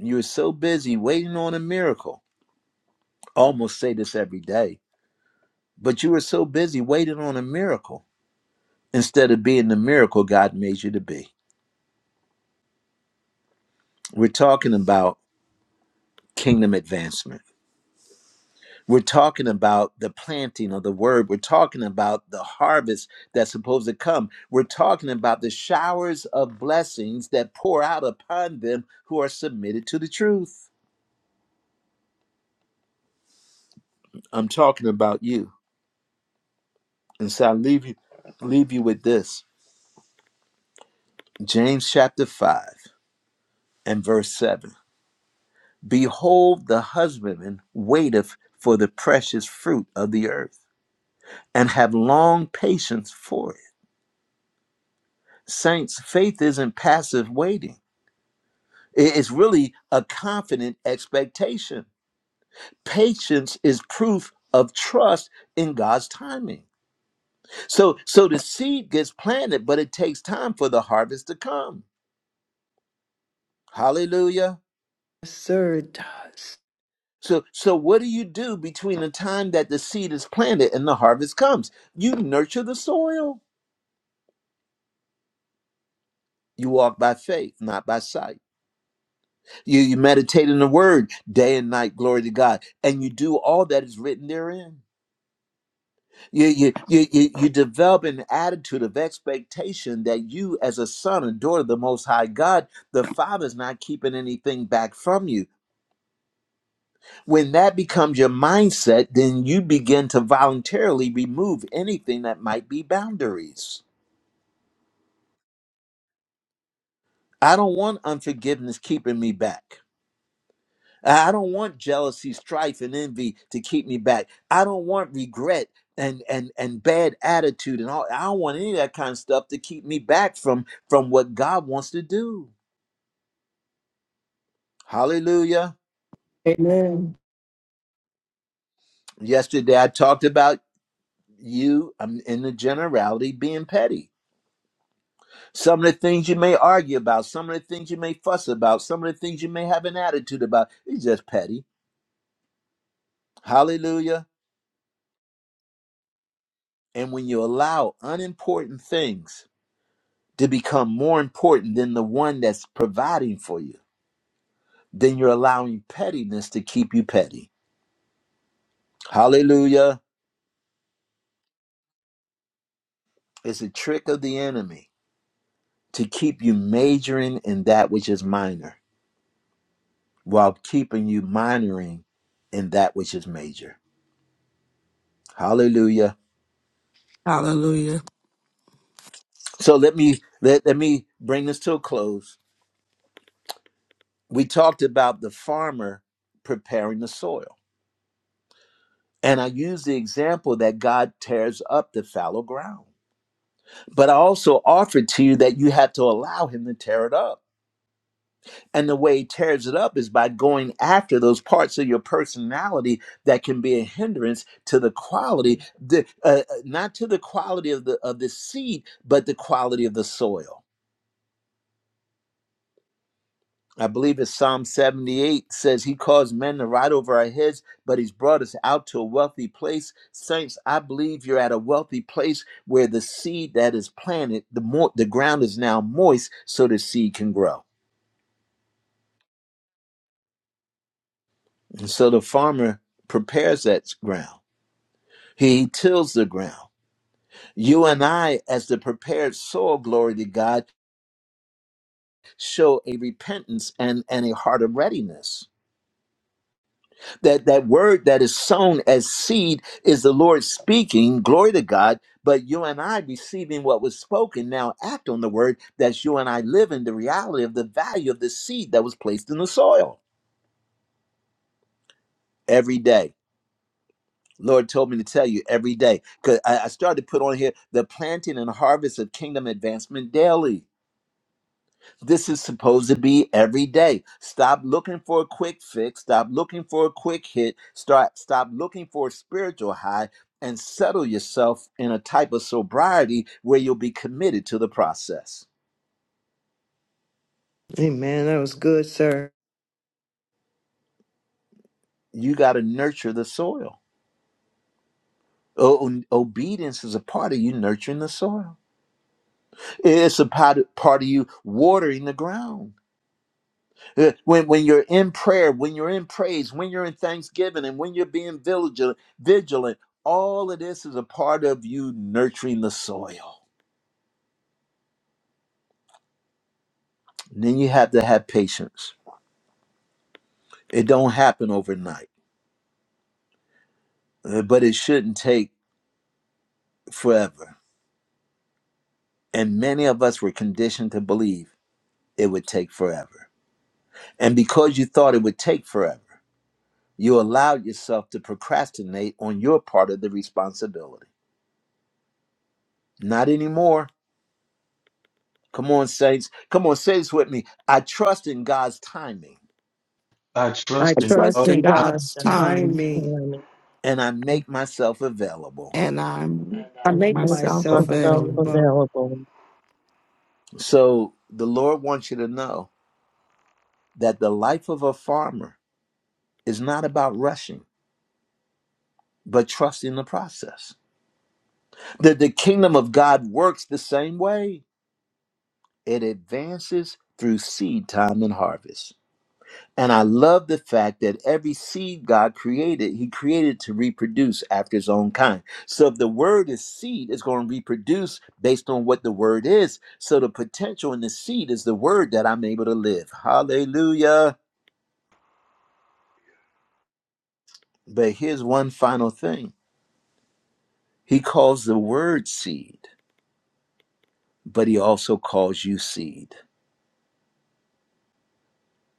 You're so busy waiting on a miracle. I almost say this every day But you were so busy waiting on a miracle instead of being the miracle God made you to be. We're talking about kingdom advancement. We're talking about the planting of the word. We're talking about the harvest that's supposed to come. We're talking about the showers of blessings that pour out upon them who are submitted to the truth. I'm talking about you. And so I leave you leave you with this. James chapter 5 and verse 7. Behold, the husbandman waiteth for the precious fruit of the earth, and have long patience for it. Saints, faith isn't passive waiting, it's really a confident expectation. Patience is proof of trust in God's timing. So, so the seed gets planted, but it takes time for the harvest to come. Hallelujah.
Yes, sir. It does.
So, so what do you do between the time that the seed is planted and the harvest comes? You nurture the soil You walk by faith, not by sight. You, you meditate in the word day and night, glory to God. And you do all that is written therein. You, you, you, you, you develop an attitude of expectation that you, as a son and daughter of the Most High God, the Father's not keeping anything back from you. When that becomes your mindset, then you begin to voluntarily remove anything that might be boundaries. I don't want unforgiveness keeping me back. I I don't want jealousy, strife, and envy to keep me back. I don't want regret and and and bad attitude and all. I don't want any of that kind of stuff to keep me back from from what God wants to do. Hallelujah.
Amen.
Yesterday I talked about you um, in the generality being petty. Some of the things you may argue about, some of the things you may fuss about, some of the things you may have an attitude about. It's just petty. Hallelujah. And when you allow unimportant things to become more important than the one that's providing for you, then you're allowing pettiness to keep you petty. Hallelujah. It's a trick of the enemy to keep you majoring in that which is minor while keeping you minoring in that which is major. Hallelujah.
Hallelujah.
So let me let, let me bring this to a close. We talked about the farmer preparing the soil. And I used the example that God tears up the fallow ground But I also offered to you that you had to allow him to tear it up. And the way he tears it up is by going after those parts of your personality that can be a hindrance to the quality, the, uh, uh, not to the quality of the of the seed, but the quality of the soil. I believe it's Psalm 78 says, He caused men to ride over our heads, but He's brought us out to a wealthy place. Saints, I believe you're at a wealthy place where the seed that is planted, the, more, the ground is now moist so the seed can grow. And so the farmer prepares that ground. He tills the ground. You and I, as the prepared soil, glory to God, show a repentance and, and a heart of readiness. That that word that is sown as seed is the Lord speaking, glory to God, but you and I receiving what was spoken now act on the word that's you and I live in the reality of the value of the seed that was placed in the soil every day. Lord told me to tell you every day because I, I started to put on here the planting and harvest of kingdom advancement daily. This is supposed to be every day. Stop looking for a quick fix. Stop looking for a quick hit. Start stop looking for a spiritual high and settle yourself in a type of sobriety where you'll be committed to the process.
Amen. That was good, sir.
You got to nurture the soil. O- obedience is a part of you nurturing the soil. It's a part part of you watering the ground Uh, When, when you're in prayer, when you're in praise, when you're in thanksgiving, and when you're being vigilant, vigilant, all of this is a part of you nurturing the soil. And then you have to have patience. It don't happen overnight, uh, but it shouldn't take forever. And many of us were conditioned to believe it would take forever. And because you thought it would take forever, you allowed yourself to procrastinate on your part of the responsibility. Not anymore Come on, saints. Come on, say this with me. I trust in God's timing
I
I
trust
I
in
trust
trust
God.
in
in God's
God's
I'm
time
timing.
coming
and I make myself available.
and I'm
I make
and make
myself
myself
myself
available.
available.
available,
So the Lord wants you to know that the life of a farmer is not about rushing, but trusting the process. That the kingdom of God works the same way. It advances through seed time and harvest. And I love the fact that every seed God created, He created to reproduce after His own kind. So if the word is seed, it's going to reproduce based on what the word is. So the potential in the seed is the word that I'm able to live. Hallelujah. But here's one final thing He calls the word seed, but He also calls you seed.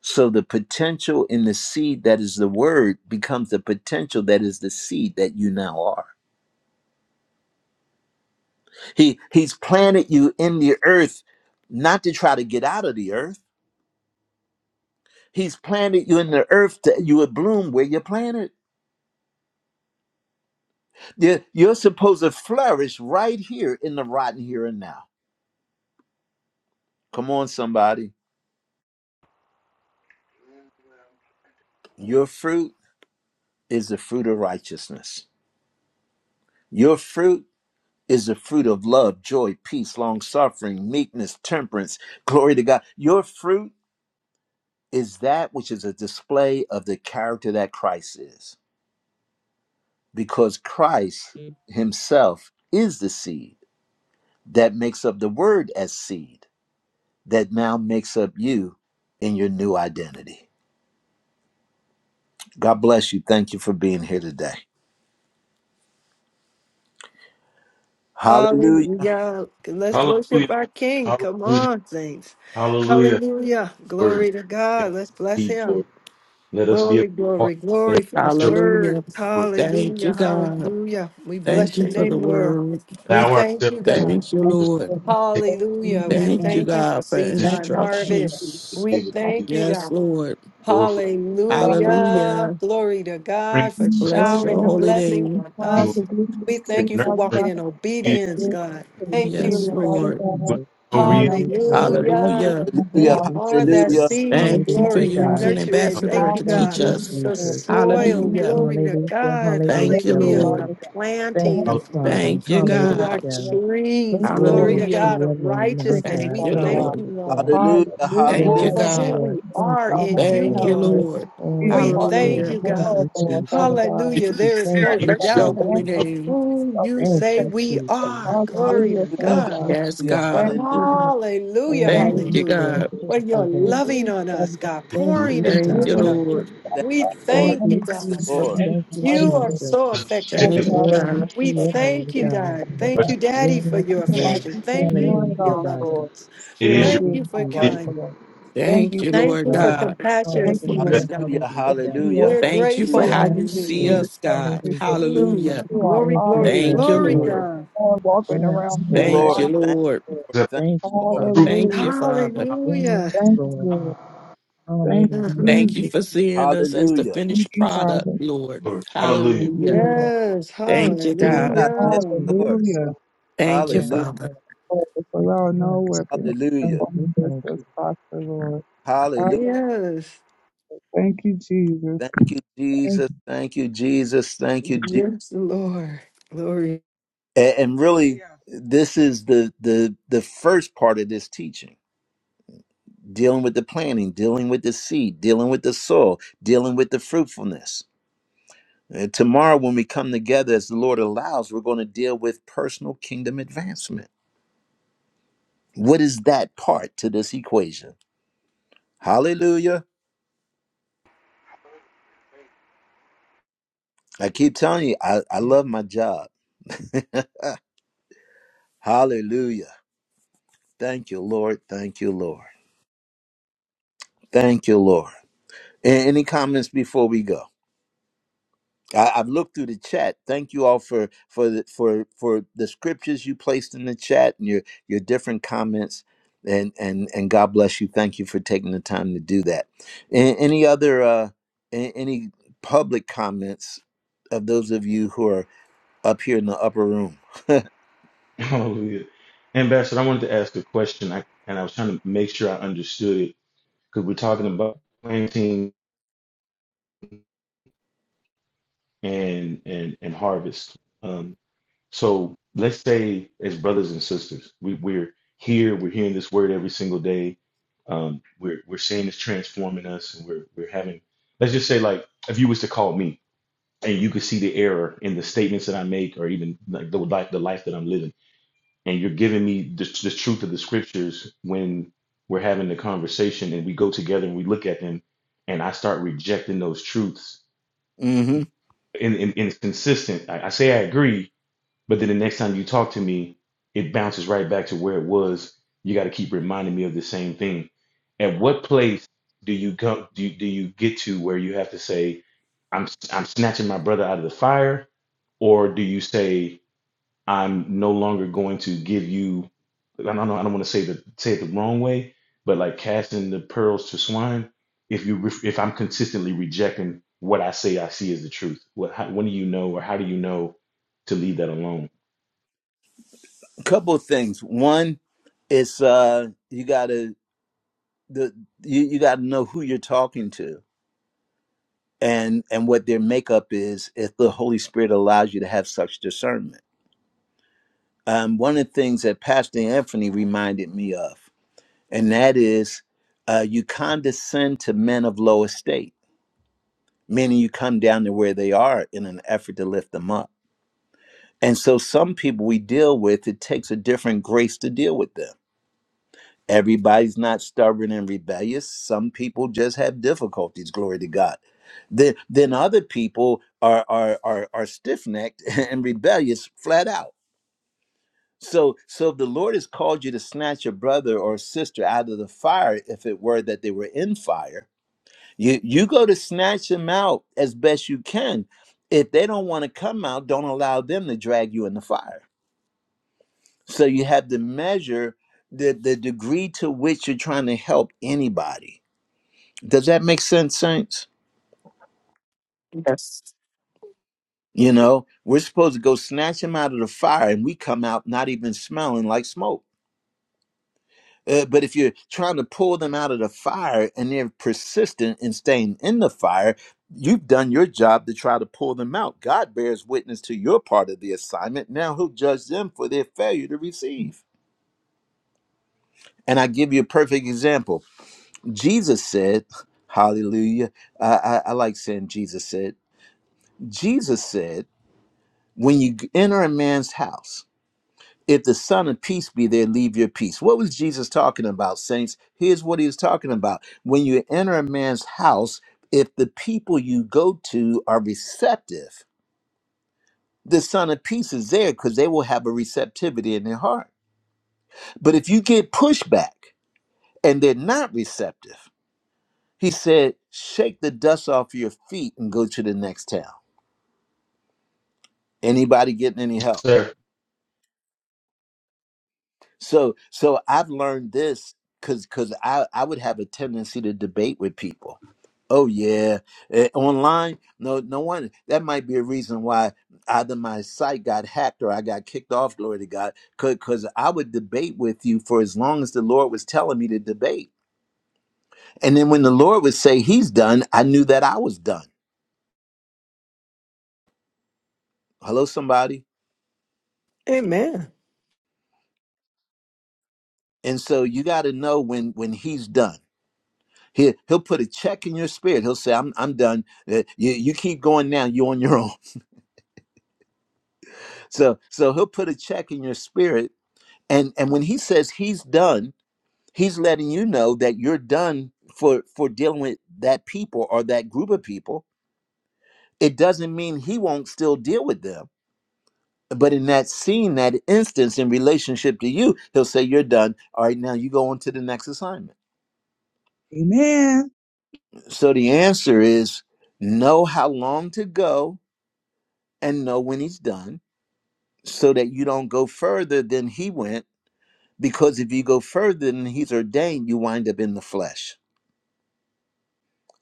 So the potential in the seed that is the word becomes the potential that is the seed that you now are. He he's planted you in the earth not to try to get out of the earth. He's planted you in the earth that you would bloom where you're planted. You're, you're supposed to flourish right here in the rotten here and now. Come on, somebody. Your fruit is the fruit of righteousness. Your fruit is the fruit of love, joy, peace, long suffering, meekness, temperance. Glory to God. Your fruit is that which is a display of the character that Christ is. because Christ himself is the seed that makes up the word as seed that now makes up you in your new identity. God bless you. Thank you for being here today. Hallelujah.
Hallelujah. Let's worship
Hallelujah.
our King. Come
Hallelujah.
on, saints.
Hallelujah.
Hallelujah.
Word.
Glory to
Yes,
God. Let's bless
indeed,
him.
Lord. Let us be able
Glory,
to
glory,
walk in
glory
that
for his
show,
word.
Hallelujah.
Lord.
Thank you,
Hallelujah.
God.
Hallelujah. We bless
Thank you
your
for the
name, Lord.
word.
We
Thank
Allow
thank
ourselves
you,
to be
God.
Thank you,
able to
Lord.
you,
take
Father.
Hallelujah. We
Thank you,
thank you for
God, for
seed
this,
Thank
time harvest.
you,
to
instructions.
be
We
able to be
thank you,
Yes,
God.
Lord.
Lord for
Father.
Hallelujah.
Hallelujah.
Glory to
bringing
God for
us
No
Bless
showering
your
the
one
holy
took a
blessings
name.
on
every
while
single
us.
to give
We
us
thank
true
you for
Father
nurturing,
walking
God,
in
but
feeding us
obedience,
still
God.
to
Thank you,
receive
Yes,
it,
Lord
Father
God.
Lord.
God.
with
Jesus.
no
And
Hallelujah,
reason.
now believe the
Lord.
first of
Hallelujah.
Hallelujah.
them
Thank
We
Hallelujah.
Father
you,
are that
Jesus.
Hallelujah.
seed,
Thank you for
glory,
Hallelujah,
God.
and
using
God.
nurturing.
Ambassador
Thank you,
to
Thank
teach
God.
you,
Hallelujah.
us.
The
Lord.
Jesus.
Thank
soil,
you,
Hallelujah.
Jesus.
glory to
Hallelujah,
God.
Thank
Thank
hallelujah,
you,
you,
Hallelujah.
Father
Lord.
Lord.
The
God.
Thank
Thank
planting
you,
of
Hallelujah.
we are.
Father.
Thank you,
you for
We are
God.
the
Hallelujah.
trees,
blessed
glory
for
Glory
to
to
Hallelujah.
God,
your
of
name, our
righteousness.
creatures,
Thank
We
God.
you,
Father
thank
God.
Lord.
you,
Hallelujah.
Lord,
Hallelujah.
Hallelujah,
Thank
Woo,
you,
Hallelujah.
Father
for
Yes,
God.
who
God.
Lord.
we
Thank
are
you,
Our
in you,
Lord
Thank
Father.
has
you,
Lord.
to
Lord.
be
Oh,
a
We
yes,
part of this
thank
Lord.
you,
Hallelujah.
Thank
world,
God.
you,
Lord,
Jesus.
Father God.
Hallelujah. There is
Thank
no
Father
It
you,
Bless
God,
would have
your
doubt
holy
thank
Jesus.
of
name.
you,
who
our
you
people,
Thank
say
you,
we
Jesus.
are. Glory
Hallelujah,
to
Father
Thank
God.
God.
you,
Yes,
Hallelujah. Hallelujah.
Jesus.
God.
Thank
Hallelujah.
you, Lord.
Hallelujah.
Oh,
Thank
yes,
Thank
you,
you,
Hallelujah.
Lord.
God.
Jesus.
Just
For
for
you're
Thank
one
you,
thing.
loving
Lord,
on us,
Father.
God,
been fair to
Thank
let
you,
pouring
To
into
Thank
give
us,
you,
us
Jesus.
God.
this
Lord.
thank
Thank
We
God
you,
for
Thank
Lord.
thank
you,
you,
learning
Thank you,
God.
Jesus.
Lord.
information
Hallelujah.
Thank you,
right
You are
here.
Jesus.
so
Father
affectionate
Thank
to
it
you,
God,
us.
for
Glory to
giving
God.
We
us
your
that
thank
name,
you,
strength,
God.
God.
Father
Thank
was.
God.
you, Daddy, for
Yes,
your
Thank you, my
Lord.
affection.
teachers,
Thank you
knowing
Hallelujah,
it
for your
all,
God.
loving
Lord.
us.
It is
Thank
Still
your
Thank
being
you,
you
my
for
will. It
right,
is
Jesus.
your
kindness.
Lord. Thank
Thank
you,
you,
Thank
Thank
Lord
you
you,
God.
for
Lord.
God.
compassion
Thank you,
for us,
Lord.
best
Hallelujah,
God.
hallelujah.
Thank you, Lord,
We're
for the
Thank you for
Hallelujah. Hallelujah.
grateful,
how
teaching
Thank
of
Yes,
you see
hallelujah.
history,
Lord.
us, God.
accepting is the
Hallelujah.
truth
Mm,
Hallelujah.
into our
glory,
Thank
eyes,
you,
glory,
thank
Thank
Lord.
you,
you,
glory,
Lord.
Lord.
God.
All walking
Yes,
around
you,
here
Lord.
Thank
Lord.
you,
blind,
Thank
Lord.
Lord.
you, Lord.
eyes up
Thank
Thank you,
you, Lord.
the truth,
Father.
Thank
Hallelujah.
you, Father.
Hallelujah.
Yes,
Thank you,
Lord.
Lord. Thank
Hallelujah.
you,
Thank
Yes,
you
Jesus.
for seeing us as the
Hallelujah.
Thank
finished
you,
Lord.
product,
Father.
Lord.
Lord.
Thank
Hallelujah.
you,
Hallelujah.
Hallelujah.
Jesus.
yes,
Thank
Thank you,
you.
God.
Thank you,
yes,
hallelujah.
Lord.
Jesus.
Hallelujah.
Thank you,
Yes,
Hallelujah.
Father.
Lord.
Lord, if allow no
Yes,
weapon
Lord.
to
Thank
Hallelujah.
you,
form this
thank
as
you.
prosper, Lord.
Hallelujah.
Father,
Yes,
thank you, Jesus.
Thank you,
Thank
Jesus. Thank you, Jesus. Thank you, Jesus.
yes, Lord. Glory.
And, and really,
Hallelujah.
this is the the the first part of this teaching: dealing with the planting, dealing with the seed, dealing with the soil, dealing with the fruitfulness. And tomorrow, when we come together, as the Lord allows, we're going to deal with personal kingdom advancement. What is that part to this equation? Hallelujah. I keep telling you, I, I love my job. Hallelujah. Thank you, Lord. Thank you, Lord. Thank you, Lord. A- Any comments before we go? I, I've looked through the chat. Thank you all for for the, for for the scriptures you placed in the chat and your your different comments. And and and God bless you. Thank you for taking the time to do that. A- any other uh, a- any public comments of those of you who are up here in the upper room?
Hallelujah. Ambassador, I wanted to ask a question, I, and I was trying to make sure I understood it because we're talking about planting and and and harvest. Um, so let's say, as brothers and sisters, we, we're here, we're hearing this word every single day. Um, we're we're seeing it's transforming us, and we're we're having. Let's just say, like, if you was to call me. and you can see the error in the statements that I make, or even like the life, the life that I'm living. And you're giving me the, the truth of the scriptures when we're having the conversation, and we go together and we look at them, and I start rejecting those truths.
hmm
And, and, and it's consistent. I, I say I agree, but then the next time you talk to me, it bounces right back to where it was. You got to keep reminding me of the same thing. At what place do you come? Do you, do you get to where you have to say, "I'm I'm snatching my brother out of the fire," or do you say, "I'm no longer going to give you"? I don't know. I don't want to say the say it the wrong way, but like casting the pearls to swine. If you ref- if I'm consistently rejecting what I say I see as the truth, what how, when do you know or how do you know to leave that alone?
Couple of things. One, it's uh, you gotta the you, you gotta know who you're talking to and and what their makeup is if the holy spirit allows you to have such discernment um, one of the things that pastor anthony reminded me of and that is uh, you condescend to men of low estate meaning you come down to where they are in an effort to lift them up and so some people we deal with it takes a different grace to deal with them Everybody's not stubborn and rebellious. Some people just have difficulties, glory to God. Then then other people are are are, are stiff-necked and rebellious flat out. So so if the Lord has called you to snatch a brother or sister out of the fire, if it were that they were in fire, you you go to snatch them out as best you can. If they don't want to come out, don't allow them to drag you in the fire. So you have to measure the, the degree to which you're trying to help anybody Does that make sense, saints?
Yes.
You know, we're supposed to go snatch them out of the fire and we come out not even smelling like smoke. Uh, but if you're trying to pull them out of the fire and they're persistent in staying in the fire, you've done your job to try to pull them out. God bears witness to your part of the assignment. Now he'll judge them for their failure to receive. And I give you a perfect example. Jesus said, Hallelujah. I, I I like saying Jesus said, Jesus said, when you enter a man's house, if the son of peace be there leave your peace what was jesus talking about saints here's what he was talking about when you enter a man's house if the people you go to are receptive the son of peace is there because they will have a receptivity in their heart but if you get pushback and they're not receptive he said shake the dust off your feet and go to the next town anybody getting any help
Sir,
So so I've learned this because because I I would have a tendency to debate with people. Oh yeah, eh, online? No, no one. That might be a reason why either my site got hacked or I got kicked off. Glory to God, because I would debate with you for as long as the Lord was telling me to debate, and then when the Lord would say He's done, I knew that I was done. Hello, somebody.
Amen.
And so you got to know when when He's done. He, he'll put a check in your spirit. He'll say, I'm, I'm done. Uh, You, you keep going now. You're on your own. So, so he'll put a check in your spirit. And, and when he says he's done, he's letting you know that you're done for, for dealing with that people or that group of people. It doesn't mean he won't still deal with them. But in that scene, that instance in relationship to you, he'll say, You're done. All right, now you go on to the next assignment.
you. Amen.
So the answer is know how long to go and know when he's done so that you don't go further than he went because if you go further than he's ordained you wind up in the flesh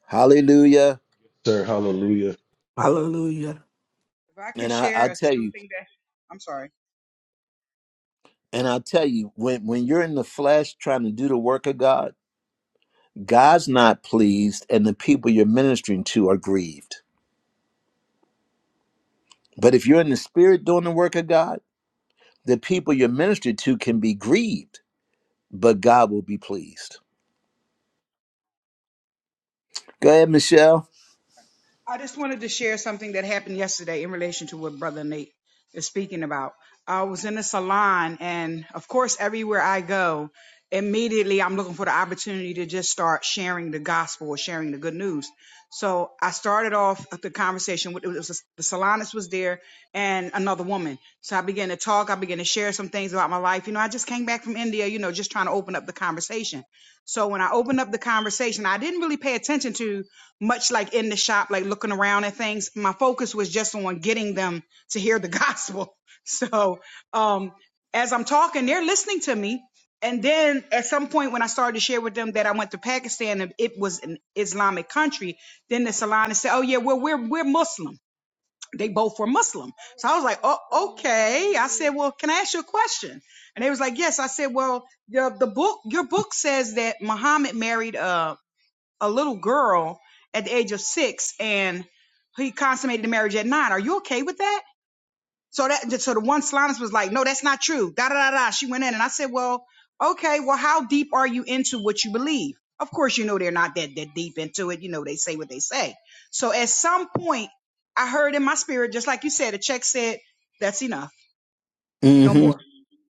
hallelujah
sir,
I agree.
hallelujah.
Hallelujah.
If I could
and I,
share
i'll tell you
something that, I'm sorry.
and i'll tell you when, when you're in the flesh trying to do the work of god god's not pleased and the people you're ministering to are grieved but if you're in the spirit doing the work of god the people you're ministering to can be grieved but god will be pleased go ahead michelle
I just wanted to share something that happened yesterday in relation to what Brother Nate is speaking about. I was in a salon, and of course, everywhere I go, immediately I'm looking for the opportunity to just start sharing the gospel or sharing the good news. So I started off the conversation with it was the salonist was there and another woman. So I began to talk. I began to share some things about my life. You know, I just came back from India. You know, just trying to open up the conversation. So when I opened up the conversation, I didn't really pay attention to much like in the shop, like looking around at things. My focus was just on getting them to hear the gospel. So um, as I'm talking, they're listening to me. And then at some point when I started to share with them that I went to Pakistan and it was an Islamic country, then the Salina said, Oh yeah, well we're we're Muslim they both were Muslim. So I was like, oh, okay. I said, well, can I ask you a question? And they was like, yes. I said, well, the, the book, your book says that Muhammad married a, a little girl at the age of six and he consummated the marriage at nine. Are you okay with that? So that so the one Slanus was like, no, that's not true. Da da da da. She went in and I said, well, okay, well, how deep are you into what you believe? Of course, you know they're not that that deep into it. You know they say what they say. So at some point, I heard in my spirit, just like you said, the check said, that's enough, no
hmm
more.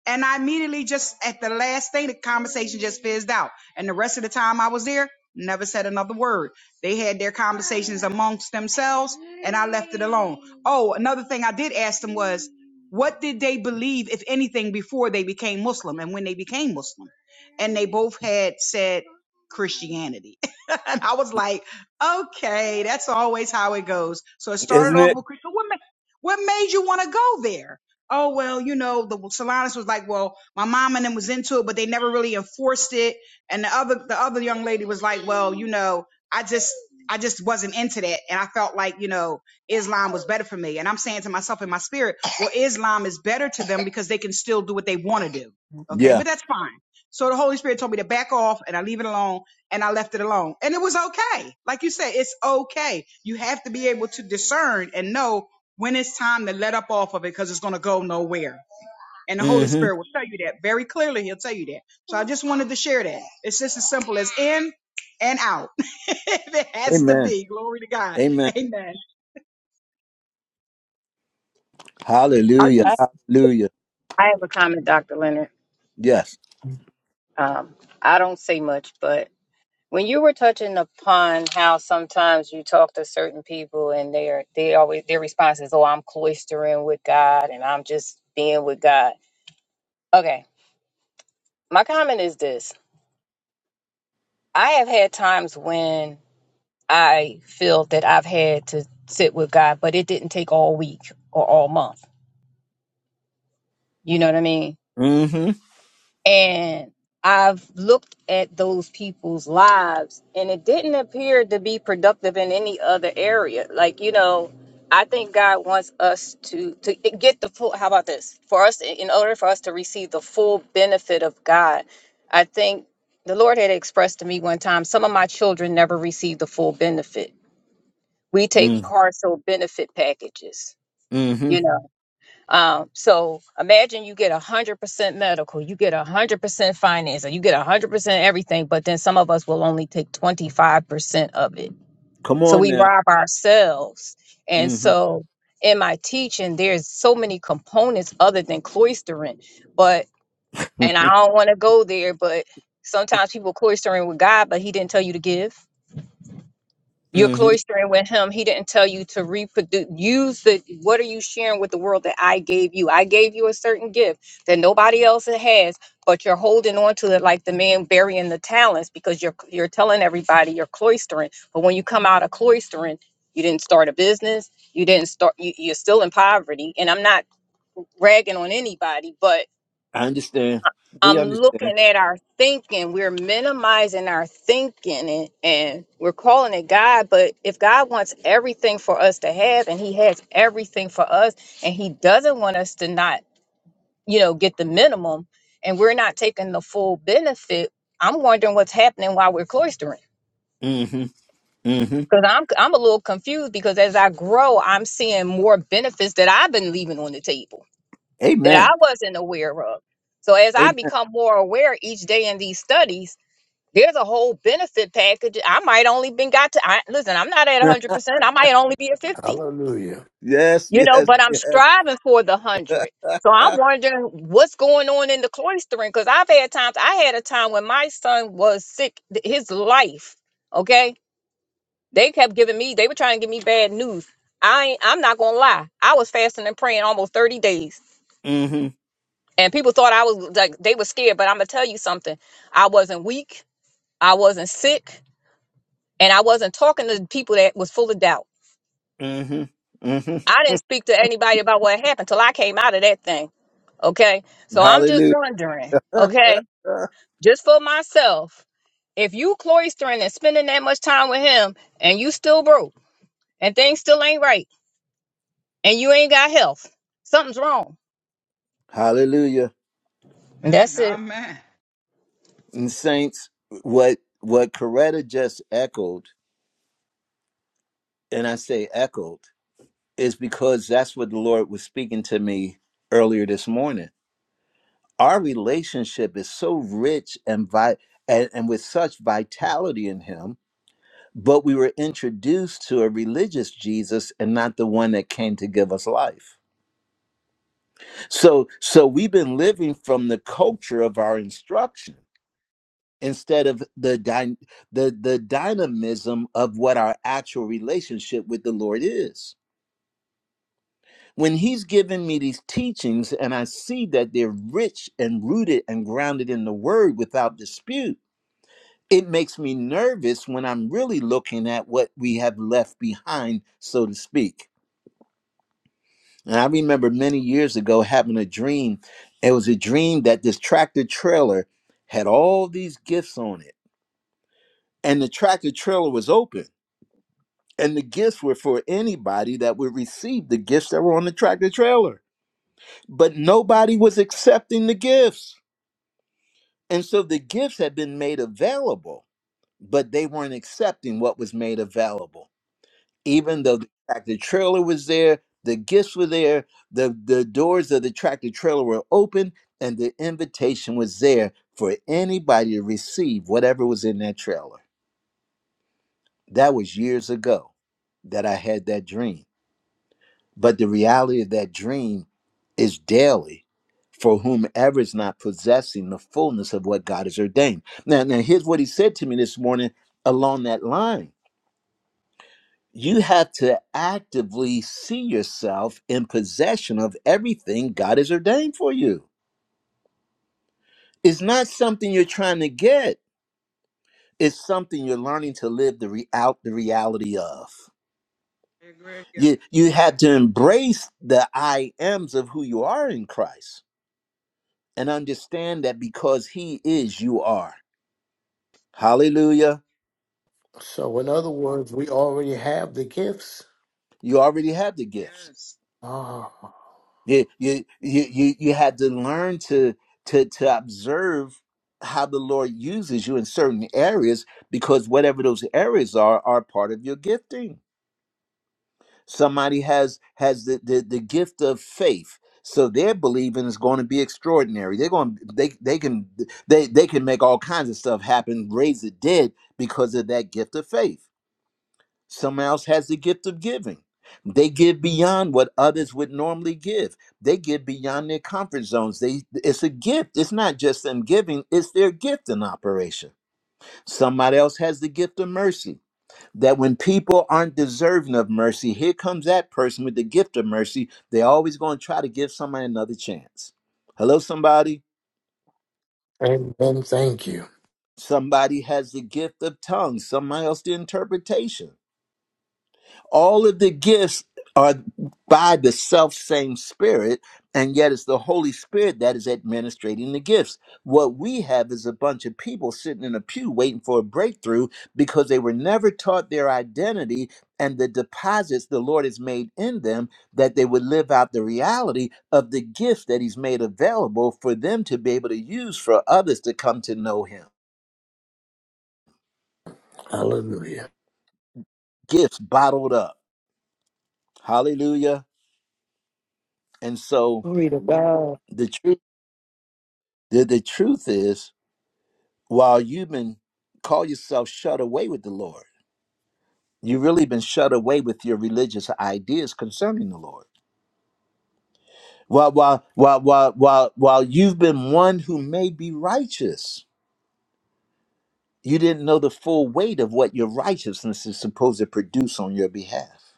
And I immediately just at the last thing, the conversation just fizzed out. And the rest of the time I was there, never said another word. They had their conversations amongst themselves and I left it alone. Oh, another thing I did ask them was, what did they believe, if anything, before they became Muslim and when they became Muslim? And they both had said Christianity. and I was like, okay, that's always how it goes. So it started
Isn't
off
it?
with Christian. What, ma- what made you want to go there? oh well you know the Solanas was like well my mom and them was into it but they never really enforced it and the other the other young lady was like well you know I just I just wasn't into that and I felt like you know Islam was better for me and I'm saying to myself in my spirit well Islam is better to them because they can still do what they want to do okay
yeah
but that's fine so the Holy Spirit told me to back off and I leave it alone and I left it alone and it was okay like you said it's okay you have to be able to discern and know when it's time to let up off of it because it's going to go nowhere. And the Holy
hmm
Spirit will tell you that very clearly. He'll tell you that. So I just wanted to share that. It's just as simple as in and out. it has to
amen
be. Glory to God.
amen
Amen.
I
Hallelujah.
I,
just,
Hallelujah.
I have a comment, Dr. Leonard.
Yes.
Um, I don't say much, but when you were touching upon how sometimes you talk to certain people and they are they always their response is, "Oh, I'm cloistering with God and I'm just being with God." Okay, my comment is this: I have had times when I feel that I've had to sit with God, but it didn't take all week or all month. You know what I mean?
Mm-hmm.
And I've looked at those people's lives, and it didn't appear to be productive in any other area. Like, you know, I think God wants us to to get the full. How about this? For us, in order for us to receive the full benefit of God, I think the Lord had expressed to me one time, some of my children never received the full benefit. We take
Mm.
partial benefit packages,
Mm-hmm.
you know. Um, so imagine you get a hundred percent medical, you get a hundred percent finance, and you get a hundred percent everything, but then some of us will only take 25% of it.
Come
So
on
we
now.
rob ourselves. And
Mm-hmm.
so in my teaching, there's so many components other than cloistering, but and I don't want to go there, but sometimes people cloistering with God, but he didn't tell you to give. You're
mm-hmm.
cloistering with him. He didn't tell you to reproduce. Use the what are you sharing with the world that I gave you? I gave you a certain gift that nobody else has, but you're holding on to it like the man burying the talents because you're you're telling everybody you're cloistering. But when you come out of cloistering, you didn't start a business. You didn't start. You, you're still in poverty. And I'm not ragging on anybody, but
I understand. We
I'm
understand.
looking at our thinking. We're minimizing our thinking and, and we're calling it God. But if God wants everything for us to have and He has everything for us and He doesn't want us to not, you know, get the minimum and we're not taking the full benefit, I'm wondering what's happening while we're cloistering.
Mm-hmm. Mm-hmm.
Because I'm, I'm a little confused because as I grow, I'm seeing more benefits that I've been leaving on the table that
Amen.
I wasn't aware of. So as I
Amen.
become more aware each day in these studies, There's a whole benefit package. I might only been got to I, listen. I'm not at 100. percent I might only be at 50.
Hallelujah.
yes,
You know,
yes,
but I'm
yes.
striving for the one hundred. So I'm wondering what's going on in the cloistering because I've had times. I had a time when my son was sick. th- His life. Okay, they kept giving me. They were trying to give me bad news. I ain't, I'm not gonna lie. I was fasting and praying almost 30 days,
Mm-hmm.
and people thought I was like they were scared. But I'm gonna tell you something. I wasn't weak. I wasn't sick. And I wasn't talking to people that was full of doubt.
Mm-hmm. Mm-hmm.
I didn't speak to anybody about what happened till I came out of that thing. Okay. So I'm just
Hallelujah.
wondering, okay, just for myself, if you cloistering and spending that much time with him and you still broke and things still ain't right and you ain't got health, something's wrong.
Hallelujah.
And
Amen.
that's it.
Amen.
And saints, what what Coretta just echoed, and I say echoed, is because that's what the Lord was speaking to me earlier this morning our relationship is so rich and vi- and, and with such vitality in him but we were introduced to a religious jesus and not the one that came to give us life so so we've been living from the culture of our instruction instead of the dy- the the dynamism of what our actual relationship with the lord is when he's given me these teachings and i see that they're rich and rooted and grounded in the word without dispute it makes me nervous when I'm really looking at what we have left behind, so to speak. And I remember many years ago having a dream. It was a dream that this tractor trailer had all these gifts on it, and the tractor trailer was open. And the gifts were for anybody that would receive the gifts that were on the tractor trailer. But nobody was accepting the gifts. And so the gifts had been made available, but they weren't accepting what was made available. even though the tractor trailer was there, the gifts were there, the, the doors of the tractor trailer were open, and the invitation was there for anybody to receive whatever was in that trailer. That was years ago that I had that dream. But the reality of that dream is daily for whomever is not possessing the fullness of what God has ordained. Now, now here's what he said to me this morning along that line you have to actively see yourself in possession of everything God has ordained for you. It's not something you're trying to get, it's something you're learning to live the, re- out the reality of.
Yeah.
You, you have to embrace the I ams of who you are in Christ and understand that because He is, you are. Hallelujah.
So, in other words, we already have the gifts.
You already have the gifts
Yes.
Ah,
you you you you you had to learn to to to observe how the lord uses you in certain areas because whatever those areas are are part of your gifting somebody has has the the, the gift of faith so their believing is going to be extraordinary they're going they they can they they can make all kinds of stuff happen raise the dead because of that gift of faith Someone else has the gift of giving. They give beyond what others would normally give. They give beyond their comfort zones. They it's a gift. It's not just them giving, it's their gift in operation. Somebody else has the gift of mercy. That when people aren't deserving of mercy, here comes that person with the gift of mercy. They're always going to try to give somebody another chance. Hello, somebody.
and then thank you.
Somebody has the gift of tongues, somebody else the interpretation all of the gifts are by the self same spirit and yet it's the holy spirit that is administrating the gifts what we have is a bunch of people sitting in a pew waiting for a breakthrough because they were never taught their identity and the deposits the lord has made in them that they would live out the reality of the gift that he's made available for them to be able to use for others to come to know him
Hallelujah.
gifts bottled up hallelujah and so
Glory to God.
the truth The, the truth is, while you've been call yourself shut away with the Lord, you've really been shut away with your religious ideas concerning the Lord. While while while while while while you've been one who may be righteous, you didn't know the full weight of what your righteousness is supposed to produce on your behalf.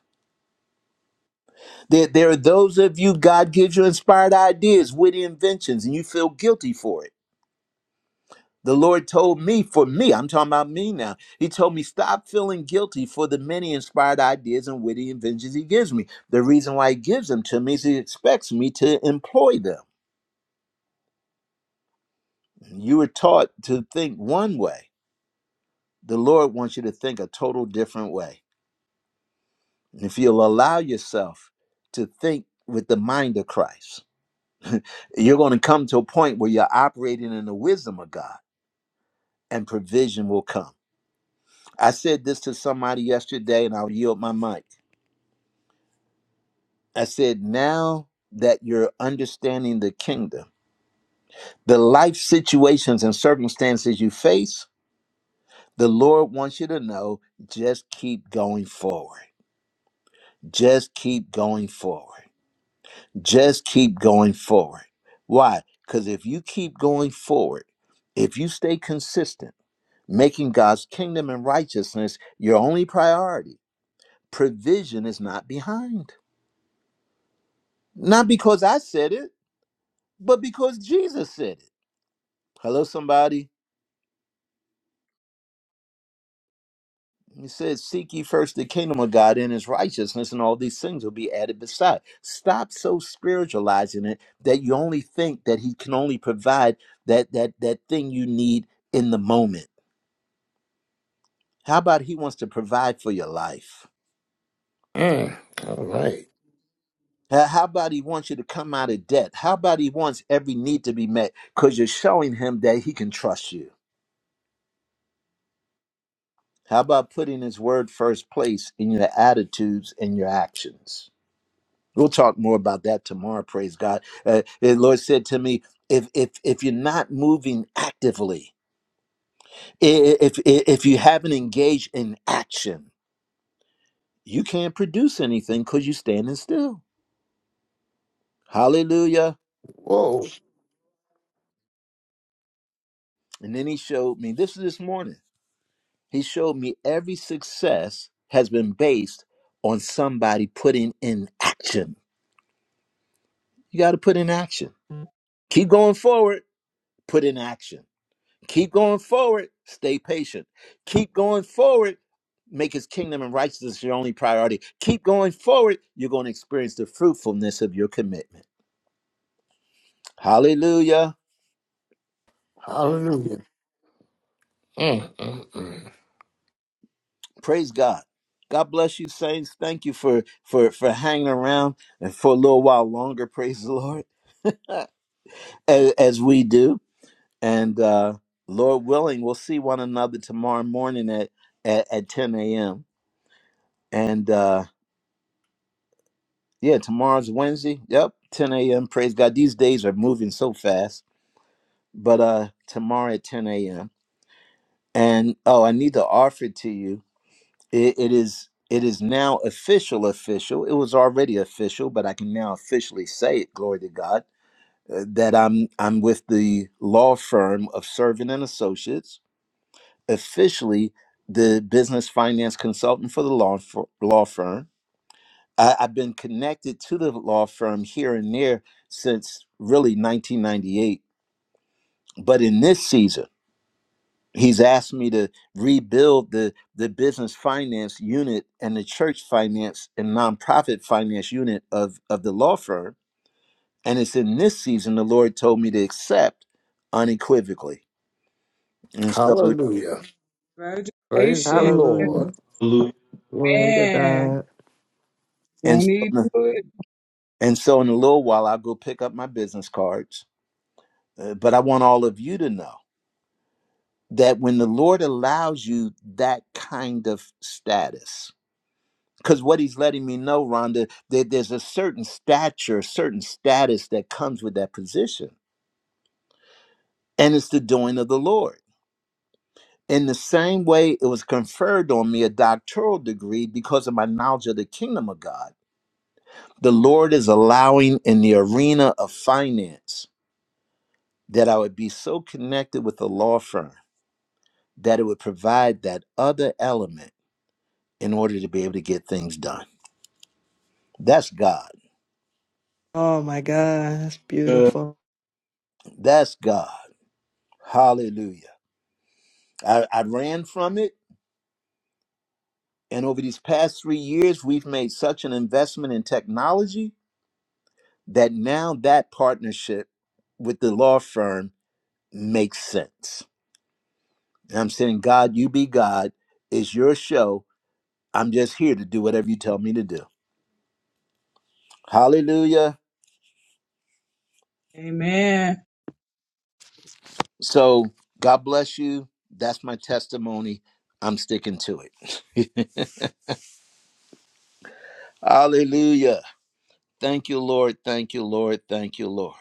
There, there are those of you God gives you inspired ideas, witty inventions, and you feel guilty for it The Lord told me, for me, I'm talking about me now. He told me, stop feeling guilty for the many inspired ideas and witty inventions He gives me. The reason why He gives them to me is He expects me to employ them. You were taught to think one way, the Lord wants you to think a total different way. And if you'll allow yourself to think with the mind of Christ, you're going to come to a point where you're operating in the wisdom of God and provision will come. I said this to somebody yesterday and I'll yield my mic I said, now that you're understanding the kingdom, the life situations and circumstances you face, the Lord wants you to know just keep going forward. Just keep going forward. Just keep going forward. Why? Because if you keep going forward, if you stay consistent, making God's kingdom and righteousness your only priority, provision is not behind. Not because I said it, but because Jesus said it. Hello, somebody. He says, Seek ye first the kingdom of God and his righteousness, and all these things will be added beside. Stop so spiritualizing it that you only think that he can only provide that that that thing you need in the moment. How about he wants to provide for your life?
Mm, all right.
How how about he wants you to come out of debt? How about he wants every need to be met because you're showing him that he can trust you? How about putting his word first place in your attitudes and your actions? We'll talk more about that tomorrow. Praise God. Uh, the Lord said to me, if if if you're not moving actively, i- i- if if you haven't engaged in action, you can't produce anything because you're standing still. Hallelujah.
Whoa.
And then He showed me this is this morning. He showed me every success has been based on somebody putting in action. You got to put in action. Keep going forward. Put in action. Keep going forward. Stay patient. Keep going forward. Make his kingdom and righteousness your only priority. Keep going forward. You're going to experience the fruitfulness of your commitment. Hallelujah.
Hallelujah. Mm, mm, mm.
Praise God. God bless you, saints. Thank you for for for hanging around and for a little while longer. Praise the Lord. as, as we do. And uh Lord willing, we'll see one another tomorrow morning at at, at 10 a.m. And uh Yeah, tomorrow's Wednesday. Yep, 10 a.m. Praise God. These days are moving so fast. But uh tomorrow at 10 a.m. And oh, I need to offer it to you. It, it is it is now official, official. It was already official, but I can now officially say it. Glory to God uh, that I'm I'm with the law firm of Servant and Associates, officially the business finance consultant for the law for, law firm I, I've been connected to the law firm here and there since really 1998. But in this season, he's asked me to rebuild the, the business finance unit and the church finance and nonprofit finance unit of, of the law firm. And it's in this season the Lord told me to accept unequivocally. And so,
Hallelujah. Praise the
Congratulations.
Lord.
hallelujah. Glory to
Amen.
God.
and
Won't he
so,
do it?
and so in a little while, I'll go pick up my business cards. Uh, but I want all of you to know. that when the Lord allows you that kind of status, because what he's letting me know, Rhonda, that there's a certain stature, a certain status that comes with that position. And it's the doing of the Lord. In the same way it was conferred on me a doctoral degree because of my knowledge of the kingdom of God, the Lord is allowing in the arena of finance that I would be so connected with a law firm that it would provide that other element in order to be able to get things done. That's God.
Oh, my God. That's
Hallelujah.
beautiful.
That's God. Hallelujah. I, I ran from it. And over these past three years, we've made such an investment in technology that now that partnership with the law firm makes sense. And I'm saying, God, you be God. It's your show. I'm just here to do whatever you tell me to do. Hallelujah.
Amen.
So God bless you. That's my testimony. I'm sticking to it. Hallelujah. Thank you, Lord. Thank you, Lord. Thank you, Lord.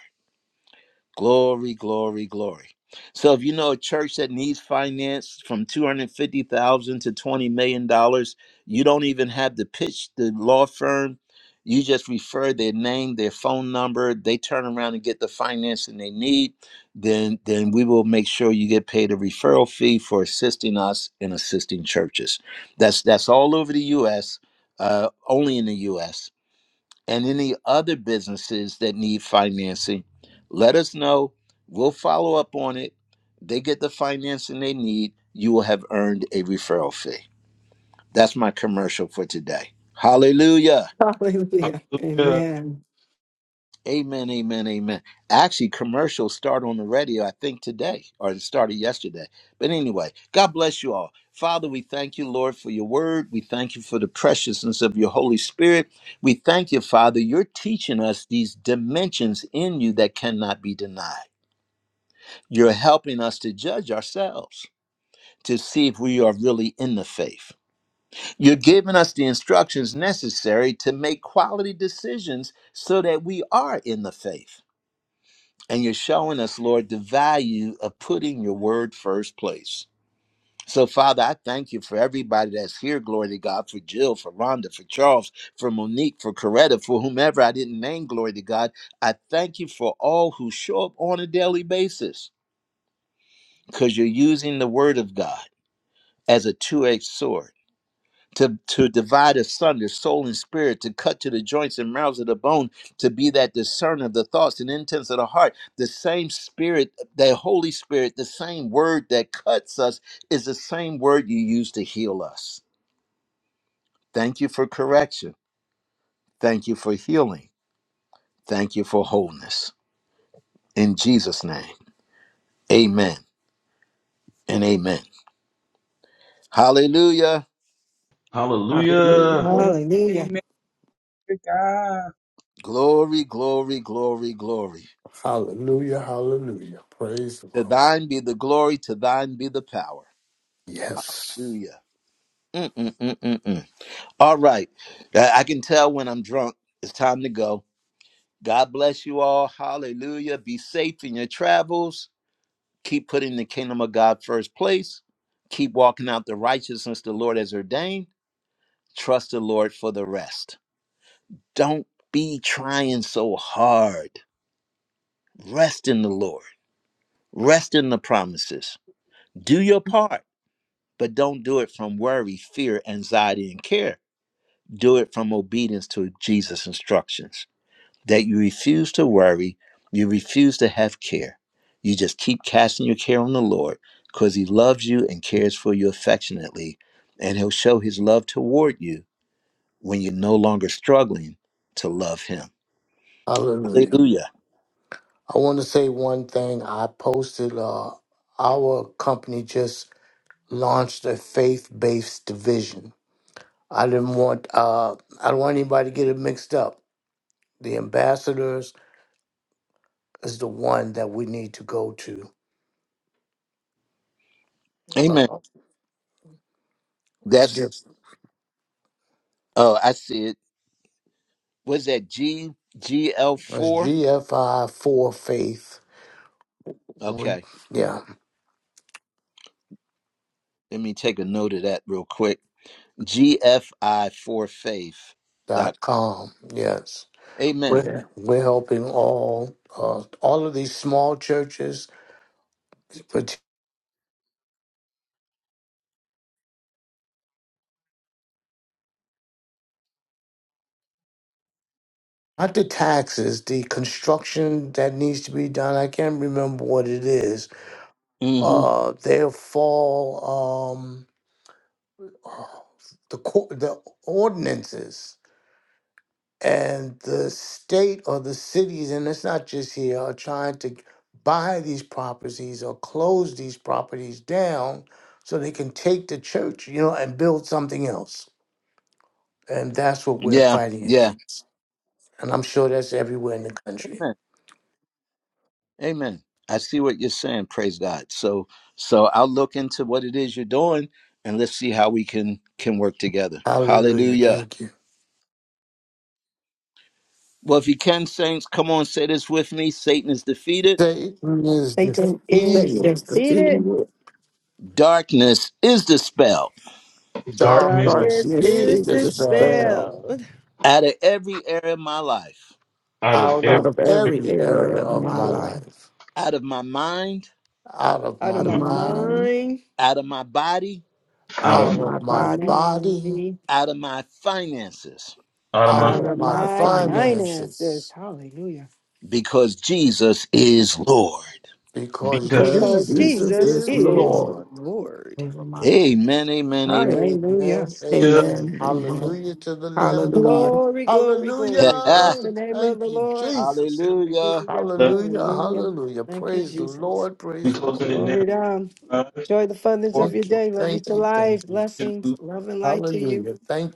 Glory, glory, glory. So if you know a church that needs finance from 250,000 to 20 million dollars, you don't even have to pitch the law firm. You just refer their name, their phone number, they turn around and get the financing they need, then then we will make sure you get paid a referral fee for assisting us in assisting churches. That's that's all over the US, uh, only in the US and any other businesses that need financing, let us know. We'll follow up on it. They get the financing they need. You will have earned a referral fee. That's my commercial for today. Hallelujah.
Hallelujah.
Hallelujah.
Amen.
Amen, amen, amen. Actually, commercials start on the radio, I think, today, or it started yesterday. But anyway, God bless you all. Father, we thank you, Lord, for your word. We thank you for the preciousness of your Holy Spirit. We thank you, Father, you're teaching us these dimensions in you that cannot be denied. You're helping us to judge ourselves to see if we are really in the faith. You're giving us the instructions necessary to make quality decisions so that we are in the faith. And you're showing us, Lord, the value of putting your word first place. So, Father, I thank you for everybody that's here. Glory to God for Jill, for Rhonda, for Charles, for Monique, for Coretta, for whomever I didn't name. Glory to God. I thank you for all who show up on a daily basis because you're using the word of God as a two edged sword to, to divide asunder soul and spirit, to cut to the joints and marrows of the bone, to be that discerner of the thoughts and intents of the heart. The same spirit, the Holy Spirit, the same word that cuts us is the same word you use to heal us. Thank you for correction. Thank you for healing. Thank you for wholeness. In Jesus' name, amen and amen. Hallelujah.
Hallelujah.
Hallelujah.
Hallelujah.
Amen to God.
Glory, glory, glory, glory.
Hallelujah. Hallelujah. Praise the
To
Lord.
thine be the glory, to thine be the power.
Yes.
Hallelujah. Mm-mm-mm-mm-mm. All right. I I can tell when I'm drunk. It's time to go. God bless you all. Hallelujah. Be safe in your travels. Keep putting the kingdom of God first place. Keep walking out the righteousness the Lord has ordained. Trust the Lord for the rest. Don't be trying so hard. Rest in the Lord. Rest in the promises. Do your part, but don't do it from worry, fear, anxiety, and care. Do it from obedience to Jesus' instructions. that you refuse to worry, you refuse to have care. You just keep casting your care on the Lord because He loves you and cares for you affectionately. And He'll show His love toward you when you're no longer struggling to love Him.
Hallelujah.
Hallelujah.
I want to say one thing. I posted, uh, our company just launched a faith based division. I didn't want uh, I don't want anybody to get it mixed up. The ambassadors is the one that we need to go to. Uh,
Amen.
it's
That's,
just
oh, I see it. Was that G G L
it's
4
GFI for faith. We,
Okay.
yeah
Let me take a note of that real quick. GFI4faith.
dot
Dot.
com. Yes,
Amen.
we're we're helping all uh, all of these small churches, but not the taxes, the construction that needs to be done. I can't remember what it is.
Mm-hmm.
Uh, they'll fall. Um, the co- the ordinances and the state or the cities, and it's not just here, are trying to buy these properties or close these properties down so they can take the church, you know, and build something else. And that's what we're
Yeah.
fighting
Yeah.
against. And I'm sure that's everywhere in the country.
Amen. I see what you're saying. Praise God. So so I'll look into what it is you're doing and let's see how we can can work together.
Hallelujah.
Hallelujah.
Thank you.
Well, if you can, saints, come on, say this with me. Satan is defeated.
Satan is
Satan is
Satan
defeated.
is
defeated.
defeated.
Darkness is dispelled
Darkness
Darkness
Darkness
Darkness
is
is
is
dispelled
dispelled
dispelled.
out of every area of my life,
out of
out
out
every,
of
of
every
every
every area
area of
And
of
my
if I
my
life,
like,
life.
out of my mind,
out of
out
out
of
my
out
of
of
my
my
my mind
mind,
mind,
out of my body,
out
out
of
of
out
my,
my
of my
my
body,
body,
mind.
out of my finances,
out of
out
my
out
out
of
of
of
my
my
my
finance,
finances.
finances,
Hallelujah.
because Jesus is Lord.
because
because
because
Because
Jesus
Jesus
Jesus
is
is
is
Lord
Lord.
Lord.
over my life.
Amen, amen, amen.
Hallelujah.
Amen.
yeah,
Amen.
Amen. Amen.
Hallelujah to the Lamb of God.
Hallelujah.
Glory, glory, glory. Bless
Hallelujah.
the name of
Thank
the
you,
Lord.
Jesus.
Hallelujah.
Hallelujah.
let me
Hallelujah.
Hallelujah.
Hallelujah.
Thank you,
Praise the
Jesus.
Lord.
be
Praise the Lord.
closing it down.
Glory to God.
Five,
Enjoy the funness
four,
of your
Thank you.
day. Love you
Thank
to
you.
life.
Thank you.
two,
Blessings. Love and light to you.
Hallelujah. Thank you.